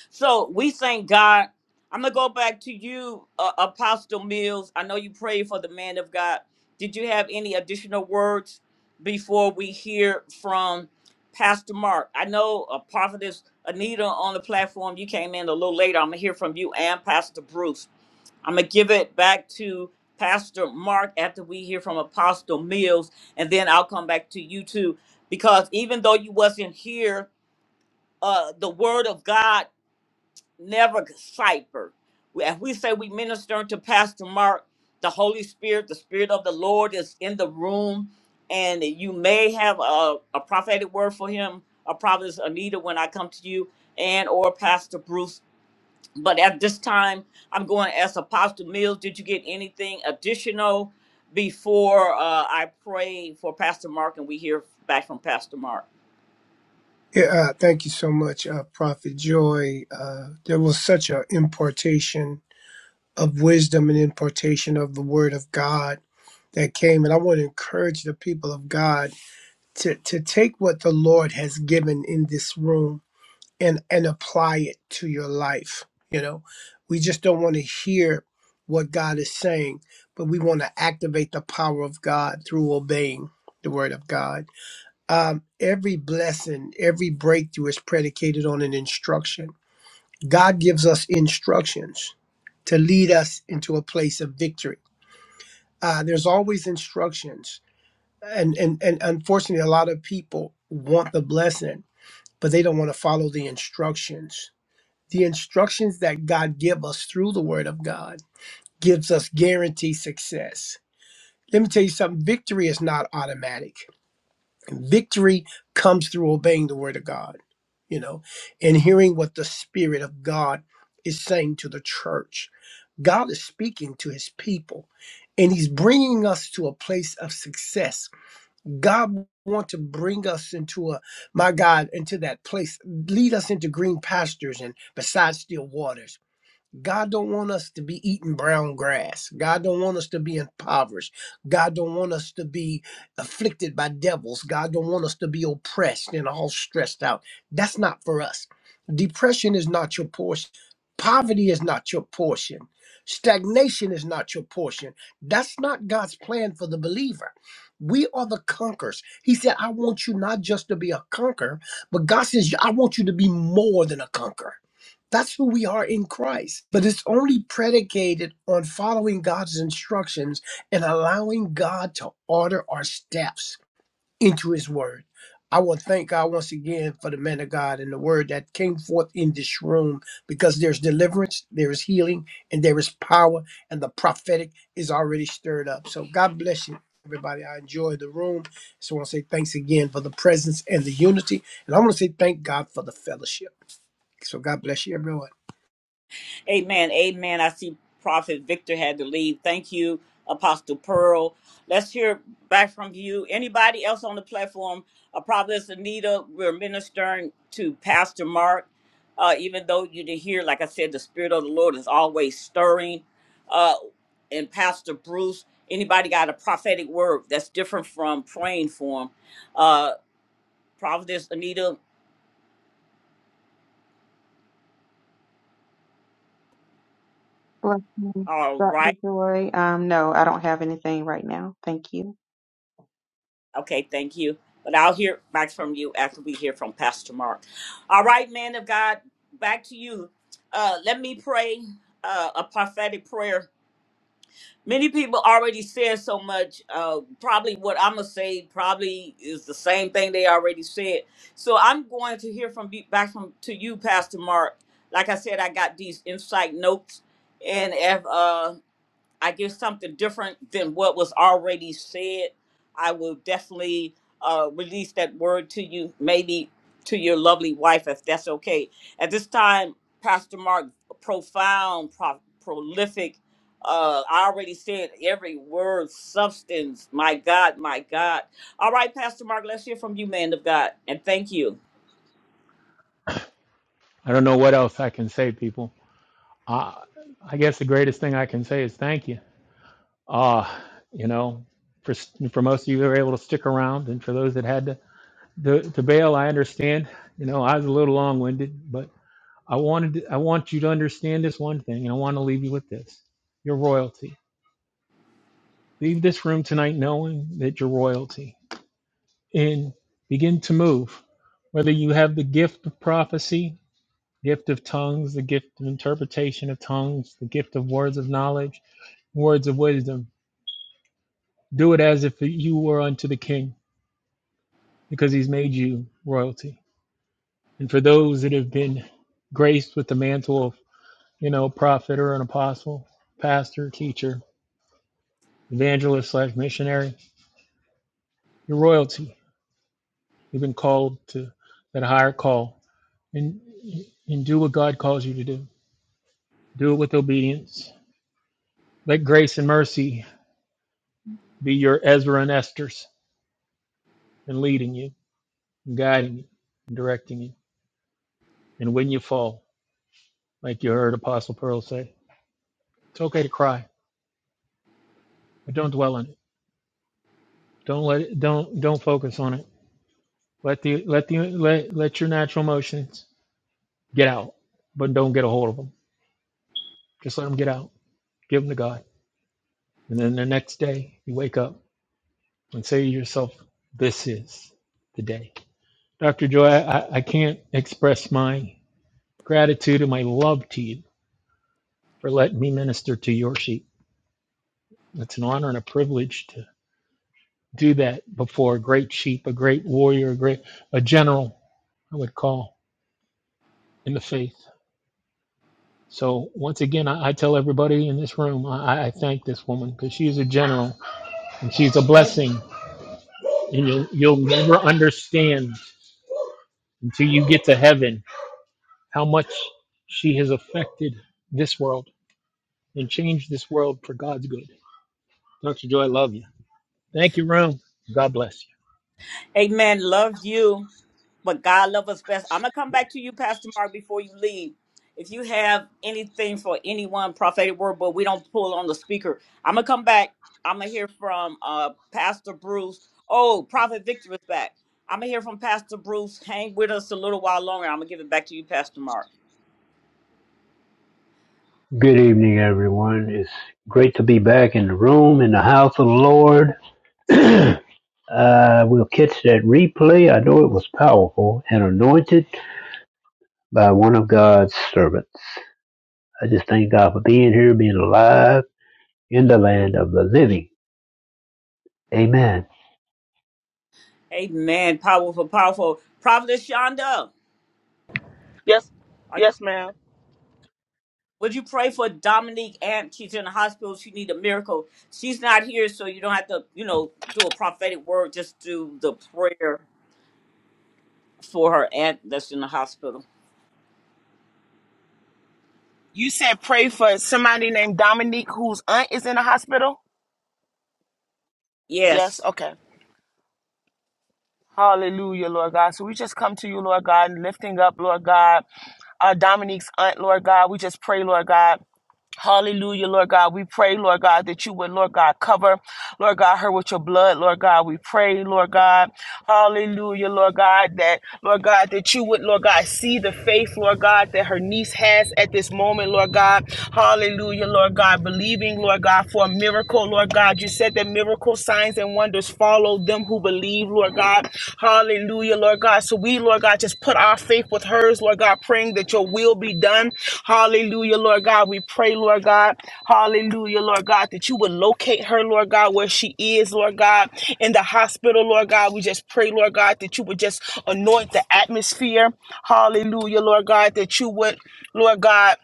so we thank God. I'm gonna go back to you, uh, Apostle Mills. I know you prayed for the man of God. Did you have any additional words before we hear from Pastor Mark? I know a prophetess Anita on the platform. You came in a little later. I'm gonna hear from you and Pastor Bruce. I'm gonna give it back to Pastor Mark after we hear from Apostle Mills, and then I'll come back to you too. Because even though you wasn't here, uh, the Word of God never cipher. As we say, we minister to Pastor Mark, the Holy Spirit, the Spirit of the Lord is in the room, and you may have a, a prophetic word for him, a prophetess Anita, when I come to you, and or Pastor Bruce. But at this time, I'm going to ask Apostle Mills, did you get anything additional before uh, I pray for Pastor Mark and we hear back from Pastor Mark? Yeah, uh, thank you so much, uh, Prophet Joy. Uh, there was such an importation of wisdom and importation of the Word of God that came. And I want to encourage the people of God to, to take what the Lord has given in this room and and apply it to your life you know we just don't want to hear what god is saying but we want to activate the power of god through obeying the word of god um, every blessing every breakthrough is predicated on an instruction god gives us instructions to lead us into a place of victory uh, there's always instructions and, and and unfortunately a lot of people want the blessing but they don't want to follow the instructions the instructions that God give us through the word of God gives us guaranteed success. Let me tell you something, victory is not automatic. Victory comes through obeying the word of God, you know, and hearing what the spirit of God is saying to the church. God is speaking to his people and he's bringing us to a place of success. God wants to bring us into a my God into that place, lead us into green pastures and beside still waters God don't want us to be eating brown grass. God don't want us to be impoverished. God don't want us to be afflicted by devils. God don't want us to be oppressed and all stressed out. That's not for us. Depression is not your portion. Poverty is not your portion. Stagnation is not your portion. That's not God's plan for the believer. We are the conquerors. He said, I want you not just to be a conqueror, but God says, I want you to be more than a conqueror. That's who we are in Christ. But it's only predicated on following God's instructions and allowing God to order our steps into His Word. I want to thank God once again for the man of God and the word that came forth in this room because there's deliverance, there is healing, and there is power, and the prophetic is already stirred up. So God bless you, everybody. I enjoyed the room. So I want to say thanks again for the presence and the unity. And I want to say thank God for the fellowship. So God bless you, everyone. Amen. Amen. I see Prophet Victor had to leave. Thank you, Apostle Pearl. Let's hear back from you. Anybody else on the platform? Uh, Prophetess Anita, we're ministering to Pastor Mark. Uh, even though you did hear, like I said, the Spirit of the Lord is always stirring. Uh, and Pastor Bruce, anybody got a prophetic word that's different from praying for him? Uh, Prophetess Anita, Blessings, all right. Dr. Joy. Um, no, I don't have anything right now. Thank you. Okay, thank you. But I'll hear back from you after we hear from Pastor Mark. All right, man of God, back to you. Uh, let me pray uh, a prophetic prayer. Many people already said so much. Uh, probably what I'm going to say probably is the same thing they already said. So I'm going to hear from back from to you, Pastor Mark. Like I said, I got these insight notes. And if uh, I give something different than what was already said, I will definitely uh, release that word to you, maybe to your lovely wife, if that's okay. At this time, Pastor Mark, profound, pro- prolific. Uh, I already said every word, substance. My God, my God. All right, Pastor Mark, let's hear from you, man of God. And thank you. I don't know what else I can say, people. I, I guess the greatest thing I can say is thank you. Uh, you know, for, for most of you who were able to stick around, and for those that had to the to bail i understand you know i was a little long-winded but i wanted to, i want you to understand this one thing and i want to leave you with this your royalty leave this room tonight knowing that you're royalty and begin to move whether you have the gift of prophecy gift of tongues the gift of interpretation of tongues the gift of words of knowledge words of wisdom do it as if you were unto the king because he's made you royalty and for those that have been graced with the mantle of you know, prophet or an apostle, pastor, teacher, evangelist slash missionary. You're royalty. You've been called to that higher call, and and do what God calls you to do. Do it with obedience. Let grace and mercy be your Ezra and Esther's, and leading you, and guiding you, and directing you. And when you fall, like you heard Apostle Pearl say, it's okay to cry, but don't dwell on it. Don't let it, don't don't focus on it. Let the let the let let your natural emotions Get out, but don't get a hold of them. Just let them get out. Give them to God. And then the next day, you wake up and say to yourself, This is the day. Dr. Joy, I, I can't express my gratitude and my love to you for letting me minister to your sheep. It's an honor and a privilege to do that before a great sheep, a great warrior, a great a general, I would call in the faith. So once again, I, I tell everybody in this room, I, I thank this woman because she's a general and she's a blessing and you'll you'll never understand until you get to heaven how much she has affected this world and changed this world for God's good. Dr. Joy, I love you. Thank you, room. God bless Amen. Love you. but God love us best. I'm gonna come back to you, Pastor Mark, before you leave. If you have anything for anyone, prophetic word, but we don't pull on the speaker. I'm gonna come back. I'm gonna hear from uh Pastor Bruce. Oh, Prophet Victor is back. I'm gonna hear from Pastor Bruce. Hang with us a little while longer. I'm gonna give it back to you, Pastor Mark. Good evening, everyone. It's great to be back in the room in the house of the Lord. uh, we'll catch that replay. I know it was powerful and anointed by one of God's servants. I just thank God for being here, being alive in the land of the living. Amen. Amen. Powerful, powerful. Prophet Shonda, Yes, yes, ma'am. Would you pray for Dominique Amp? She's in the hospital. She need a miracle. She's not here, so you don't have to, you know, do a prophetic word. Just do the prayer for her aunt that's in the hospital. You said pray for somebody named Dominique whose aunt is in the hospital. Yes, Yes. okay. Hallelujah, Lord God. So we just come to you, Lord God, lifting up, Lord God, uh, Dominique's aunt, Lord God. We just pray, Lord God. Hallelujah, Lord God. We pray, Lord God, that you would, Lord God, cover, Lord God, her with your blood, Lord God. We pray, Lord God. Hallelujah, Lord God, that, Lord God, that you would, Lord God, see the faith, Lord God, that her niece has at this moment, Lord God. Hallelujah, Lord God, believing, Lord God, for a miracle, Lord God. You said that miracle signs and wonders follow them who believe, Lord. Lord God. Hallelujah, Lord God. So we, Lord God, just put our faith with hers, Lord God, praying that your will be done. Hallelujah, Lord God. We pray, Lord God. Hallelujah, Lord God, that you would locate her, Lord God, where she is, Lord God, in the hospital, Lord God. We just pray, Lord God, that you would just anoint the atmosphere. Hallelujah, Lord God, that you would, Lord God.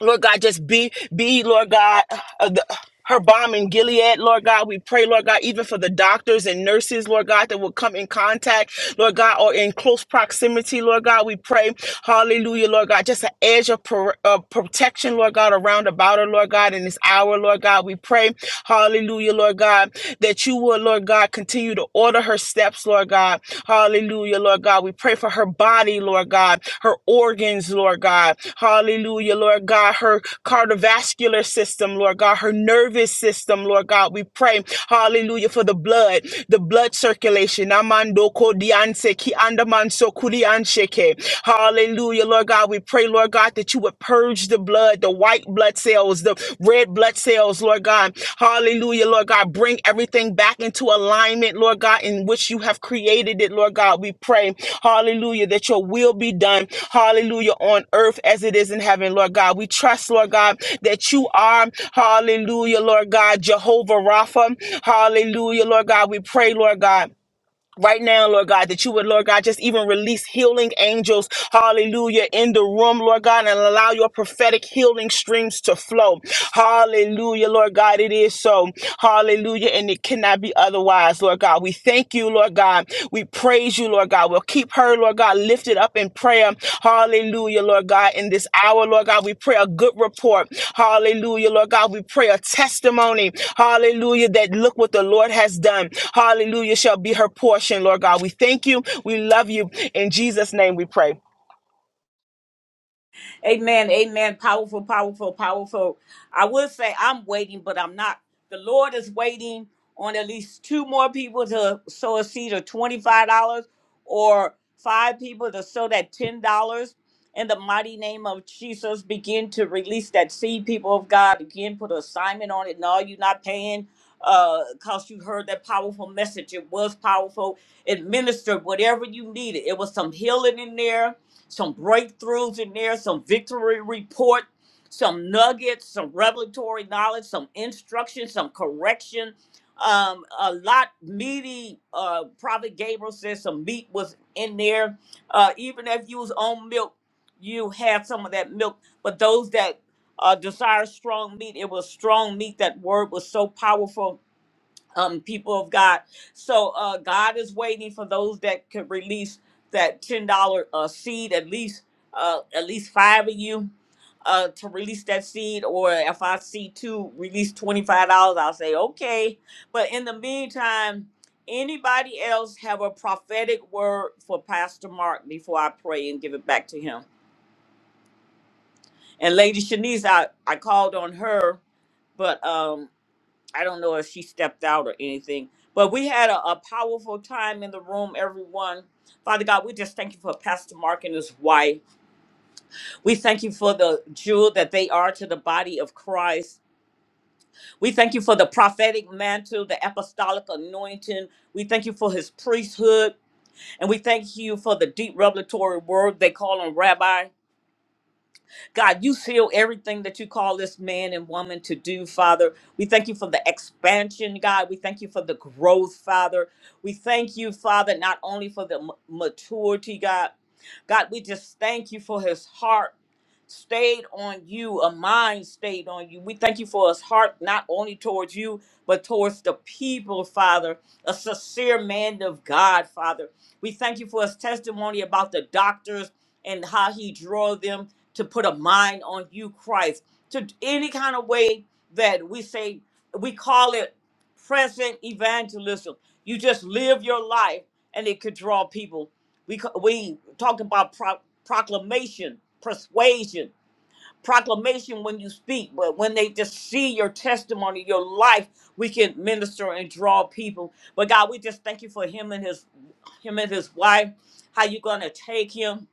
Lord God, just be, be, Lord God, uh, the, her bomb in Gilead, Lord God. We pray, Lord God, even for the doctors and nurses, Lord God, that will come in contact, Lord God, or in close proximity, Lord God. We pray, hallelujah, Lord God, just an edge of, pro- of protection, Lord God, around about her, Lord God, in this hour, Lord God. We pray, hallelujah, Lord God, that you will, Lord God, continue to order her steps, Lord God. Hallelujah, Hallelujah, Lord God. We pray for her body, Lord God, her organs, Lord God. Hallelujah, Lord God, her cardiovascular system, Lord God, her nervous system, Lord God. We pray, hallelujah, for the blood, the blood circulation. Amando kodianse ki andamanso kudiansheke. Hallelujah, Lord God. We pray, Lord God, that you would purge the blood, the white blood blood cells, the red blood cells, Lord God. Hallelujah, Lord God. Bring everything back into alignment, Lord God, in which you have created it, Lord God. We pray, hallelujah, that your will be done, hallelujah, on earth as it is in heaven, Lord God. We trust, Lord God, that you are, hallelujah, Lord God, Jehovah Rapha, hallelujah, Lord God. We pray, Lord God. Right now, Lord God, that you would, Lord God, just even release healing angels, hallelujah, in the room, Lord God, and allow your prophetic healing streams to flow. Hallelujah, Lord God, it is so. Hallelujah, and it cannot be otherwise, Lord God. We thank you, Lord God. We praise you, Lord God. We'll keep Keep her, Lord God, lifted up in prayer. Hallelujah, Lord God. In this hour, Lord God, we pray a good report. Hallelujah, Lord God. We pray a testimony. Hallelujah, that look what the Lord has done. Hallelujah, shall be her portion, Lord God. We thank you. We love you. In Jesus' name we pray. Amen. Amen. Powerful, powerful, powerful. I would say I'm waiting, but I'm not. The Lord is waiting on at least two more people to sow a seed of $25 or five people to sow that $10. In the mighty name of Jesus, begin to release that seed, people of God. Again, put an assignment on it. No, you're not paying uh because you heard that powerful message. It was powerful. It ministered whatever you needed. It was some healing in there some breakthroughs in there, some victory report, some nuggets, some revelatory knowledge, some instruction, some correction. Um, a lot meaty. Uh, Prophet Gabriel says some meat was in there. Uh, even if you was on milk, you had some of that milk. But those that uh, desire strong meat, it was strong meat. That word was so powerful um people of God. So uh God is waiting for those that could release that ten dollar uh seed at least uh at least five of you uh to release that seed or if I see two release twenty five dollars I'll say okay. But in the meantime, anybody else have a prophetic word for Pastor Mark before I pray and give it back to him. And Lady Shanice I, I called on her but um I don't know if she stepped out or anything, but we had a, a powerful time in the room, everyone. Father God, we just thank you for Pastor Mark and his wife. We thank you for the jewel that they are to the body of Christ. We thank you for the prophetic mantle, the apostolic anointing. We thank you for his priesthood. And we thank you for the deep revelatory word they call him rabbi. God, you seal everything that you call this man and woman to do, Father. We thank you for the expansion, God. We thank you for the growth, Father. We thank you, Father, not only for the m- maturity, God. God, we just thank you for his heart stayed on you, a mind stayed on you. We thank you for his heart, not only towards you, but towards the people, Father, a sincere man of God, Father. We thank you for his testimony about the doctors and how he drew them to put a mind on you, Christ, to any kind of way that we say, we call it present evangelism. You just live your life and it could draw people. We co- we talked about pro- proclamation, persuasion, proclamation when you speak, but when they just see your testimony, your life, we can minister and draw people. But God, we just thank you for him and his him and his wife. How you gonna take him?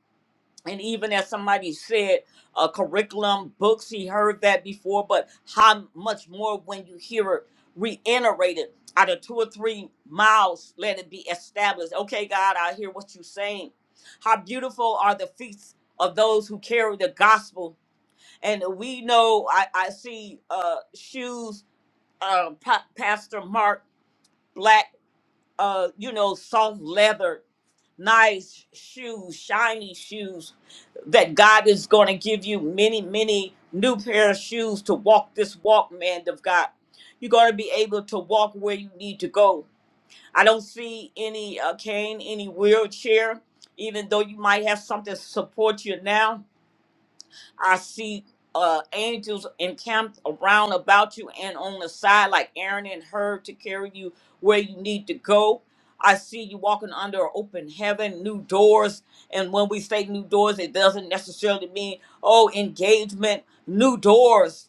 and even as somebody said a curriculum books he heard that before but how much more when you hear it reiterated out of two or three miles let it be established okay god i hear what you're saying how beautiful are the feet of those who carry the gospel and we know i, I see uh shoes uh, Pa- pastor mark black uh, you know, soft leather, nice shoes, shiny shoes, that God is going to give you many, many new pair of shoes to walk this walk, man of God. You're going to be able to walk where you need to go. I don't see any uh, cane, any wheelchair, even though you might have something to support you now I see uh, angels encamped around about you and on the side, like Aaron and her, to carry you where you need to go. I see you walking under an open heaven, new doors. And when we say new doors, it doesn't necessarily mean, oh, engagement, new doors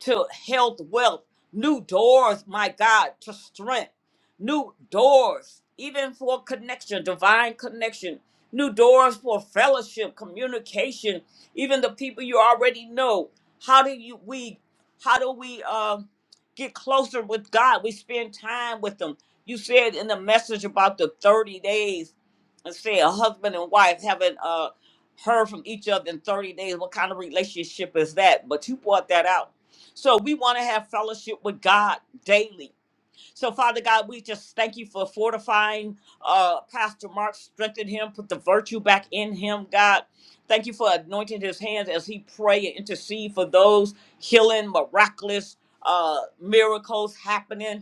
to health, wealth, new doors, my God, to strength, new doors, even for connection, divine connection, new doors for fellowship, communication, even the people you already know. How do you we how do we um get closer with God? We spend time with them. You said in the message about the 30 days and say a husband and wife haven't uh heard from each other in 30 days. What kind of relationship is that? But you brought that out so we want to have fellowship with God daily. So, Father God, we just thank you for fortifying uh, Pastor Mark, strengthen him, put the virtue back in him, God. Thank you for anointing his hands as he pray and intercede for those healing, miraculous uh, miracles happening.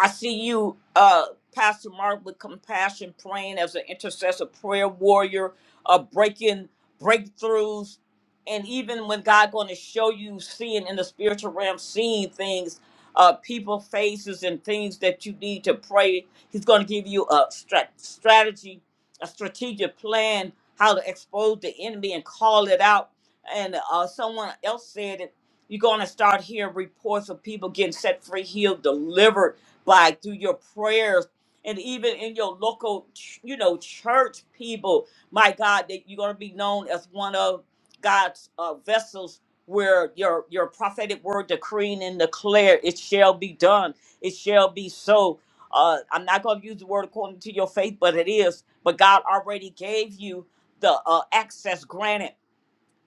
I see you, uh, Pastor Mark, with compassion, praying as an intercessor, prayer warrior, uh, breaking breakthroughs, and even when God going to show you seeing in the spiritual realm, seeing things, uh, people faces and things that you need to pray. He's going to give you a strat- strategy, a strategic plan how to expose the enemy and call it out. And uh, someone else said it. You're going to start hearing reports of people getting set free, healed, delivered by through your prayers and even in your local ch- you know church people my god that you're going to be known as one of god's uh, vessels where your your prophetic word decreeing and declare it shall be done it shall be so uh, i'm not going to use the word according to your faith but it is but god already gave you the uh, access granted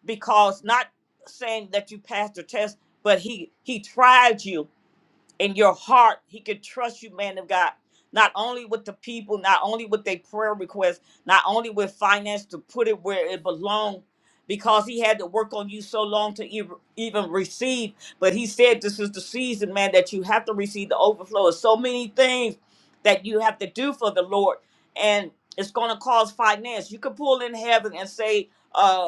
because not saying that you passed the test but he he tried you in your heart. He can trust you, man of God, not only with the people, not only with their prayer requests, not only with finance to put it where it belongs, because he had to work on you so long to ev- even receive. But he said, This is the season, man, that you have to receive the overflow of so many things that you have to do for the Lord. And it's going to cause finance. You could pull in heaven and say, uh,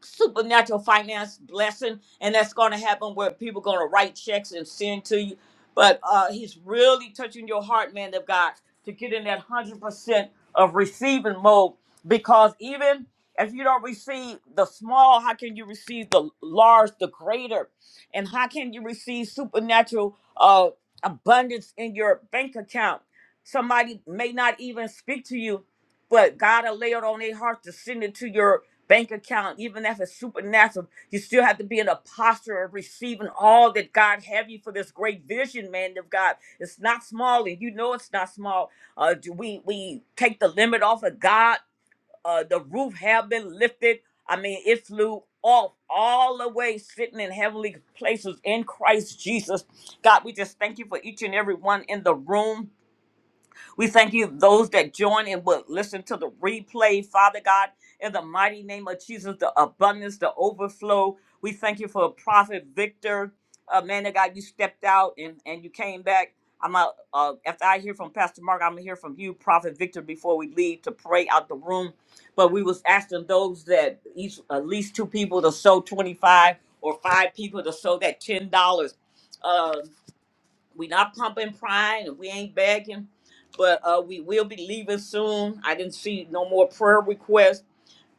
supernatural finance blessing, and that's going to happen where people going to write checks and send to you. But uh, he's really touching your heart, man of God, to get in that hundred percent of receiving mode. Because even if you don't receive the small, how can you receive the large, the greater, and how can you receive supernatural uh, abundance in your bank account? Somebody may not even speak to you, but God will lay it on their heart to send it to your bank account, even as a supernatural, you still have to be in a posture of receiving all that God have you for this great vision, man of God. It's not small, and you know it's not small. Uh, do we we take the limit off of God? Uh, the roof have been lifted. I mean, it flew off all the way, sitting in heavenly places in Christ Jesus. God, we just thank you for each and every one in the room. We thank you, those that join and will listen to the replay, Father God, in the mighty name of Jesus, the abundance, the overflow. We thank you for Prophet Victor. Uh, man of God, you stepped out and, and you came back. I'm out, uh, after I hear from Pastor Mark, I'm gonna hear from you, Prophet Victor, before we leave to pray out the room. But we was asking those that each at least two people to sow 25 or five people to sow that ten dollars. Um, we not pumping prime and we ain't begging but uh we will be leaving soon i didn't see no more prayer requests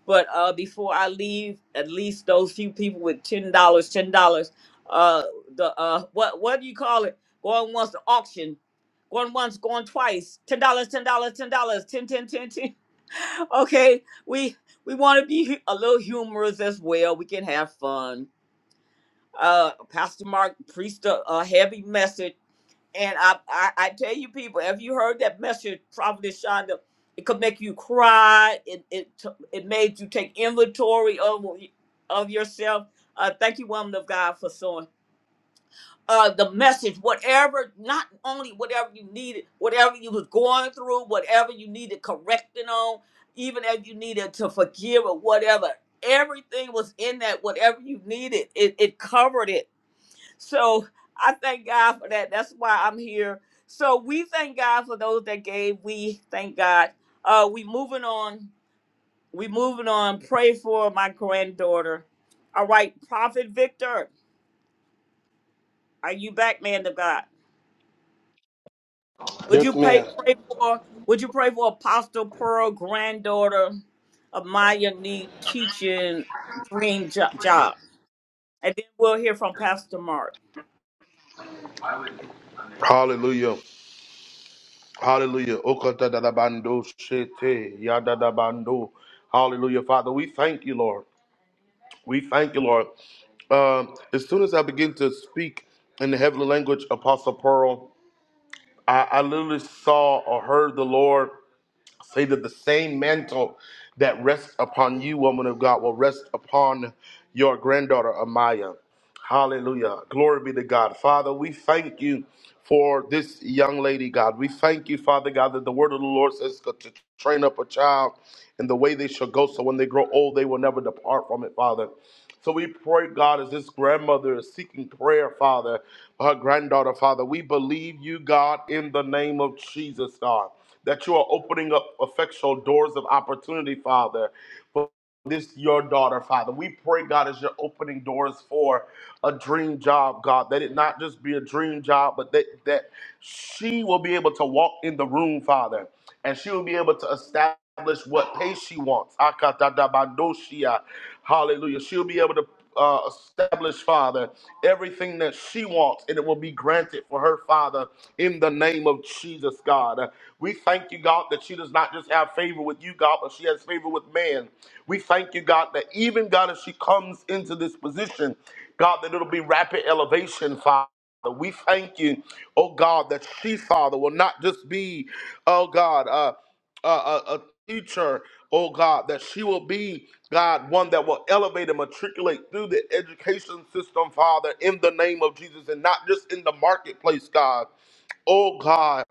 but uh before i leave at least those few people with ten dollars ten dollars uh the uh what what do you call it going once the auction going once going twice ten dollars ten dollars ten dollars ten ten ten ten okay we we want to be hu- a little humorous as well we can have fun uh pastor mark preached a, a heavy message and I, I, I tell you, people, have you heard that message, Prophet Shonda? It could make you cry. It it t- it made you take inventory of of yourself. Uh, thank you, woman of God, for sowing. Uh, the message, whatever, not only whatever you needed, whatever you was going through, whatever you needed correcting on, even if you needed to forgive or whatever, everything was in that. Whatever you needed, it, it covered it so I thank God for that. That's why I'm here. So we thank God for those that gave. We thank God. Uh, we moving on. We moving on. Pray for my granddaughter. All right, Prophet Victor, are you back, man of God? Would you Yes, pray, ma'am. pray for? Would you pray for Apostle Pearl, granddaughter of Maya Need teaching dream jo- job? And then we'll hear from Pastor Mark. Hallelujah. Hallelujah. Okata Okatadadabando shete yadadabando. Hallelujah, Father. We thank you, Lord. We thank you, Lord. Um, as soon as I begin to speak in the heavenly language, Apostle Pearl, I, I literally saw or heard the Lord. Say that the same mantle that rests upon you, woman of God, will rest upon your granddaughter, Amaya. Hallelujah. Glory be to God. Father, we thank you for this young lady, God. We thank you, Father God, that the word of the Lord says to train up a child in the way they shall go, so when they grow old, they will never depart from it, Father. So we pray, God, as this grandmother is seeking prayer, Father, for her granddaughter, Father, we believe you, God, in the name of Jesus, God, that you are opening up effectual doors of opportunity, Father. for This your daughter, Father. We pray, God, as you're opening doors for a dream job, God, that it not just be a dream job, but that that she will be able to walk in the room, Father and she will be able to establish what pace she wants. Akatadabandoshia. Hallelujah. She'll be able to uh, establish, Father, everything that she wants, and it will be granted for her, Father, in the name of Jesus, God. Uh, We thank you, God, that she does not just have favor with you, God, but she has favor with man. We thank you, God, that even, God, as she comes into this position, God, that it'll be rapid elevation, Father. Father, we thank you, oh God, that she, Father, will not just be, oh God, uh, a, a, a teacher, oh God, that she will be, God, one that will elevate and matriculate through the education system, Father, in the name of Jesus, and not just in the marketplace, God. Oh God,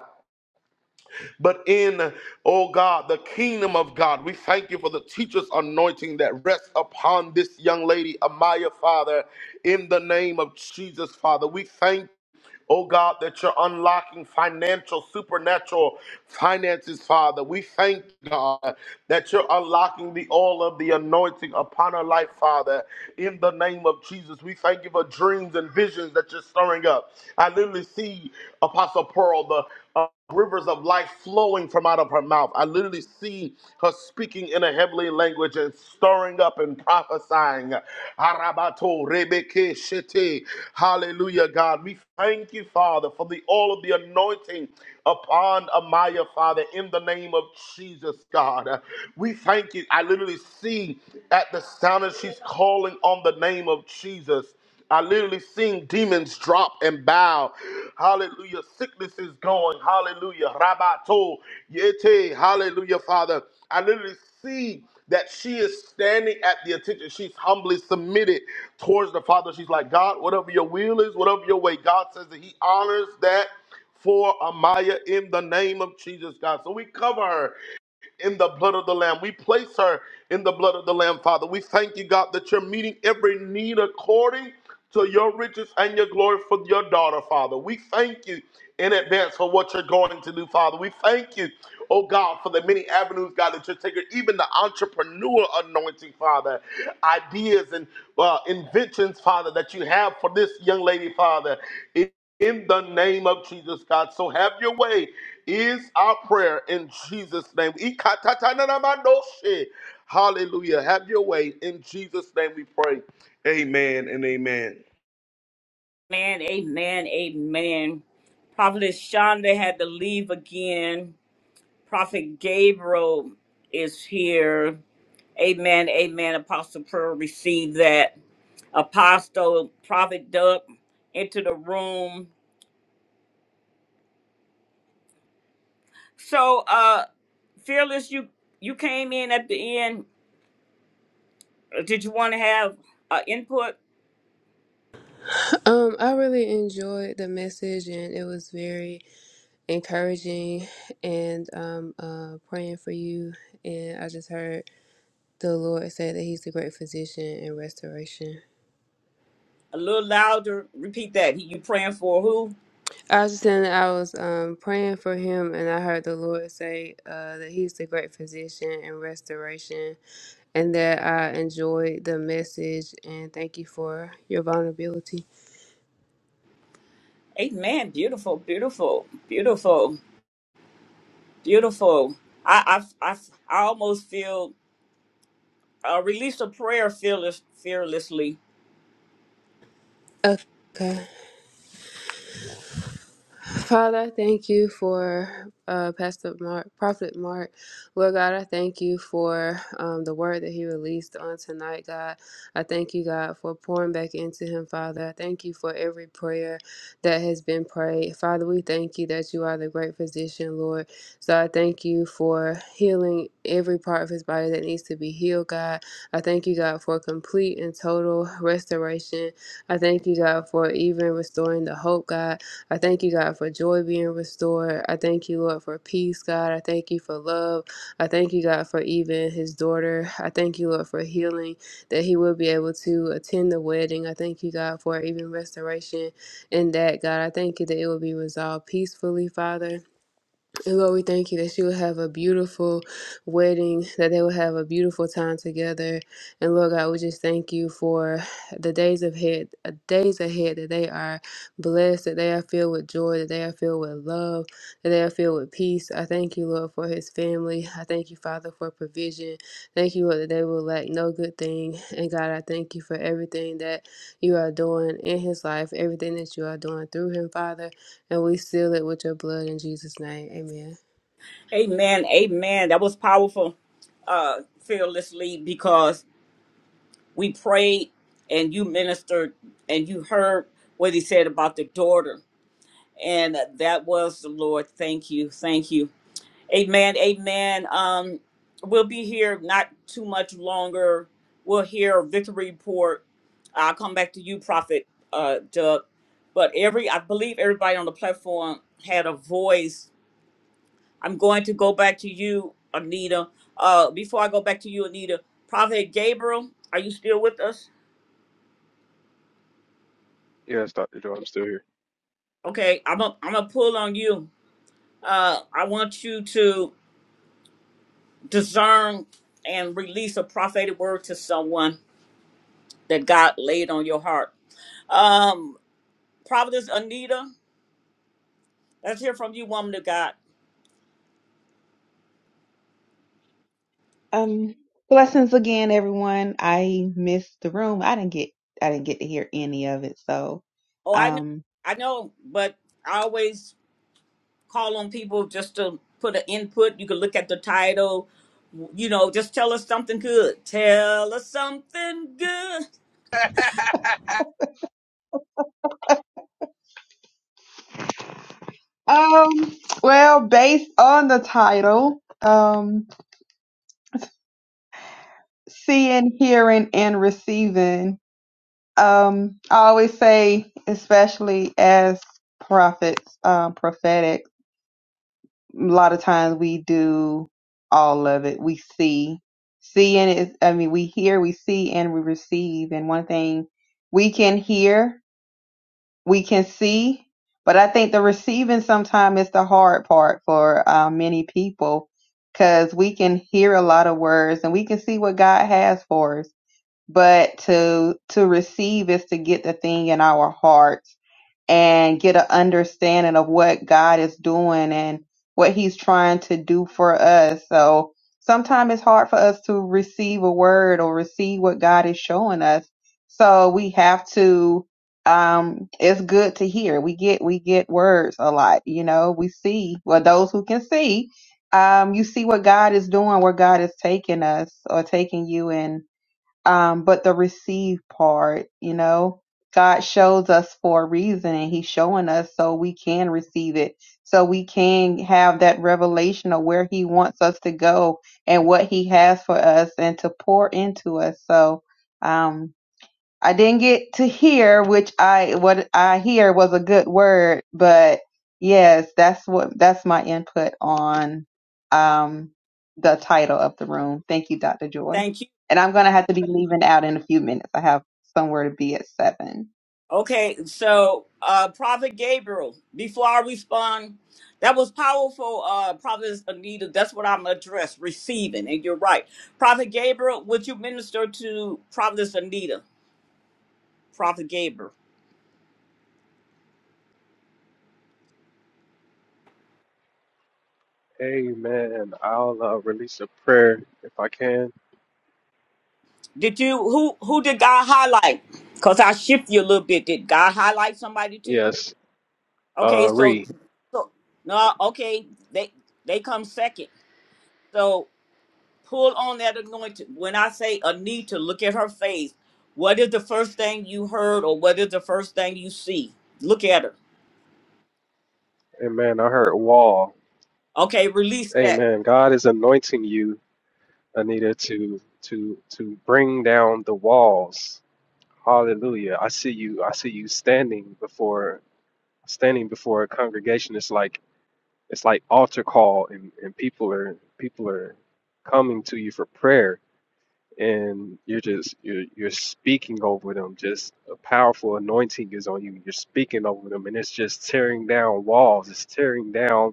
but in, oh God, the kingdom of God. We thank you for the teacher's anointing that rests upon this young lady, Amaya, Father, in the name of Jesus, Father. We thank Oh God, that you're unlocking financial, supernatural finances, Father. We thank you, God that you're unlocking the all of the anointing upon our life, Father. In the name of Jesus, we thank you for dreams and visions that you're stirring up. I literally see Apostle Pearl, the uh, rivers of life flowing from out of her mouth. I literally see her speaking in a heavenly language and stirring up and prophesying. Arabato rebeke shete. Hallelujah, God. We thank you, Father, for the all of the anointing upon Amaya, Father, in the name of Jesus, God. We thank you. I literally see at the sound that she's calling on the name of Jesus. I literally seen demons drop and bow. Hallelujah. Sickness is going. Hallelujah. Rabato. Yete. Hallelujah, Father. I literally see that she is standing at the attention. She's humbly submitted towards the Father. She's like, God, whatever your will is, whatever your way. God says that He honors that for Amaya in the name of Jesus, God. So we cover her in the blood of the Lamb. We place her in the blood of the Lamb, Father. We thank you, God, that you're meeting every need according to your riches and your glory for your daughter, Father. We thank you in advance for what you're going to do, Father. We thank you, oh God, for the many avenues, God, that you're taking, even the entrepreneur anointing, Father, ideas and uh, inventions, Father, that you have for this young lady, Father in the name of Jesus, God. So have your way is our prayer in Jesus' name. Ikatatananamadoshe. Hallelujah. Have your way in Jesus' name we pray. Amen and amen. Amen, amen, amen. Prophetess Shonda had to leave again. Prophet Gabriel is here. Amen, amen. Apostle Pearl received that. Apostle Prophet Doug into the room. So, uh, Fearless, you you came in at the end. Uh, Did you want to have uh, input Um, I really enjoyed the message, and it was very encouraging. And um, uh, praying for you, and I just heard the Lord say that He's a great physician and restoration. a little louder? Repeat that. You praying for who? I was just saying that I was um, praying for him, and I heard the Lord say uh, that He's the great physician and restoration, and that I enjoyed the message. And thank you for your vulnerability. Amen. Beautiful, beautiful, beautiful. Beautiful. I I I, I almost feel uh, release a prayer fearless, fearlessly. Okay. Father, I thank you for uh, Pastor Mark, Prophet Mark. Lord God, I thank you for um, the word that he released on tonight, God. I thank you, God, for pouring back into him, Father. I thank you for every prayer that has been prayed. Father, we thank you that you are the great physician, Lord. So I thank you for healing every part of his body that needs to be healed, God. I thank you, God, for complete and total restoration. I thank you, God, for even restoring the hope, God. I thank you, God, for joy being restored. I thank you, Lord, for peace, God. I thank you for love. I thank you, God, for even his daughter. I thank you, Lord, for healing, that he will be able to attend the wedding. I thank you, God, for even restoration in that, God. I thank you that it will be resolved peacefully, Father. And Lord, we thank you that she will have a beautiful wedding, that they will have a beautiful time together. And Lord God, we just thank you for the days ahead, uh, days ahead that they are blessed, that they are filled with joy, that they are filled with love, that they are filled with peace. I thank you, Lord, for his family. I thank you, Father, for provision. Thank you, Lord, that they will lack no good thing. And God, I thank you for everything that you are doing in his life, everything that you are doing through him, Father. And we seal it with your blood in Jesus' name. Amen. Amen. Amen. That was powerful. Uh, fearlessly because we prayed and you ministered and you heard what he said about the daughter and that was the Lord. Thank you. Thank you. Amen. Amen. Um, we'll be here not too much longer. We'll hear a victory report. I'll come back to you, Prophet uh, Doug. But every, I believe everybody on the platform had a voice. I'm going to go back to you, Anita. Uh, before I go back to you, Anita, Prophet Gabriel, are you still with us? Yes, Doctor Joe, I'm still here. Okay, I'm a, I'm gonna pull on you. Uh, I want you to discern and release a prophetic word to someone that God laid on your heart. Um, Providence Anita, let's hear from you, woman of God. Um, blessings again, everyone. I missed the room. I didn't get I didn't get to hear any of it. So, Oh, I know, um, I know, but I always call on people just to put an input. You can look at the title, you know, just tell us something good. Tell us something good. um, well, based on the title, um, seeing, hearing, and receiving. Um, I always say, especially as prophets, um, prophetic. a lot of times we do all of it. We see, seeing is, I mean, we hear, we see, and we receive. And one thing we can hear, we can see, but I think the receiving sometimes is the hard part for uh, many people because we can hear a lot of words and we can see what God has for us. But to to receive is to get the thing in our heart and get an understanding of what God is doing and what He's trying to do for us. So sometimes it's hard for us to receive a word or receive what God is showing us. So we have to. Um, it's good to hear. We get we get words a lot. You know, we see. Well, those who can see, um, you see what God is doing, where God is taking us or taking you in um, but the receive part, you know, God shows us for a reason and He's showing us so we can receive it, so we can have that revelation of where He wants us to go and what He has for us and to pour into us. So, um, I didn't get to hear, which I what I hear was a good word, but yes, that's what that's my input on um the title of the room. Thank you, Dr. Joy. Thank you. And I'm gonna have to be leaving out in a few minutes. I have somewhere to be at seven. Okay, so uh Prophet Gabriel, before I respond, that was powerful, uh Prophet Anita. That's what I'm addressing, receiving, and you're right. Prophet Gabriel, would you minister to Prophet Anita? Prophet Gabriel. Amen. I'll uh, release a prayer if I can. Did you who who did God highlight? Because I shift you a little bit. Did God highlight somebody to you? Yes. Okay, Uh, so read. so no, okay, they they come second. So. pull on that anointing. When I say Anita, look at her face. What is the first thing you heard or what is the first thing you see? Look at her. Amen. I heard wall. Okay, release that. Amen. God is anointing you, Anita, to to to bring down the walls. Hallelujah. I see you. I see you standing before standing before a congregation. It's like it's like altar call, and and people are people are coming to you for prayer, and you're just you're you're speaking over them. Just a powerful anointing is on you. You're speaking over them, and it's just tearing down walls. It's tearing down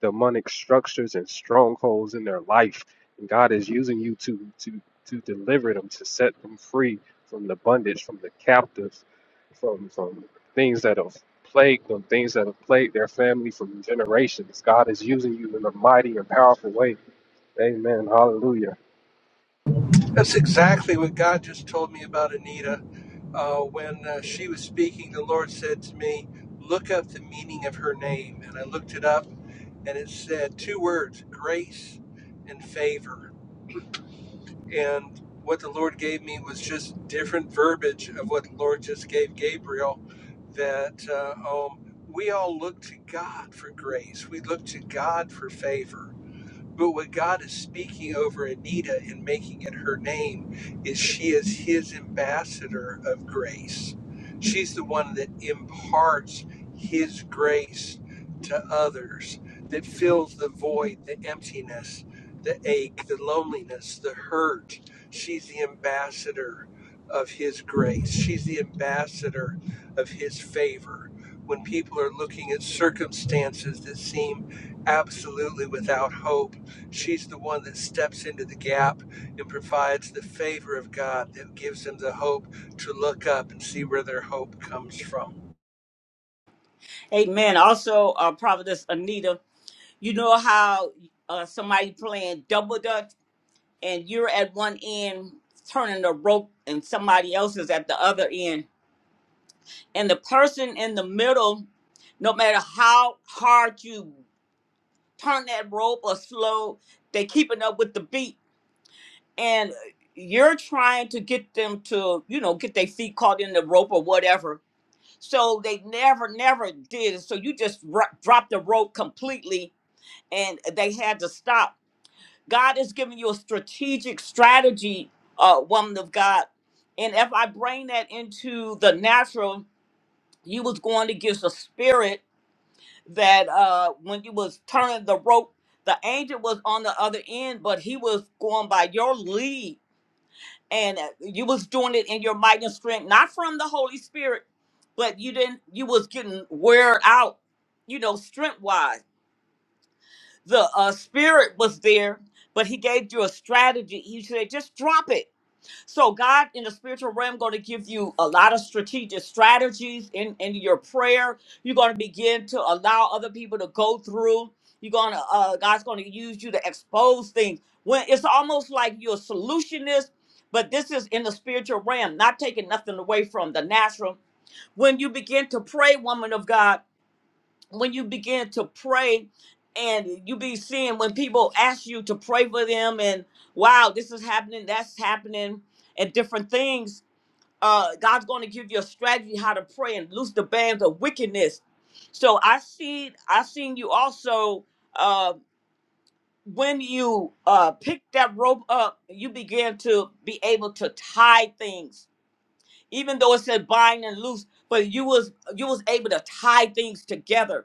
demonic structures and strongholds in their life. And God is using you to to to deliver them, to set them free from the bondage, from the captives, from from things that have plagued them, things that have plagued their family from generations. God is using you in a mighty and powerful way. Amen. Hallelujah. That's exactly what God just told me about Anita. Uh, when uh, she was speaking, the Lord said to me, Look up the meaning of her name. And I looked it up, and it said two words grace and favor. And what the Lord gave me was just different verbiage of what the Lord just gave Gabriel that uh, um, we all look to God for grace, we look to God for favor but what God is speaking over Anita and making it her name is she is his ambassador of grace. She's the one that imparts his grace to others, that fills the void, the emptiness, the ache, the loneliness, the hurt. She's the ambassador of his grace. She's the ambassador of his favor. When people are looking at circumstances that seem absolutely without hope, She's the one that steps into the gap and provides the favor of God that gives them the hope to look up and see where their hope comes from. Amen. Also, uh, Providence Anita, you know how uh, somebody playing double dutch and you're at one end turning the rope and somebody else is at the other end. And the person in the middle, no matter how hard you turn that rope or slow, they keeping up with the beat and you're trying to get them to you know get their feet caught in the rope or whatever so they never never did it. so you just ro- dropped the rope completely and they had to stop god is giving you a strategic strategy uh woman of god and if i bring that into the natural you was going to give the spirit that uh when you was turning the rope the angel was on the other end but he was going by your lead and uh, you was doing it in your might and strength not from the holy spirit but you didn't you was getting wear out you know strength wise the uh, spirit was there but he gave you a strategy he said just drop it so God in the spiritual realm going to give you a lot of strategic strategies in, in your prayer. You're going to begin to allow other people to go through. You're going to uh, God's going to use you to expose things. When it's almost like you're a solutionist, but this is in the spiritual realm, not taking nothing away from the natural. When you begin to pray, woman of God when you begin to pray and you be seeing when people ask you to pray for them and wow this is happening that's happening and different things uh god's going to give you a strategy how to pray and loose the bands of wickedness so i see i seen you also uh when you uh pick that rope up you began to be able to tie things even though it said bind and loose but you was you was able to tie things together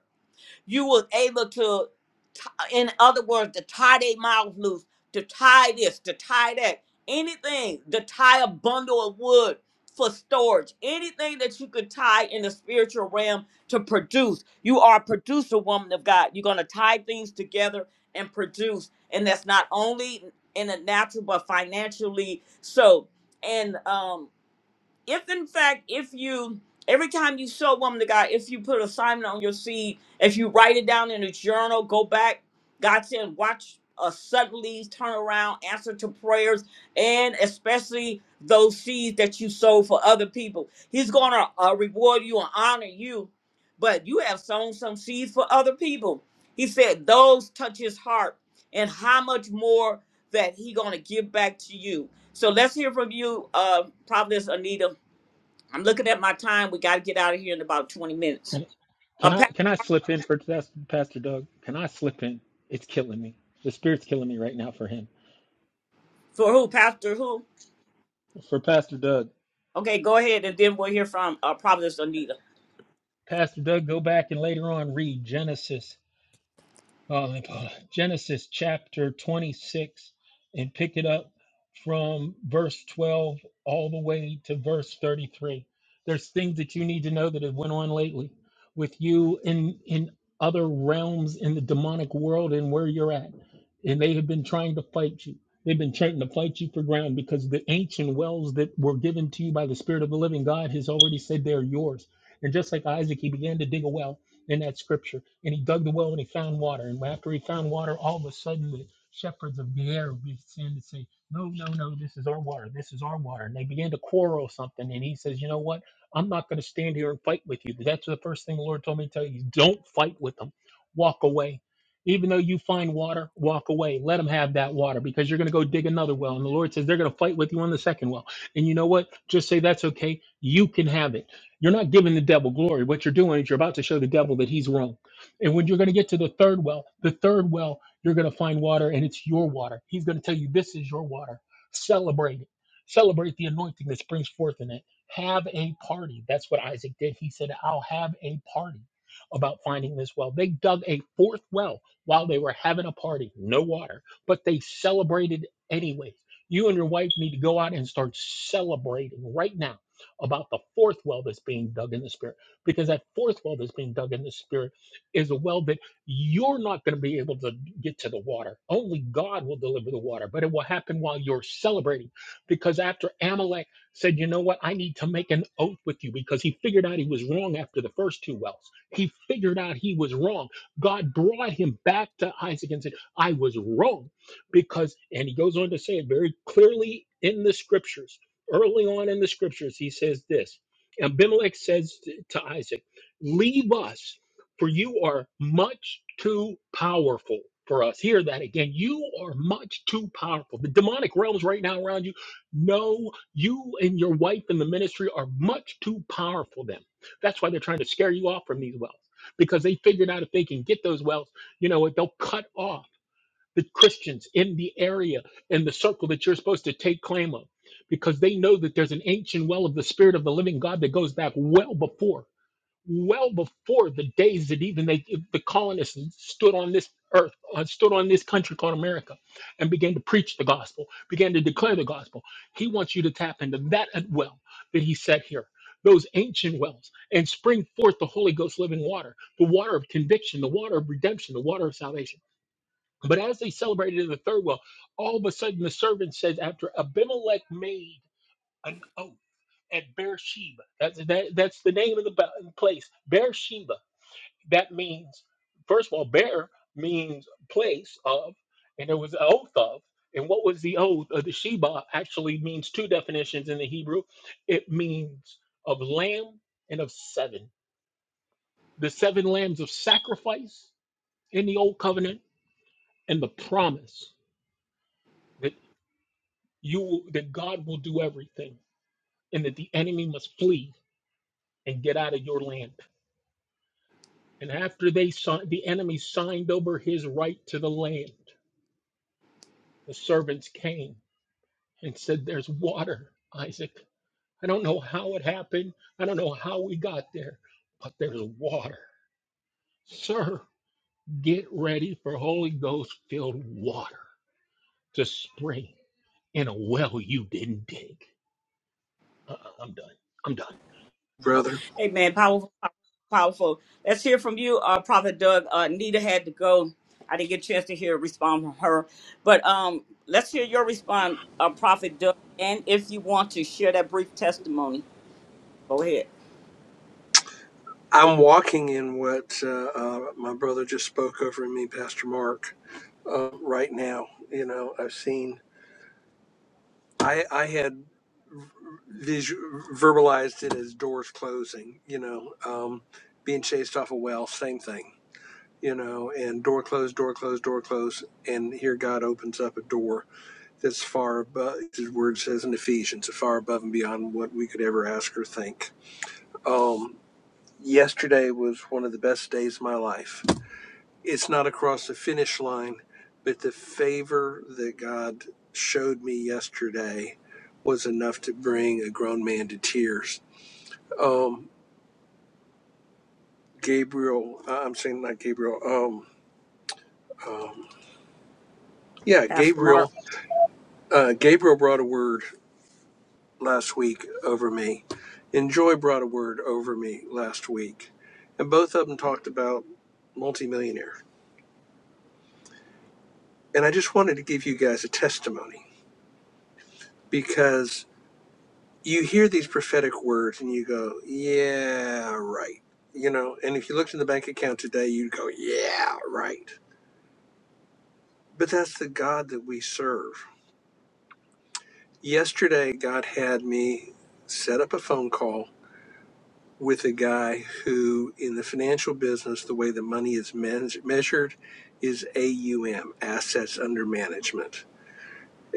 you was able to, t- in other words, to tie their mouths loose, to tie this, to tie that, anything, to tie a bundle of wood for storage, anything that you could tie in the spiritual realm to produce. You are a producer, woman of God. You're going to tie things together and produce. And that's not only in the natural, but financially. So, and, um, if in fact if you every time you sow woman to god if you put assignment on your seed if you write it down in a journal go back god said watch a suddenly turn around answer to prayers and especially those seeds that you sow for other people he's gonna uh, reward you and honor you but you have sown some seeds for other people he said those touch his heart and how much more that he gonna give back to you so let's hear from you uh prophetess anita I'm looking at my time. We got to get out of here in about 20 minutes. you. Uh, Can I pa- can I slip in for Tas- Pastor Doug? Can I slip in? It's killing me. The spirit's killing me right now for him. for who? Pastor who? For Pastor Doug. Okay, go ahead, and then we'll hear from uh, Prophetess Anita. Pastor Doug, go back and later on read Genesis Uh, Genesis chapter 26 and pick it up from verse 12 all the way to verse 33. There's things that you need to know that have went on lately with you in in other realms in the demonic world and where you're at. And they have been trying to fight you. They've been trying to fight you for ground because the ancient wells that were given to you by the Spirit of the living God has already said they're yours. And just like Isaac, he began to dig a well in that scripture. And he dug the well and he found water. And after he found water, all of a sudden the shepherds of the air began to say, No, no, no, this is our water. This is our water. And they began to quarrel something. And he says, You know what? I'm not going to stand here and fight with you. That's the first thing the Lord told me to tell you. Don't fight with them. Walk away. Even though you find water, walk away. Let them have that water because you're going to go dig another well. And the Lord says they're going to fight with you on the second well. And you know what? Just say, That's okay. You can have it. You're not giving the devil glory. What you're doing is you're about to show the devil that he's wrong. And when you're going to get to the third well, the third well, you're going to find water and it's your water. He's going to tell you, This is your water. Celebrate it. Celebrate the anointing that springs forth in it. Have a party. That's what Isaac did. He said, I'll have a party about finding this well. They dug a fourth well while they were having a party, no water, but they celebrated anyways. You and your wife need to go out and start celebrating right now about the fourth well that's being dug in the spirit because that fourth well that's being dug in the spirit is a well that you're not going to be able to get to the water only god will deliver the water but it will happen while you're celebrating because after amalek said you know what i need to make an oath with you because he figured out he was wrong after the first two wells he figured out he was wrong god brought him back to isaac and said i was wrong because and he goes on to say it very clearly in the scriptures early on in the scriptures, he says this. Abimelech says t- to Isaac, Leave us, for you are much too powerful for us. Hear that again. You are much too powerful. The demonic realms right now around you know you and your wife and the ministry are much too powerful for them. That's why they're trying to scare you off from these wells because they figured out if they can get those wells, you know what, they'll cut off the Christians in the area in the circle that you're supposed to take claim of because they know that there's an ancient well of the spirit of the living God that goes back well before well before the days that even they, the colonists stood on this earth uh, stood on this country called America and began to preach the gospel began to declare the gospel he wants you to tap into that well that he set here those ancient wells and spring forth the Holy Ghost living water, the water of conviction, the water of redemption, the water of salvation. But as they celebrated in the third well, all of a sudden the servant says, after Abimelech made an oath at Beersheba, that's, that, that's the name of the ba- place, Beersheba. That means, first of all, Beer means place of, and there was an oath of. And what was the oath of the Sheba actually means two definitions in the Hebrew it means of lamb and of seven, the seven lambs of sacrifice in the old covenant and the promise you that God will do everything and that the enemy must flee and get out of your land. And after they signed, the enemy signed over his right to the land, the servants came and said, There's water, Isaac. I don't know how it happened. I don't know how we got there, but there's water. Sir, get ready for Holy Ghost filled water to spring in a well you didn't dig. Uh-uh, I'm done. I'm done. Brother, Hey, man, powerful, powerful. Let's hear from you, uh, Prophet Doug. Uh, Anita had to go. I didn't get a chance to hear a response from her, but um, let's hear your response, uh, Prophet Doug. And if you want to share that brief testimony, go ahead, I'm walking in what uh, uh, my brother just spoke over me, Pastor Mark, uh, right now. You know, I've seen, I, I had visual, verbalized it as doors closing, you know, um, being chased off a well, same thing, you know, and door closed, door closed, door closed. And here God opens up a door that's far above his word says in ephesians far above and beyond what we could ever ask or think um, yesterday was one of the best days of my life it's not across the finish line but the favor that god showed me yesterday was enough to bring a grown man to tears um, gabriel i'm saying not gabriel um, um, yeah Pastor Mark. gabriel uh, gabriel brought a word last week over me, and Joy brought a word over me last week, and both of them talked about multimillionaire. And I just wanted to give you guys a testimony because you hear these prophetic words and you go, yeah, right. You know, and if you looked in the bank account today, you'd go, yeah, right. But that's the God that we serve. Yesterday, God had me set up a phone call with a guy who, in the financial business, the way the money is measured is AUM, assets under management.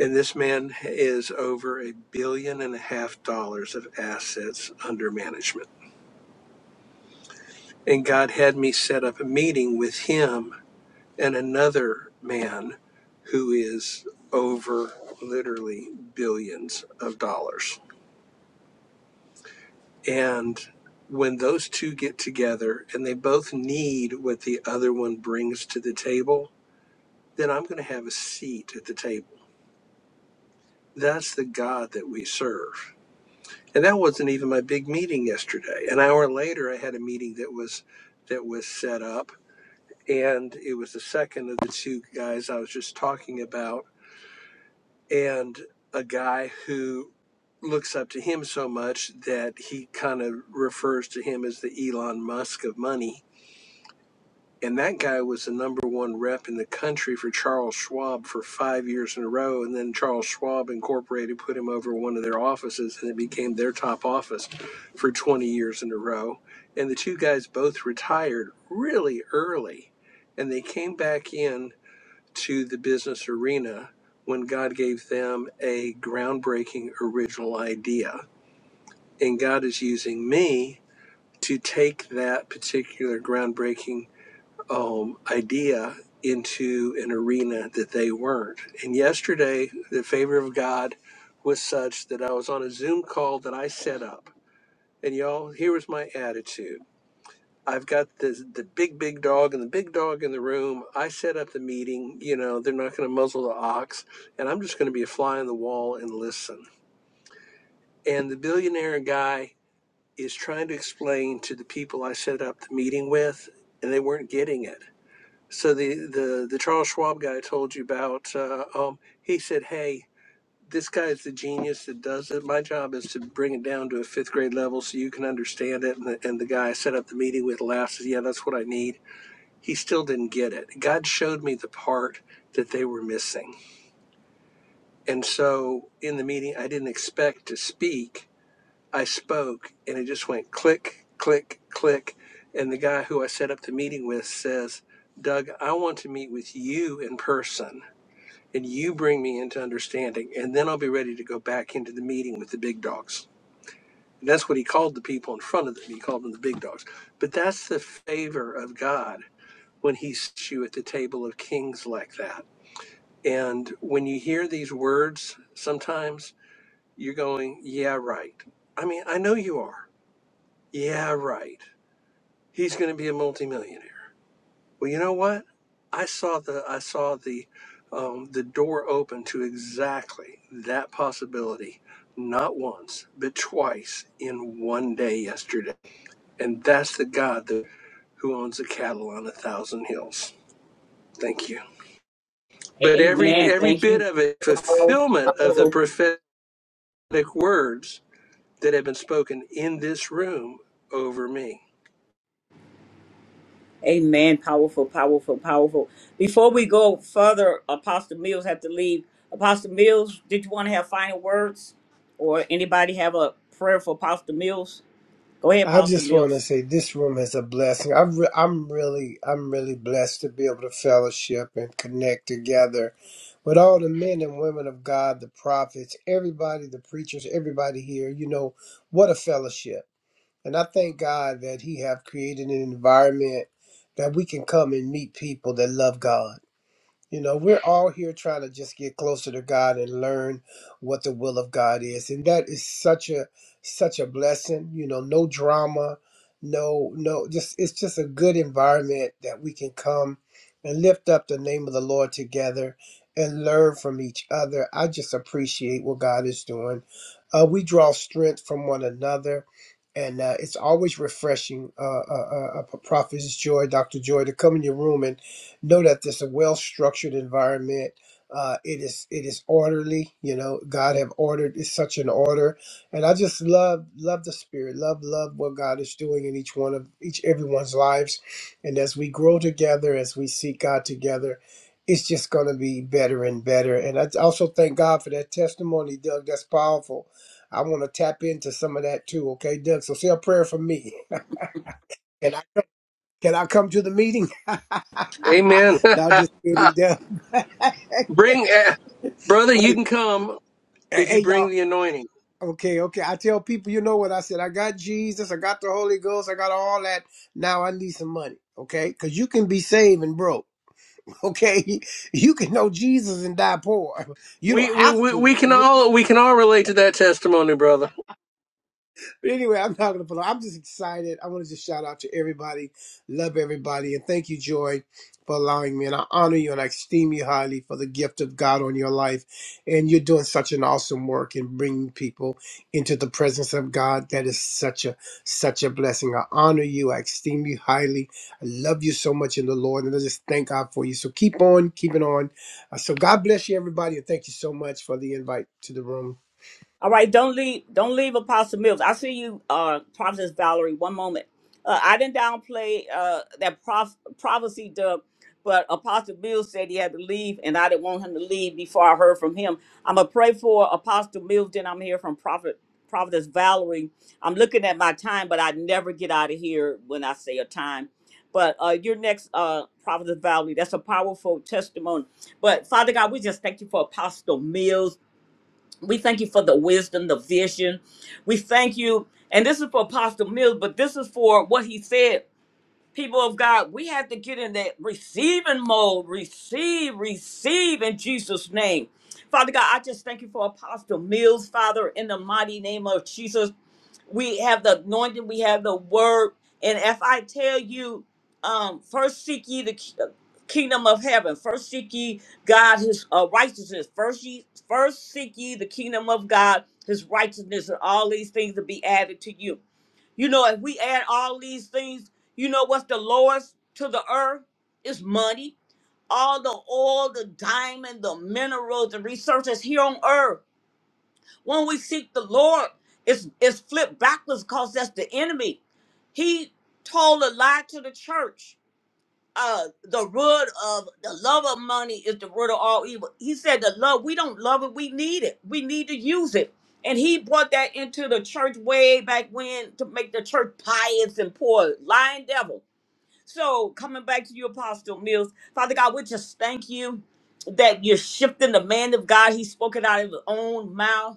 And this man is over a billion and a half dollars of assets under management. And God had me set up a meeting with him and another man who is over literally billions of dollars And when those two get together and they both need what the other one brings to the table, then I'm going to have a seat at the table. That's the God that we serve. And that wasn't even my big meeting yesterday. An hour later, I had a meeting that was that was set up, and it was the second of the two guys I was just talking about, and a guy who looks up to him so much that he kind of refers to him as the Elon Musk of money And that guy was the number one rep in the country for Charles Schwab for five years in a row. And then Charles Schwab Incorporated put him over one of their offices and it became their top office for 20 years in a row. And the two guys both retired really early. And they came back in to the business arena when God gave them a groundbreaking original idea. And God is using me to take that particular groundbreaking um, idea into an arena that they weren't. And yesterday, the favor of God was such that I was on a Zoom call that I set up. And y'all, here was my attitude. I've got the the big big dog and the big dog in the room. I set up the meeting. You know they're not going to muzzle the ox, and I'm just going to be a fly on the wall and listen. And the billionaire guy is trying to explain to the people I set up the meeting with, and they weren't getting it So the the the Charles Schwab guy I told you about, uh, um, he said, "Hey, this guy is the genius that does it. My job is to bring it down to a fifth grade level so you can understand it." And the, and the guy I set up the meeting with laughed. Said, "Yeah, that's what I need." He still didn't get it. God showed me the part that they were missing, and so in the meeting, I didn't expect to speak I spoke and it just went click, click, click. And the guy who I set up the meeting with says, Doug, I want to meet with you in person and you bring me into understanding. And then I'll be ready to go back into the meeting with the big dogs. And that's what he called the people in front of them. He called them the big dogs. But that's the favor of God when he sits you at the table of kings like that. And when you hear these words, sometimes you're going, yeah, right. I mean, I know you are. Yeah, right. He's going to be a multimillionaire. Well, you know what? I saw the I saw the um, the door open to exactly that possibility, not once but twice in one day yesterday, and that's the God that, who owns the cattle on a thousand hills. Thank you. But every Amen. Amen. every Thank Thank you. bit you. of it, Powerful, fulfillment of the powerful. prophetic words that have been spoken in this room over me. Amen. Powerful, powerful, powerful. Before we go further, Apostle Mills have to leave. Apostle Mills, did you want to have final words, or anybody have a prayer for Apostle Mills? Go ahead, I Apostle just want to Mills. say this room is a blessing. I'm re- I'm really I'm really blessed to be able to fellowship and connect together with all the men and women of God, the prophets, everybody, the preachers, everybody here. You know what a fellowship, and I thank God that He have created an environment that we can come and meet people that love God. You know, we're all here trying to just get closer to God and learn what the will of God is. And that is such a such a blessing, you know, no drama, no no just it's just a good environment that we can come and lift up the name of the Lord together and learn from each other. I just appreciate what God is doing. Uh, we draw strength from one another. And uh, it's always refreshing, uh, uh, uh, uh, Prophet's Joy, Dr. Joy, to come in your room and know that it's a well structured environment. Uh, it is it is orderly. You know, God have ordered is such an order, and I just love love the spirit, love love what God is doing in each one of each everyone's lives, and as we grow together, as we seek God together. It's just going to be better and better. And I also thank God for that testimony, Doug. That's powerful. I want to tap into some of that too. Okay, Doug. So say a prayer for me. and I. Can I come to the meeting? Amen. now just kidding, Deb. Bring, eh, Wait, brother, you can come. hey, if hey, you bring y'all. the anointing. Okay, okay. I tell people, you know what I said. I got Jesus. I got the Holy Ghost. I got all that. Now I need some money. Okay, because you can be saved and broke. Okay, you can know Jesus and die poor. You don't We, we have we we to. can You. all we can all relate to that testimony, brother. But anyway, I'm not gonna put on. I'm just excited. I want to just shout out to everybody, love everybody, and thank you, Joy, for allowing me. And I honor you and I esteem you highly for the gift of God on your life. And you're doing such an awesome work in bringing people into the presence of God. That is such a such a blessing. I honor you. I esteem you highly. I love you so much in the Lord, and I just thank God for you. So keep on keeping on. Uh, so God bless you, everybody, and thank you so much for the invite to the room. All right, don't leave. Don't leave, Apostle Mills. I see you, uh, Prophetess Valerie. One moment. Uh, I didn't downplay uh, that prof- prophecy, Doug, but Apostle Mills said he had to leave, and I didn't want him to leave before I heard from him. I'm gonna pray for Apostle Mills. Then I'm here from Prophet Prophetess Valerie. I'm looking at my time, but I never get out of here when I say a time. But uh, your next uh, Prophetess Valerie. That's a powerful testimony. But Father God, we just thank you for Apostle Mills. We thank you for the wisdom, the vision. We thank you. And this is for Apostle Mills, but this is for what he said. People of God, we have to get in that receiving mode. Receive, receive in Jesus' name. Father God, I just thank you for Apostle Mills, Father, in the mighty name of Jesus we have the anointing, we have the word. And if I tell you, um, first seek ye the ki- uh, kingdom of heaven, first seek ye God his uh, righteousness, first ye first seek ye the kingdom of God, his righteousness, and all these things will be added to you. You know, if we add all these things, you know what's the lowest to the earth is money. All the oil, the diamond, the minerals, the resources here on earth. When we seek the Lord, it's, it's flipped backwards because that's the enemy. He told a lie to the church. Uh, the root of the love of money is the root of all evil. He said the love, we don't love it, we need it. We need to use it. And he brought that into the church way back when to make the church pious and poor, lying devil. So coming back to you, Apostle Mills, Father God, we just thank you that you're shifting the man of God. He spoke it out of his own mouth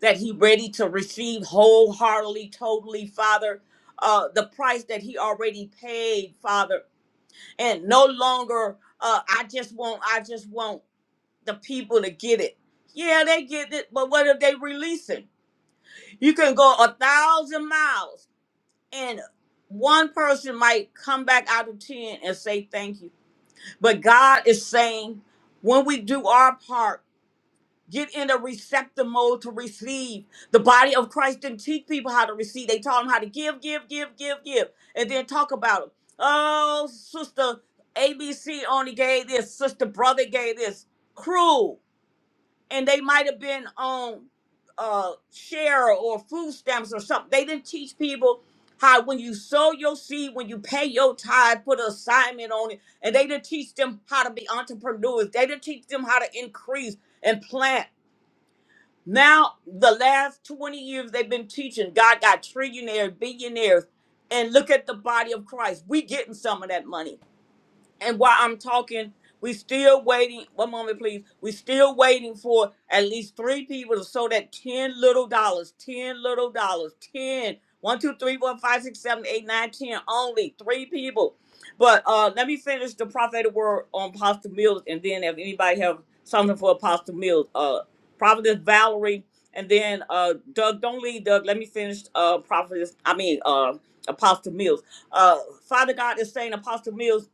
that he ready to receive wholeheartedly, totally, Father, uh, the price that he already paid, Father, and no longer uh, I just want, I just want the people to get it. Yeah, they get it, but what if they release it? You can go a thousand miles, and one person might come back out of ten and say thank you. But God is saying, when we do our part. Get in a receptive mode to receive. The body of Christ didn't teach people how to receive. They taught them how to give, give, give, give, give, and then talk about it. Oh, sister ABC only gave this. Sister brother gave this. Cruel, and they might have been on uh, share or food stamps or something. They didn't teach people how when you sow your seed, when you pay your tithe, put an assignment on it, and they didn't teach them how to be entrepreneurs. They didn't teach them how to increase and plant. Now, the last 20 years they've been teaching, God got trillionaires, billionaires, and look at the body of Christ. We getting some of that money and while I'm talking, we still waiting. One moment, please. We still waiting for at least three people to sow that ten little dollars, ten little dollars, ten. One, two, three, four, five, six, seven, eight, nine, ten. Only three people. But uh, let me finish the prophetic word on Apostle Mills, and then if anybody have something for Apostle Mills, uh, Prophetess Valerie, and then uh, Doug. Don't leave, Doug. Let me finish. Uh, Prophetess. I mean, uh, Apostle Mills uh, Father God is saying, Apostle Mills.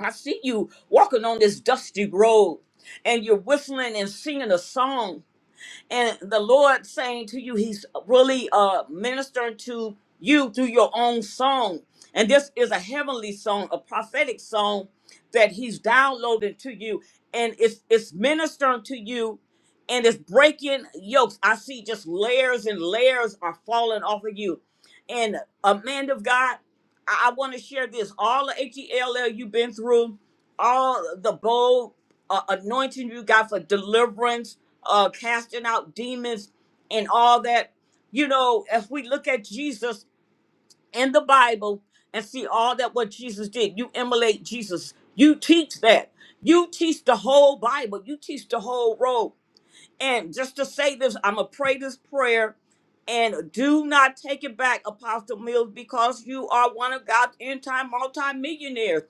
I see you walking on this dusty road and you're whistling and singing a song and the Lord saying to you, He's really uh ministering to you through your own song. And this is a heavenly song, a prophetic song that He's downloading to you, and it's it's ministering to you, and it's breaking yokes. I see just layers and layers are falling off of you. And a man of God, I, want to share this. All the H E L L you've been through, all the bold uh, anointing you got for deliverance uh, casting out demons and all that. You know, if we look at Jesus in the Bible and see all that what Jesus did, you emulate Jesus. You teach that. You teach the whole Bible. You teach the whole road. And just to say this, I'm going to pray this prayer and do not take it back, Apostle Mills, because you are one of God's end time multimillionaires.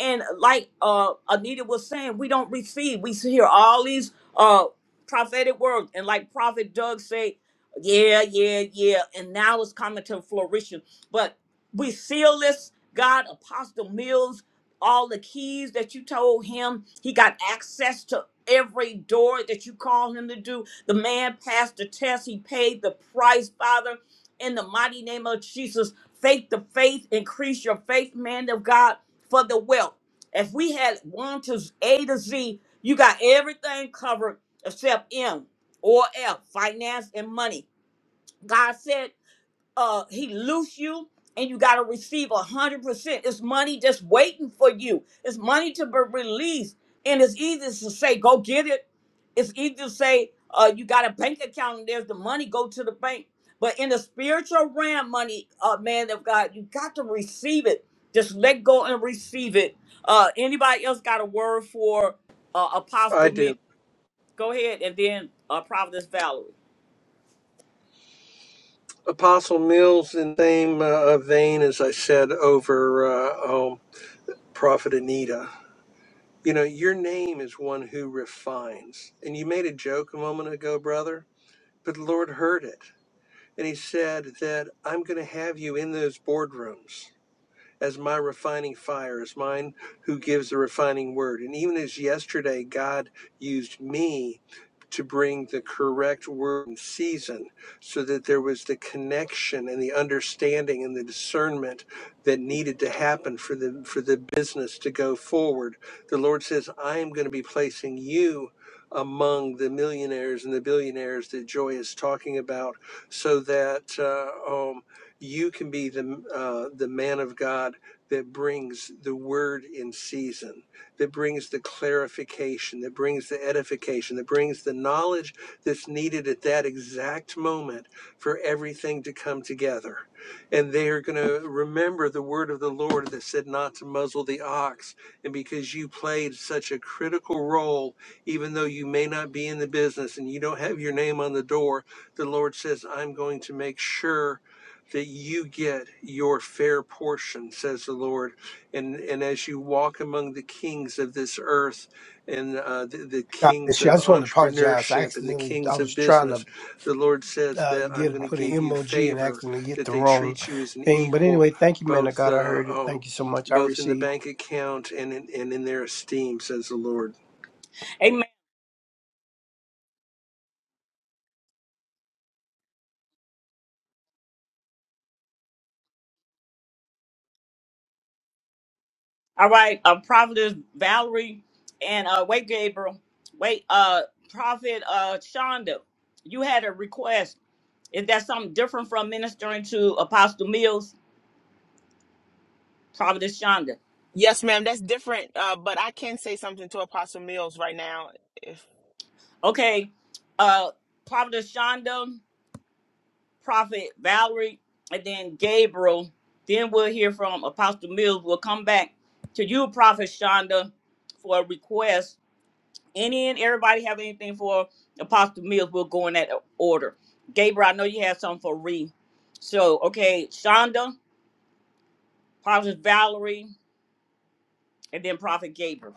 And like uh, Anita was saying, we don't receive. We hear all these uh, prophetic words. And like Prophet Doug said, yeah, yeah, yeah. And now it's coming to flourishing. But we seal this, God, Apostle Mills, all the keys that you told him. He got access to every door that you call him to do. The man passed the test. He paid the price, Father. In the mighty name of Jesus, faith the faith, increase your faith, man of God, for the wealth. If we had one to A to Z, you got everything covered except M or F, finance and money. God said uh he loose you and you got to receive a hundred percent it's money just waiting for you it's money to be released and it's easy to say go get it it's easy to say uh you got a bank account and there's the money go to the bank but in the spiritual realm money uh man of god you got to receive it just let go and receive it uh anybody else got a word for uh I apostle me do. go ahead and then uh providence valerie Apostle Mills, in the same uh, vein as I said over uh, um, Prophet Anita, you know, your name is one who refines. And you made a joke a moment ago, brother, but the Lord heard it. And he said that I'm going to have you in those boardrooms. as my refining fire, as mine who gives the refining word. And even as yesterday, God used me to bring the correct word in season so that there was the connection and the understanding and the discernment that needed to happen for the for the business to go forward the lord says i am going to be placing you among the millionaires and the billionaires that joy is talking about so that uh, um, you can be the uh, the man of God that brings the word in season, that brings the clarification, that brings the edification, that brings the knowledge that's needed at that exact moment for everything to come together. And they are going to remember the word of the Lord that said not to muzzle the ox. And because you played such a critical role, even though you may not be in the business and you don't have your name on the door, the Lord says, I'm going to make sure that you get your fair portion, says the Lord. And, and as you walk among the kings of this earth and uh, the, the God kings bless you. I of just want to apologize. I entrepreneurship and the accidentally, I kings of was trying business, to the Lord says uh, that I'm get going to put an give you emoji and favor, accidentally hit that the they wrong treat you as an thing. But anyway, equal, thank you, man. I both, God, I uh, heard it. um, Thank you so much. I both in the received. bank account and in, and in their esteem, says the Lord. All right, uh, Prophetess Valerie and uh, wait, Gabriel, wait, uh, Prophet uh, Shonda, you had a request. Is that something different from ministering to Apostle Mills, Prophetess Shonda? Yes, ma'am. That's different. Uh, but I can say something to Apostle Mills right now. if. Okay, uh, Prophetess Shonda, Prophet Valerie, and then Gabriel. Then we'll hear from Apostle Mills. We'll come back to you, Prophet Shonda, for a request Any and everybody have anything for Apostle Mills? We'll go in that order. Gabriel, I know you have something for Ree. So, okay, Shonda, Prophet Valerie, and then Prophet Gabriel.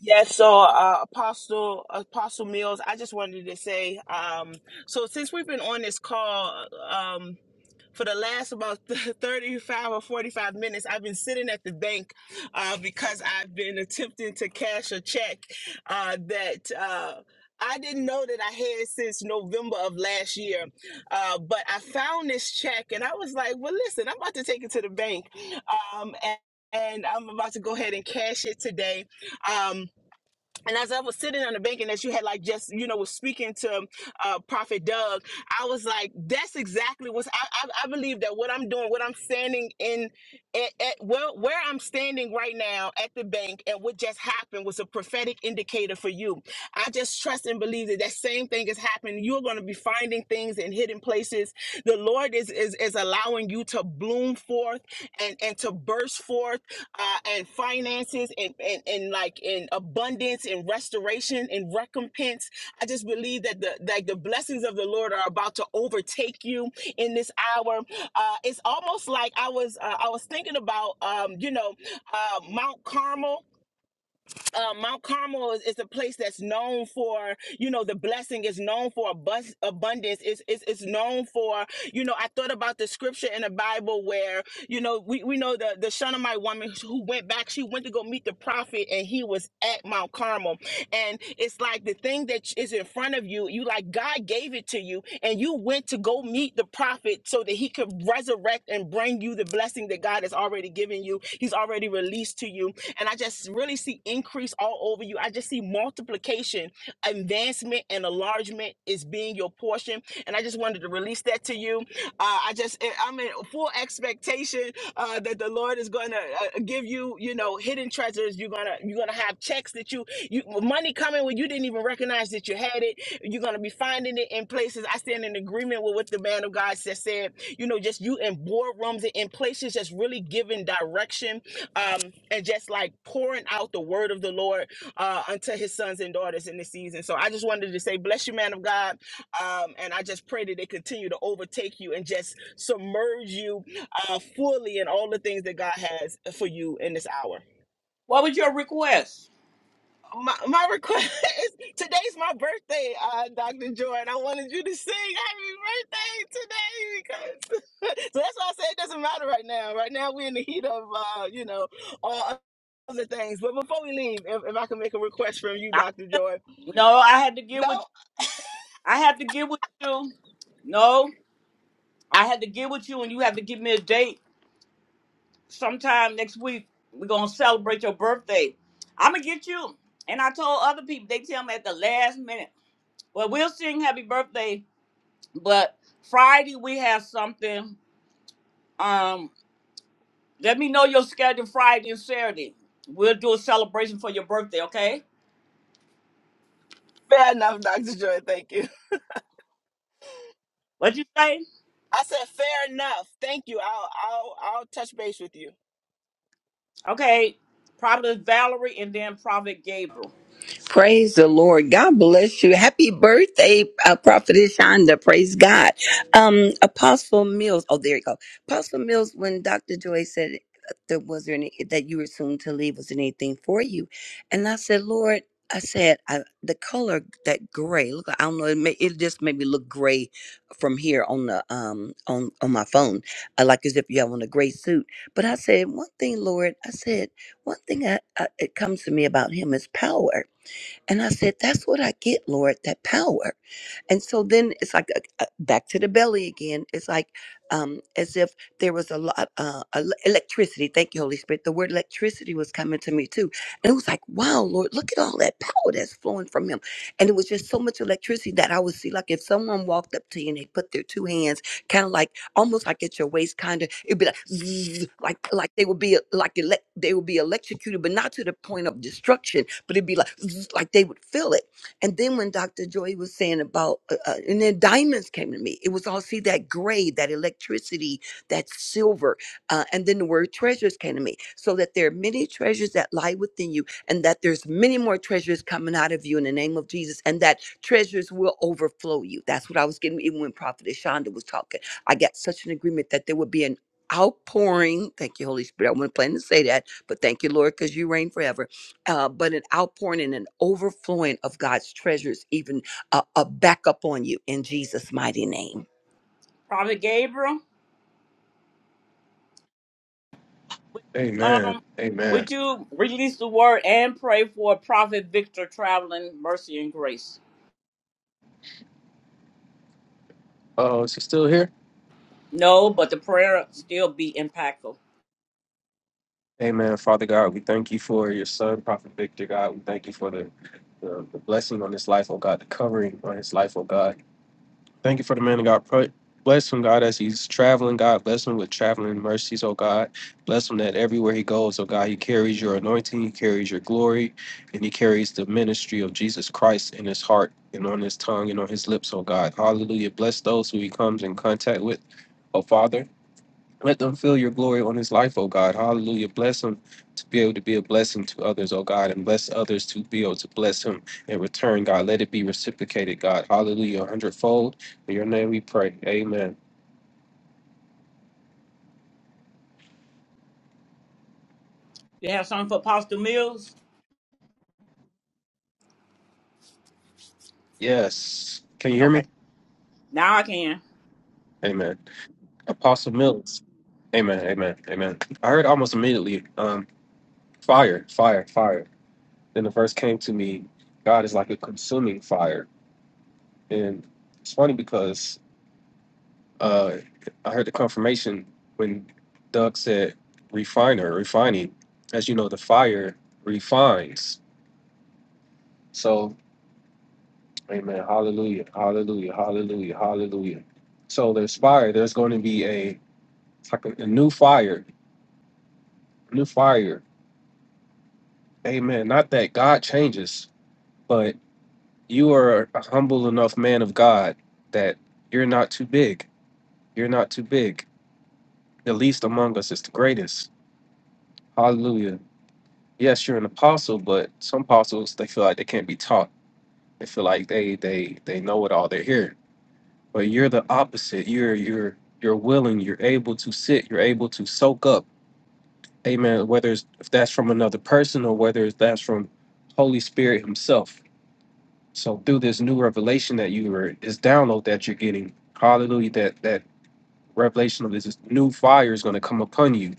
Yes, so uh, Apostle Apostle Mills, I just wanted to say, um, so since we've been on this call um, for the last about 35 or 45 minutes, I've been sitting at the bank uh, because I've been attempting to cash a check uh, that uh, I didn't know that I had since November of last year. Uh, but I found this check and I was like, well, listen, I'm about to take it to the bank. Um, and, and I'm about to go ahead and cash it today. Um, and as I was sitting on the bank and as you had like just, you know, was speaking to uh, Prophet Doug, I was like, that's exactly what's, I, I, I believe that what I'm doing, what I'm standing in, at, at well, where where I'm standing right now at the bank and what just happened was a prophetic indicator for you. I just trust and believe that that same thing is happening. You're going to be finding things in hidden places. The Lord is, is, is allowing you to bloom forth and, and to burst forth uh, and finances and, and, and like in abundance and restoration and recompense. I just believe that the like the blessings of the Lord are about to overtake you in this hour. Uh, it's almost like I was uh, I was thinking about um, you know uh, Mount Carmel uh, Mount Carmel is, is a place that's known for, you know, the blessing is known for abus- abundance. It's, it's, it's known for, you know, I thought about the scripture in the Bible where, you know, we, we know the, the Shunammite woman who went back, she went to go meet the prophet and he was at Mount Carmel. And it's like the thing that is in front of you, you like God gave it to you and you went to go meet the prophet so that he could resurrect and bring you the blessing that God has already given you. He's already released to you and I just really see increase all over you. I just see multiplication advancement and enlargement is being your portion. And I just wanted to release that to you. Uh, I just, I- am in full expectation uh, that the Lord is going to uh, give you, you know, hidden treasures. You're gonna, you're gonna have checks that you, you money coming when you didn't even recognize that you had it. You're gonna be finding it in places. I stand in agreement with what the man of God just said. You know, just you in boardrooms and in places, just really giving direction um, and just like pouring out the word of the Lord uh, unto his sons and daughters in this season. So I just wanted to say, bless you, man of God. Um, and I just pray that they continue to overtake you and just submerge you uh, fully in all the things that God has for you in this hour. What was your request? My, my request is today's my birthday, uh, Dr. Joy, and I wanted you to sing happy birthday today because so that's why I say it doesn't matter right now. Right now, we're in the heat of, uh, you know, all other things. But before we leave, if, if I can make a request from you, I, Dr. Joy, no, I had to get with no. I had to get with you. No, I had to get with you, and you have to give me a date sometime next week. We're gonna celebrate your birthday. I'm gonna get you. And I told other people, they tell me at the last minute, well, we'll sing happy birthday But Friday we have something. Um, let me know your schedule Friday and Saturday. We'll do a celebration for your birthday, okay? Fair enough, Dr. Joy. Thank you. What'd you say? I said fair enough. Thank you. I'll I'll I'll touch base with you. Okay, Prophet Valerie and then Prophet Gabriel. Praise the Lord. God bless you. Happy birthday, uh, Prophetess Shonda. Praise God. Um, Apostle Mills. Oh, there you go. Apostle Mills, when Dr. Joy said uh, there was there any, that you were soon to leave, was there anything for you? And I said, Lord, I said, I, the color that gray. Look, I don't know. It, may, it just made me look gray from here on the um on on my phone, I like as if you have on a gray suit. But I said one thing, Lord. I said one thing. I, I, it comes to me about him is power and I said, That's what I get, Lord, that power. And so then it's like uh, uh, back to the belly again. It's like um, as if there was a lot uh, el- electricity. Thank you, Holy Spirit. The word electricity was coming to me too, and it was like, wow, Lord, look at all that power that's flowing from Him. And it was just so much electricity that I would see, like if someone walked up to you and they put their two hands, kind of like almost like at your waist, kind of. It'd be like, zzz, like, like they would be like elect, they would be electrocuted, but not to the point of destruction. But it'd be like, zzz, like they would feel it. And then when Dr. Joy was saying about, uh, uh, and then diamonds came to me. It was all see that gray, that electricity, that silver, uh, and then the word treasures came to me. So that there are many treasures that lie within you, and that there's many more treasures coming out of you in the name of Jesus, and that treasures will overflow you. That's what I was getting even when Prophet Shonda was talking I got such an agreement that there would be an outpouring. Thank you, Holy Spirit. I wasn't planning to say that, but thank you, Lord, because you reign forever. Uh, but an outpouring and an overflowing of God's treasures, even uh, a backup on you in Jesus' mighty name. Prophet Gabriel, Amen. um, Amen. would you release the word and pray for Prophet Victor traveling mercy and grace? Uh, is he still here? No, but the prayer still be impactful. Amen. Father God, we thank you for your son, Prophet Victor. God, we thank you for the, the, the blessing on his life, oh God, the covering on his life, oh God. Thank you for the man of God. Pray- Bless him, God, as he's traveling. God, bless him with traveling mercies, oh God. Bless him that everywhere he goes, oh God, he carries your anointing, he carries your glory, and he carries the ministry of Jesus Christ in his heart and on his tongue and on his lips, oh God. Hallelujah. Bless those who he comes in contact with, oh Father. Let them feel your glory on his life, O God. Hallelujah. Bless him to be able to be a blessing to others, O God, and bless others to be able to bless him in return, God. Let it be reciprocated, God. Hallelujah. A hundredfold. In your name we pray. Amen. You have something for Apostle Mills? Yes. Can you hear Okay, me? now I can. Amen. Apostle Mills. Amen. Amen. Amen. I heard almost immediately um, fire, fire, fire. Then the verse came to me God is like a consuming fire. And it's funny because uh, I heard the confirmation when Doug said refiner, refining. As you know, the fire refines. So, amen. Hallelujah. Hallelujah. Hallelujah. Hallelujah. So there's fire. There's going to be a, like a, a new fire. New fire. Amen. Not that God changes, but you are a humble enough man of God that you're not too big. You're not too big. The least among us is the greatest. Hallelujah. yes, you're an apostle, but some apostles they feel like they can't be taught. They feel like they they they know it all. They're here, but you're the opposite. You're you're you're willing. You're able to sit. You're able to soak up. Amen. Whether it's if that's from another person or whether it's that's from Holy Spirit Himself. So through this new revelation that you were this download that you're getting, Hallelujah. That that revelation of this, this new fire is going to come upon you.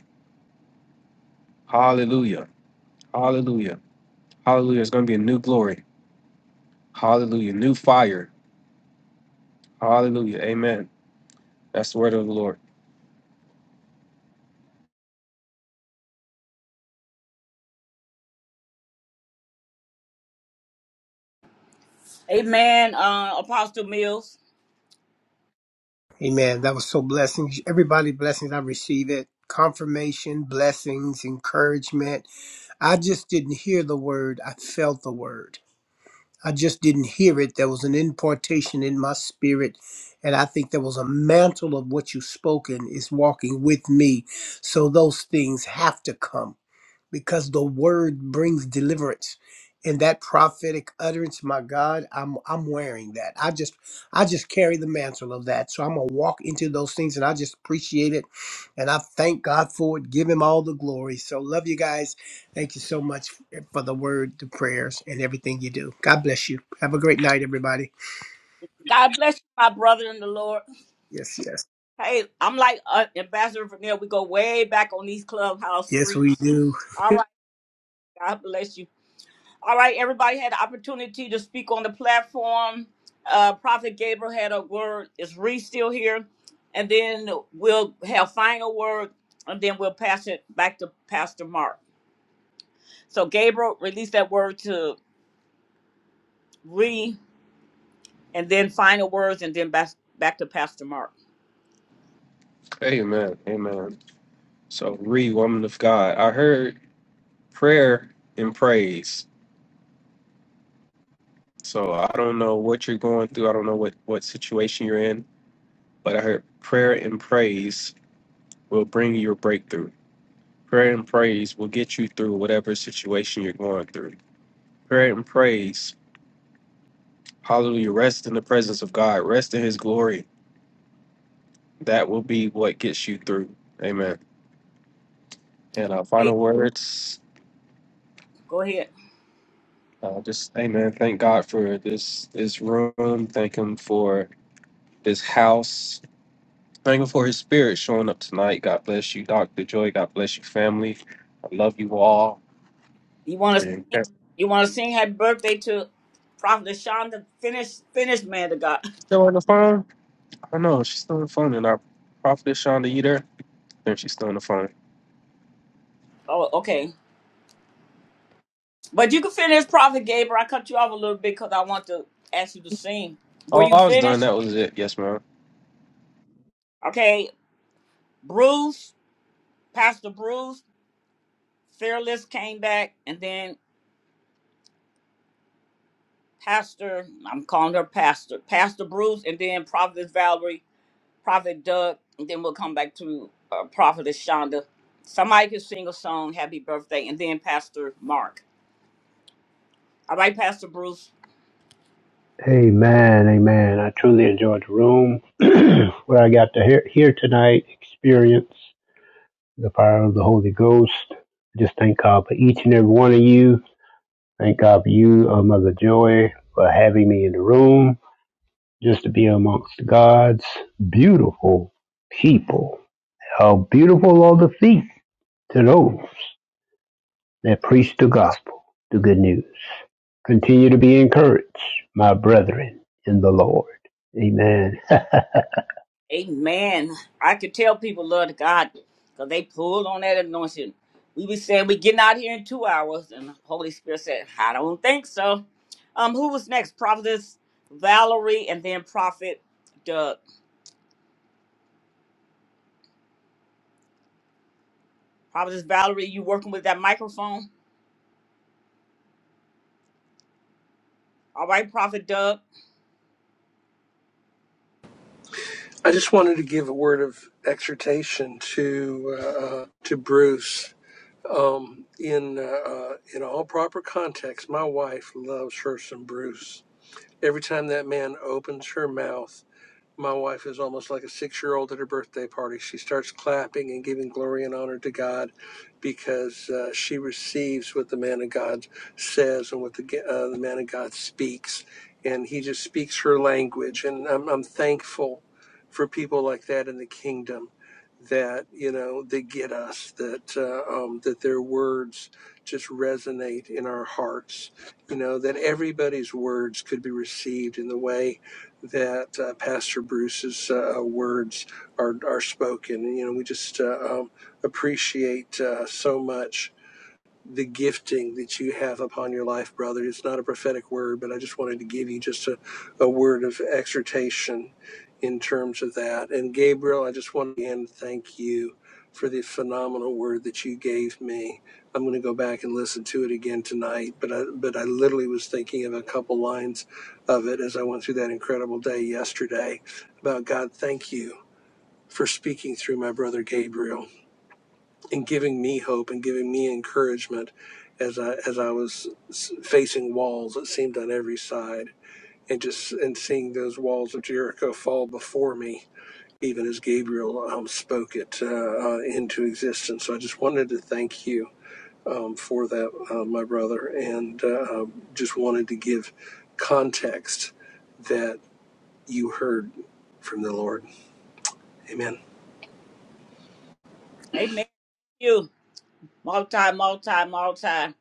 Hallelujah. Hallelujah. Hallelujah. It's going to be a new glory. Hallelujah. New fire. Hallelujah. Amen. That's the word of the Lord. Amen, uh, Apostle Mills. Amen. That was so blessings. Everybody, blessings. I received it. Confirmation, blessings, encouragement. I just didn't hear the word. I felt the word. I just didn't hear it. There was an importation in my spirit. And I think there was a mantle of what you've spoken is walking with me. So those things have to come. because the word brings deliverance and that prophetic utterance my god i'm i'm wearing that i just i just carry the mantle of that so i'm gonna walk into those things and i just appreciate it and i thank god for it give him all the glory so love you guys thank you so much for the word the prayers and everything you do god bless you have a great night everybody God bless you, my brother in the Lord. yes yes Hey, I'm like uh, Ambassador Vanille. We go way back on these clubhouse yes we streets. do All right, God bless you. All right, everybody had the opportunity to speak on the platform. Uh, Prophet Gabriel had a word. Is Reese still here? And then we'll have final word, and then we'll pass it back to Pastor Mark. So Gabriel, release that word to Ree, and then final words, and then back back to Pastor Mark. Amen. Amen. So read, woman of God. I heard prayer and praise. So I don't know what you're going through. I don't know what, what situation you're in, but I heard prayer and praise will bring you your breakthrough. Prayer and praise will get you through whatever situation you're going through. Prayer and praise, hallelujah, rest in the presence of God, rest in his glory. That will be what gets you through. Amen. And our Hey, final words. go ahead. Uh, just amen. Thank God for this this room. Thank Him for this house. Thank Him for His Spirit showing up tonight. God bless you, Doctor Joy. God bless you, family. I love you all. You want to? And You want to sing happy birthday to Prophet Shonda? Finish, finish, man to God. still on the phone? I know. She's still on the phone. And our prophet Shonda Eater. Then she's still on the phone. Oh, okay. But you can finish, Prophet Gabriel. I cut you off a little bit because I want to ask you to sing. Were Oh, you I was done. finished? That was it. Yes, ma'am. Okay. Bruce, Pastor Bruce, Fearless came back, and then Pastor, I'm calling her Pastor, Pastor Bruce, and then Prophet Valerie, Prophet Doug, and then we'll come back to uh, Prophet Shonda. Somebody can sing a song, Happy Birthday, and then Pastor Mark. All right, Pastor Bruce. Amen. Amen. I truly enjoyed the room where I got to hear, hear tonight, experience the power of the Holy Ghost. Just thank God for each and every one of you Thank God for you, uh, Mother Joy, for having me in the room just to be amongst God's beautiful people. How beautiful are the feet to those that preach the gospel, the good news. Continue to be encouraged, my brethren in the Lord. Amen. Amen. I could tell people love to God because they pulled on that anointing. We be saying we getting out here in two hours, and the Holy Spirit said, I don't think so. Um, who was next? Prophetess Valerie and then Prophet Doug. Prophetess Valerie, you working with that microphone? All right, Prophet Doug. I just wanted to give a word of exhortation to, uh, to Bruce Um, in uh, uh, in all proper context, my wife loves her some Bruce. Every time that man opens her mouth, my wife is almost like a six year old at her birthday party. She starts clapping and giving glory and honor to God because uh, she receives what the man of God says and what the, uh, the man of God speaks. And he just speaks her language. And I'm, I'm thankful for people like that in the kingdom that, you know, they get us, that, uh, um, that their words just resonate in our hearts, you know, that everybody's words could be received in the way that uh, Pastor Bruce's uh, uh, words are, are spoken. And, you know, we just uh, um, appreciate uh, so much the gifting that you have upon your life, brother. It's not a prophetic word, but I just wanted to give you just a, a word of exhortation in terms of that. And Gabriel, I just want to again thank you for the phenomenal word that you gave me. I'm going to go back and listen to it again tonight, but I, but I literally was thinking of a couple lines of it as I went through that incredible day yesterday about God, thank you for speaking through my brother Gabriel and giving me hope and giving me encouragement as I as I was facing walls that seemed on every side, and just and seeing those walls of Jericho fall before me, even as Gabriel um, spoke it uh, uh, into existence. So I just wanted to thank you um, for that, uh, my brother, and uh, um, just wanted to give context that you heard from the Lord. Amen. Amen. You multi, multi, multi.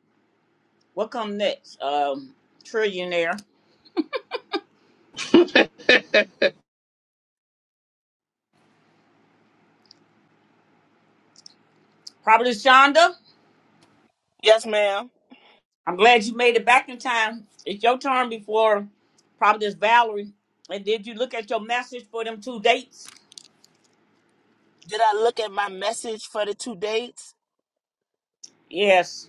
What come next? Um, trillionaire. Prophetess Shonda. Yes, ma'am. I'm glad you made it back in time. It's your turn before Providence Valerie. And did you look at your message for them two dates? Did I look at my message for the two dates? Yes.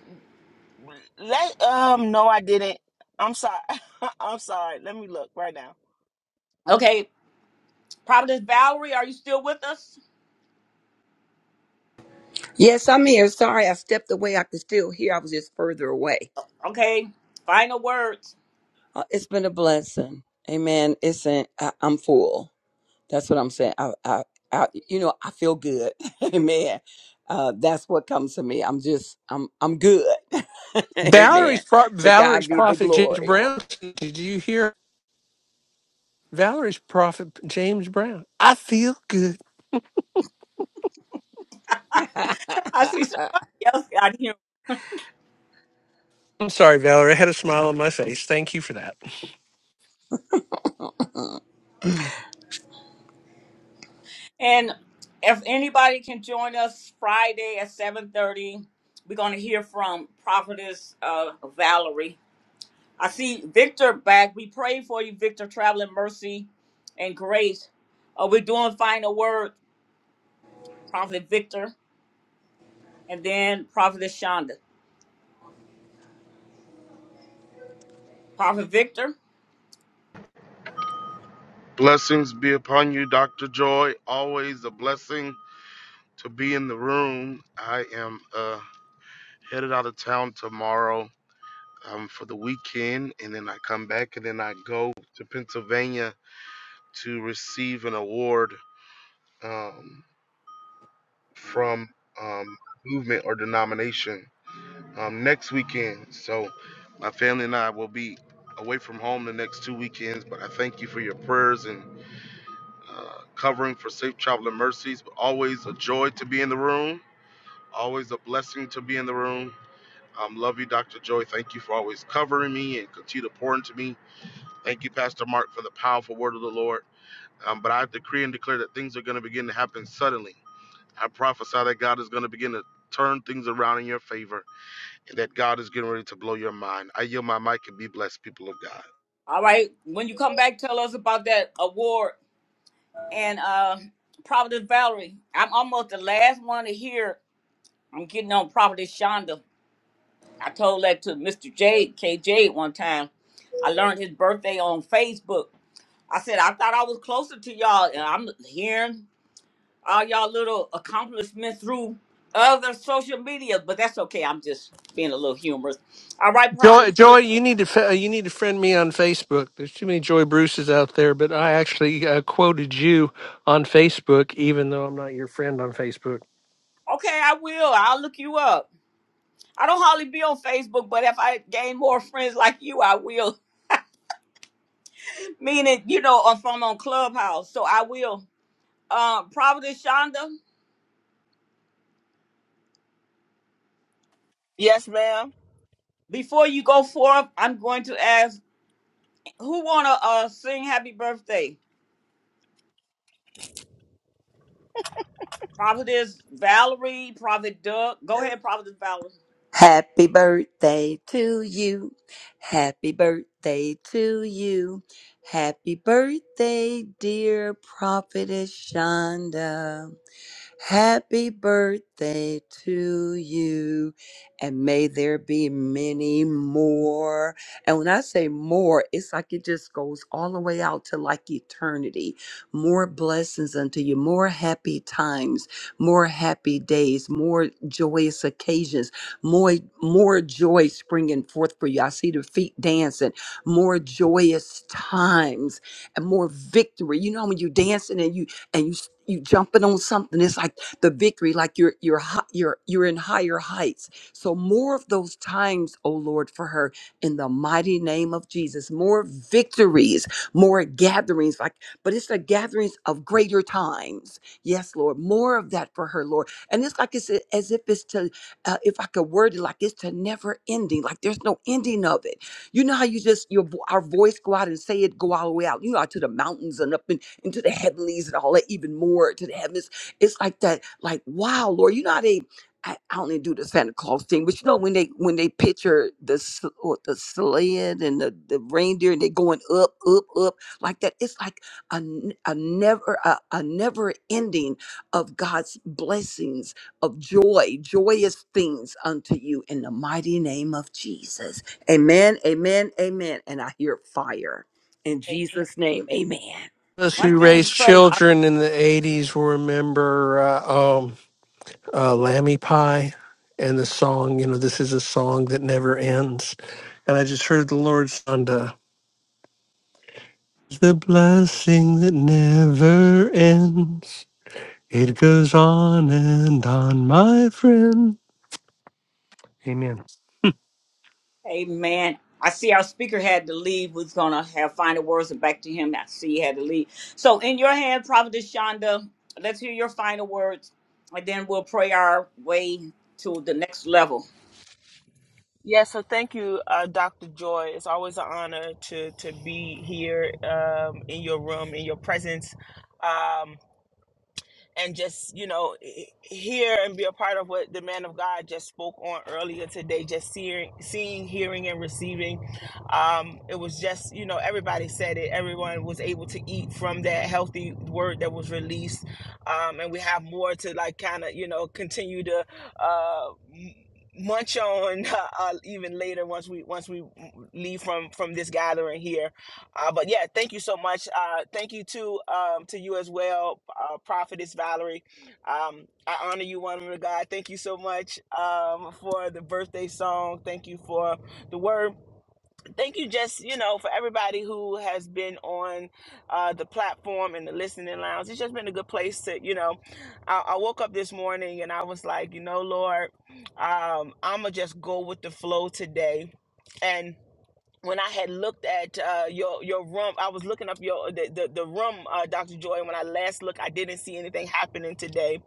Let um no I didn't. I'm sorry. I'm sorry. Let me look right now. Okay, Providence Valerie, are you still with us? Yes, I'm here. Sorry, I stepped away. I could still hear. I was just further away. Okay, final words. Uh, It's been a blessing. Amen. It's an, I, I'm full. That's what I'm saying. I, I, I you know, I feel good. Amen. Uh, that's what comes to me. I'm just, I'm, I'm good. Amen. Valerie's pro- To God Valerie's be the prophet James glory. Brown. Did you hear Valerie's prophet James Brown? I feel good. I see somebody else out here. I'm sorry, Valerie. I had a smile on my face. Thank you for that. And if anybody can join us Friday at 7.30, we're going to hear from Prophetess uh, Valerie. I see Victor back. We pray for you, Victor, traveling mercy and grace. Uh, we're doing final word, Prophet Victor, and then Prophet Shonda. Prophet Victor, Blessings be upon you, Dr. Joy. Always a blessing to be in the room. I am uh, headed out of town tomorrow um, for the weekend, and then I come back and then I go to Pennsylvania to receive an award. Um, from um, movement or denomination um, next weekend. So my family and I will be away from home the next two weekends. But I thank you for your prayers and uh, covering for safe travel and mercies. But always a joy to be in the room. Always a blessing to be in the room. Um, love you, Dr. Joy. Thank you for always covering me and continue to pour into me. Thank you, Pastor Mark, for the powerful word of the Lord. Um, but I decree and declare that things are going to begin to happen suddenly. I prophesy that God is going to begin to turn things around in your favor and that God is getting ready to blow your mind. I yield my mic and be blessed, people of God. all right. When you come back, tell us about that award and uh, Prophet Valerie. I'm almost the last one to hear. I'm getting on Prophet Shonda. I told that to Mr. K. J. KJ one time. I learned his birthday on Facebook. I said I thought I was closer to y'all, and I'm hearing all y'all little accomplishments through other social media, but that's okay. I'm just being a little humorous. All right, probably. Joy, Joy, you need to fe- you need to friend me on Facebook. There's too many Joy Bruces out there, but I actually uh, quoted you on Facebook, even though I'm not your friend on Facebook. Okay, I will. I'll look you up. I don't hardly be on Facebook, but if I gain more friends like you, I will. Meaning, you know, if I'm from on Clubhouse, so I will. Uh, Providence Shonda, Yes, ma'am. before you go forth, I'm going to ask who wanna uh sing Happy Birthday. Providence Valerie, Prophet Doug. Go ahead, Providence Valerie. Happy birthday to you. Happy birthday to you. Happy birthday, dear Prophetess Shonda. Happy birthday to you, and may there be many more. And when I say more, it's like it just goes all the way out to like eternity. More blessings unto you, more happy times, more happy days, more joyous occasions, more more joy springing forth for you. I see the feet dancing, more joyous times, and more victory. You know when you are dancing and you and you s- you jumping on something it's like the victory like you're you're hi- you're you're in higher heights so more of those times oh lord for her in the mighty name of jesus more victories more gatherings like but it's the gatherings of greater times yes lord more of that for her lord and it's like it's a- as if it's to uh, if i could word it like it's to never ending like there's no ending of it you know how you just your vo- our voice go out and say it go all the way out you know out to the mountains and up in into the heavenlies and all that even more to the heavens. It's like that, like, wow, Lord, you know how they I, I only do the Santa Claus thing, but you know when they when they picture the s- or the sled and the, the reindeer and they going up, up, up like that. It's like a, n- a never a, a never ending of God's blessings of joy, joyous things unto you in the mighty name of Jesus. Amen, amen, amen. And I hear fire in Amen. Jesus' name. Amen. Those One who thing raised first. children in the '80s will remember. Uh, um, uh, Lammy Pie and the song, you know, this is a song that never ends. And I just heard the Lord sound, uh, the blessing that never ends. It goes on and on, my friend. Amen. Amen. I see our speaker had to leave. We're gonna have final words and back to him. I see he had to leave. So in your hand, Prophetess Shonda, let's hear your final words, and then we'll pray our way to the next level. Yes, so thank you, uh, Dr. Joy. It's always an honor to to be here um, in your room, in your presence. Um, and just you know hear and be a part of what the man of God just spoke on earlier today. Just seeing, seeing, hearing, and receiving. Um, it was just you know everybody said it. Everyone was able to eat from that healthy word that was released, um, and we have more to like kind of you know continue to. Uh, m- munch on uh, even later once we once we leave from from this gathering here uh, but yeah, thank you so much. Uh, thank you to um, to you as well, uh, Prophetess Valerie. Um, I honor you, woman of God. Thank you so much um, for the birthday song. Thank you for the word. Thank you, just you know, for everybody who has been on uh, the platform and the listening lounge. It's just been a good place to, you know. I, I woke up this morning and I was like, you know, Lord, um, I'ma just go with the flow today, and when I had looked at uh, your your room, I was looking up your the the, the room, uh, Doctor Joy. When I last looked, I didn't see anything happening today.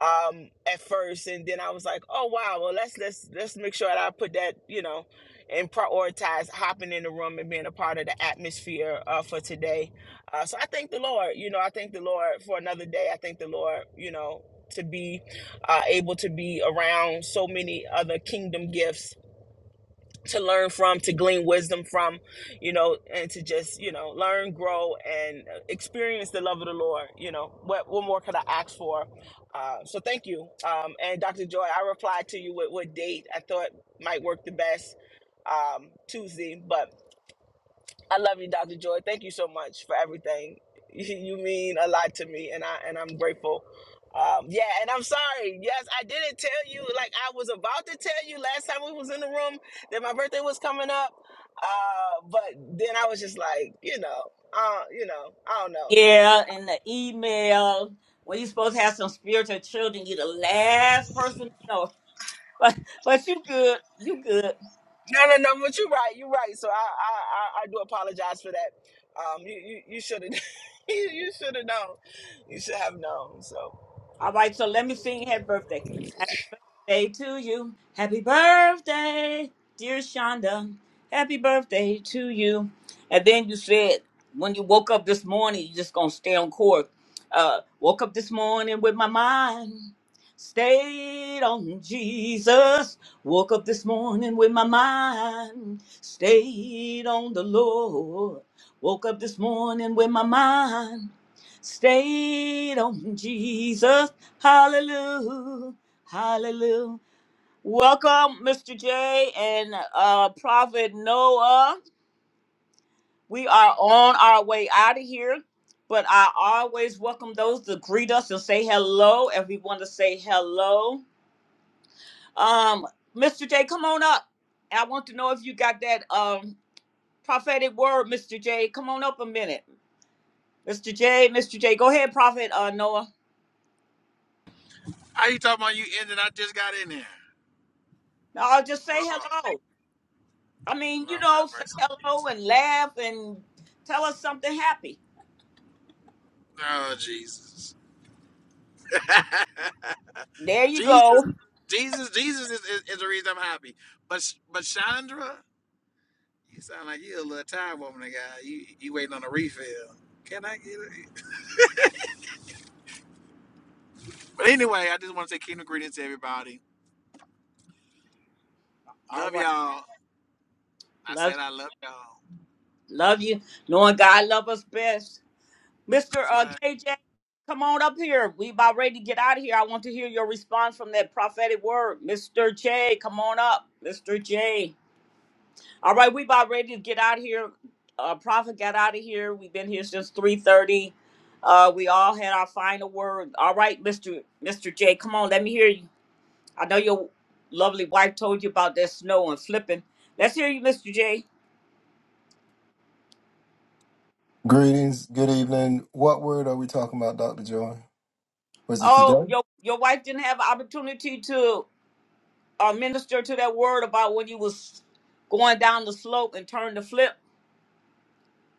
Um, at first, and then I was like, oh wow, well let's let's let's make sure that I put that you know, and prioritize hopping in the room and being a part of the atmosphere uh, for today. Uh, so I thank the Lord. You know, I thank the Lord for another day. I thank the Lord. You know. To be uh, able to be around so many other kingdom gifts to learn from, to glean wisdom from, you know, and to just, you know, learn, grow, and uh, experience the love of the Lord. You know, what what more could I ask for? Uh, so thank you. Um, and Dr. Joy, I replied to you with what date I thought might work the best um, Tuesday, but I love you, Dr. Joy. Thank you so much for everything. You mean a lot to me, and I and I'm grateful. Um, yeah, and I'm sorry. Yes, I didn't tell you. Like I was about to tell you last time we was in the room that my birthday was coming up, uh, but then I was just like, you know, uh, you know, I don't know. Yeah, in the email. When you're supposed to have some spiritual children, you're the last person to know. But but you good. You good. No, no, no. But you're right. You're right. So I I, I, I do apologize for that. Um, you you, you should have you, you should have known. You should have known. So All right, so let me sing happy birthday. birthday to you. Happy birthday, dear Shonda. Happy birthday to you. And then you said when you woke up this morning, you just gonna stay on course. Uh, woke up this morning with my mind stayed on Jesus. Woke up this morning with my mind stayed on the Lord. Woke up this morning with my mind stayed on Jesus. Hallelujah. Hallelujah. Welcome, Mr. J and uh, Prophet Noah. We are on our way out of here, but I always welcome those to greet us and say hello if we want to say hello. Um, Mr. J, come on up. I want to know if you got that um, prophetic word, Mr. J. Come on up a minute. Mr. J, Mr. J, go ahead, Prophet uh, Noah. How you talking about you ended? I just got in there. No, just say Lord, hello. I mean, Lord you know, have say mercy. hello and laugh and tell us something happy. Oh, Jesus. There you Jesus, go. Jesus, Jesus is, is, is the reason I'm happy. But Sh- but Chandra, you sound like you a little tired woman, guy. You you waiting on a refill. Can I get it? But anyway, I just want to say kingdom greetings to everybody. All Love right. y'all. I Love said I love y'all. love you. Knowing God love us best. Mr. That's Uh, right. KJ, come on up here. We about ready to get out of here. I want to hear your response from that prophetic word. Mr. J, come on up. Mr. J. All right, we about ready to get out of here. Uh, prophet got out of here. We've been here since 3.30. Uh, we all had our final word. All right, Mr. Mr. J, come on. Let me hear you. I know your lovely wife told you about that snow and flipping. Let's hear you, Mr. J. Greetings, good evening. What word are we talking about, Dr. Joy? Was it Oh, today? your your wife didn't have opportunity to uh, minister to that word about when you was going down the slope and turned the flip.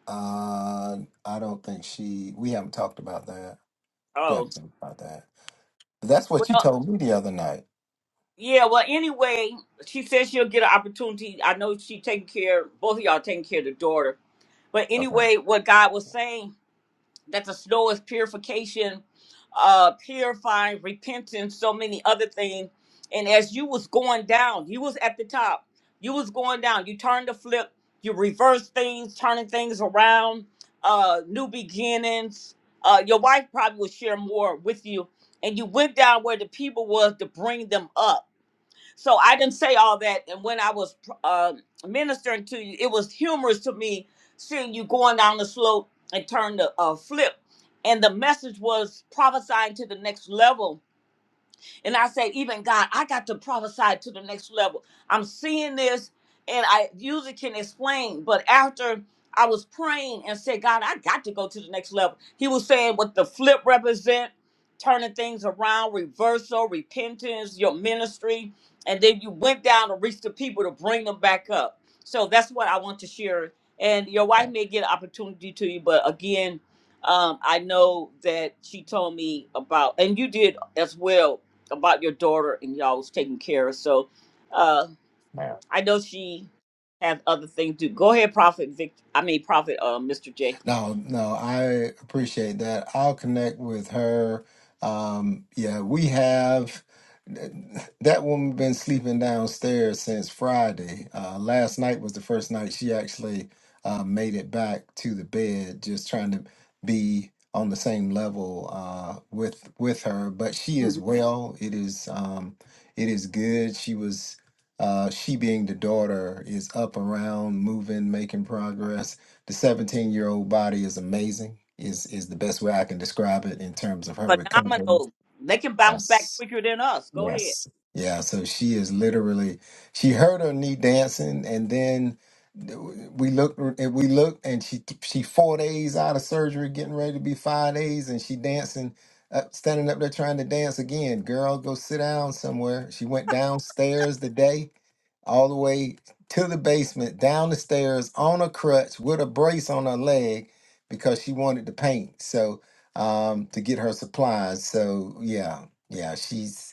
Uh, I don't think she, we haven't talked about that. We haven't Oh, talked about that. that's what you well, told me the other night. yeah. Well, anyway, she says she'll get an opportunity. I know she taking care, both of y'all taking care of the daughter. But Okay. anyway, what God was saying. that the snow is purification, uh, purifying, repentance, so many other things. And as you was going down, you was at the top. You was going down. You turned the flip. You reverse things, turning things around. Uh, new beginnings. Uh, your wife probably will share more with you. And you went down where the people was to bring them up so I didn't say all that. And when I was uh, ministering to you, it was humorous to me seeing you going down the slope and turn the uh, flip. And the message was prophesying to the next level and I said, even God, I got to prophesy to the next level. I'm seeing this and I usually can explain, but after I was praying and said, God, I got to go to the next level. He was saying what the flip represent, turning things around, reversal, repentance, your ministry. And then you went down to reach the people to bring them back up. So that's what I want to share. And your wife may get an opportunity to you, but again, um, I know that she told me about, and you did as well about your daughter and y'all was taking care of. So uh, I know she has other things to do. Go ahead, Prophet Vic. I mean, Prophet uh, Mr. J. No, no, I appreciate that. I'll connect with her. Um, yeah, we have that woman been sleeping downstairs since Friday. Uh, last night was the first night she actually uh, made it back to the bed, just trying to be on the same level uh, with with her. But she is Mhm. well. It is um, it is good. She was uh, she being the daughter is up around, moving, making progress the 17 year old body is amazing is is the best way i can describe it in terms of her recovery Phenomenal. They can bounce back yes quicker than us. Go ahead. Yes. Yeah. So she is literally, she heard her knee dancing, and then we looked, we looked, and she she four days out of surgery, getting ready to be five days, and she dancing, up, standing up there trying to dance again. Girl, go sit down somewhere. She went downstairs today, all the way to the basement, down the stairs on a crutch with a brace on her leg because she wanted to paint. So um to get her supplies. So yeah, yeah, she's.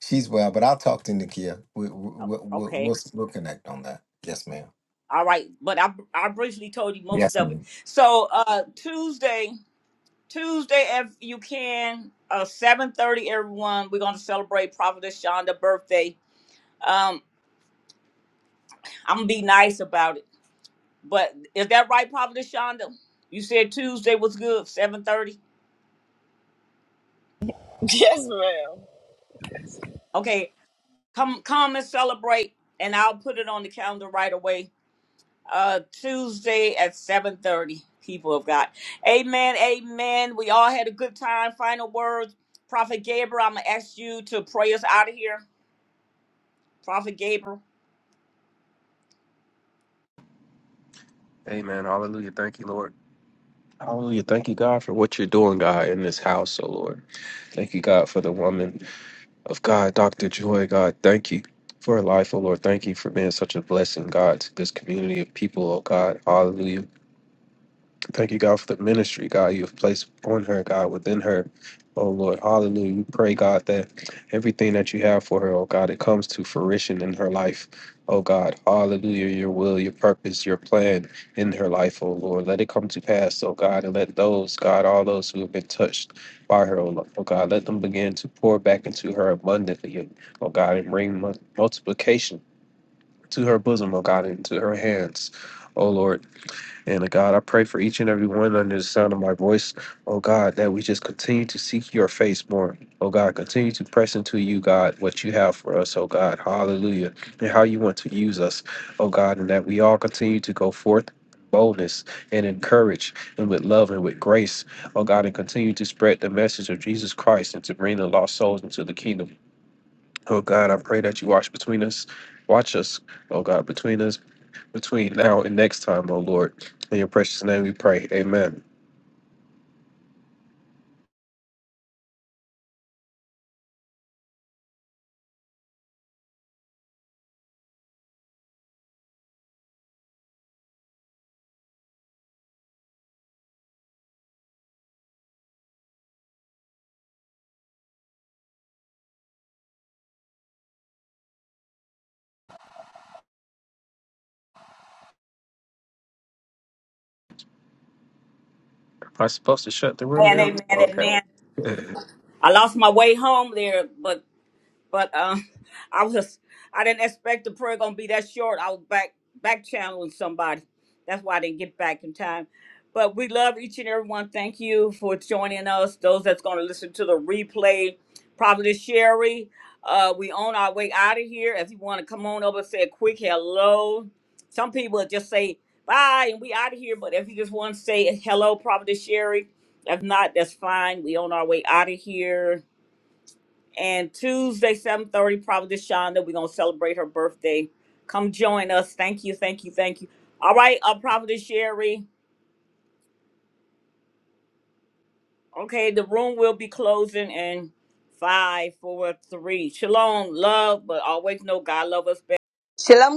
She's well, but I'll talk to Nikia. We, we, we, we'll, Okay. we'll, we'll connect on that. Yes, ma'am. All right. But I I briefly told you most Yes, of ma'am. it. So uh, Tuesday, Tuesday, if you can, uh, seven thirty, everyone. We're gonna celebrate Prophetess Shonda's birthday. Um, I'm gonna be nice about it But is that right, Prophet Shonda? You said Tuesday was good, seven thirty. yes, ma'am. Okay, come come and celebrate, and I'll put it on the calendar right away. Uh, Tuesday at seven thirty. People of God, Amen, Amen. We all had a good time. Final words, Prophet Gabriel. I'm gonna ask you to pray us out of here, Prophet Gabriel. Amen. Hallelujah. Thank you, Lord. Hallelujah. Thank you, God, for what you're doing, God, in this house, oh Lord. Thank you, God, for the woman. of God, Dr. Joy, God, thank you for her life, oh Lord. Thank you for being such a blessing, God, to this community of people, oh God. Hallelujah. Thank you, God, for the ministry, God, you have placed on her, God, within her. Oh Lord, hallelujah. We pray, God, that everything that you have for her, oh God, it comes to fruition in her life. Oh God, hallelujah, your will, your purpose, your plan in her life, oh Lord. Let it come to pass, oh God, and let those, God, all those who have been touched by her, oh Lord, oh God, let them begin to pour back into her abundantly, oh God, and bring mu- multiplication to her bosom, oh God, and to her hands. Oh Lord, and uh, God, I pray for each and every one under the sound of my voice, oh God, that we just continue to seek your face more. Oh God, continue to press into you, God, what you have for us, oh God, hallelujah, and how you want to use us, oh God, and that we all continue to go forth in boldness and encourage and with love and with grace, oh God, and continue to spread the message of Jesus Christ and to bring the lost souls into the kingdom. Oh God, I pray that you watch between us, watch us, oh God, between us between now and next time, oh Lord. In your precious name we pray. Amen. Am I supposed to shut the room now? Amen, Amen, Okay. Amen. I lost my way home there, but But um, I was I didn't expect the prayer gonna be that short. I was back back channeling somebody. That's why I didn't get back in time. But we love each and every one. Thank you for joining us. Those that's gonna listen to the replay, probably Sherry. Uh, we on our way out of here. If you want to come on over, and say a quick hello. Some people just say bye and we out of here. But if you just want to say hello, probably Sherry. If not, that's fine. We on our way out of here and Tuesday, 7.30, Providence Shonda, we're going to celebrate her birthday. Come join us. Thank you, thank you, thank you. All right, uh, Providence Sherry. Okay, the room will be closing in five, four, three. Shalom, love, but always know God love us best. Shalom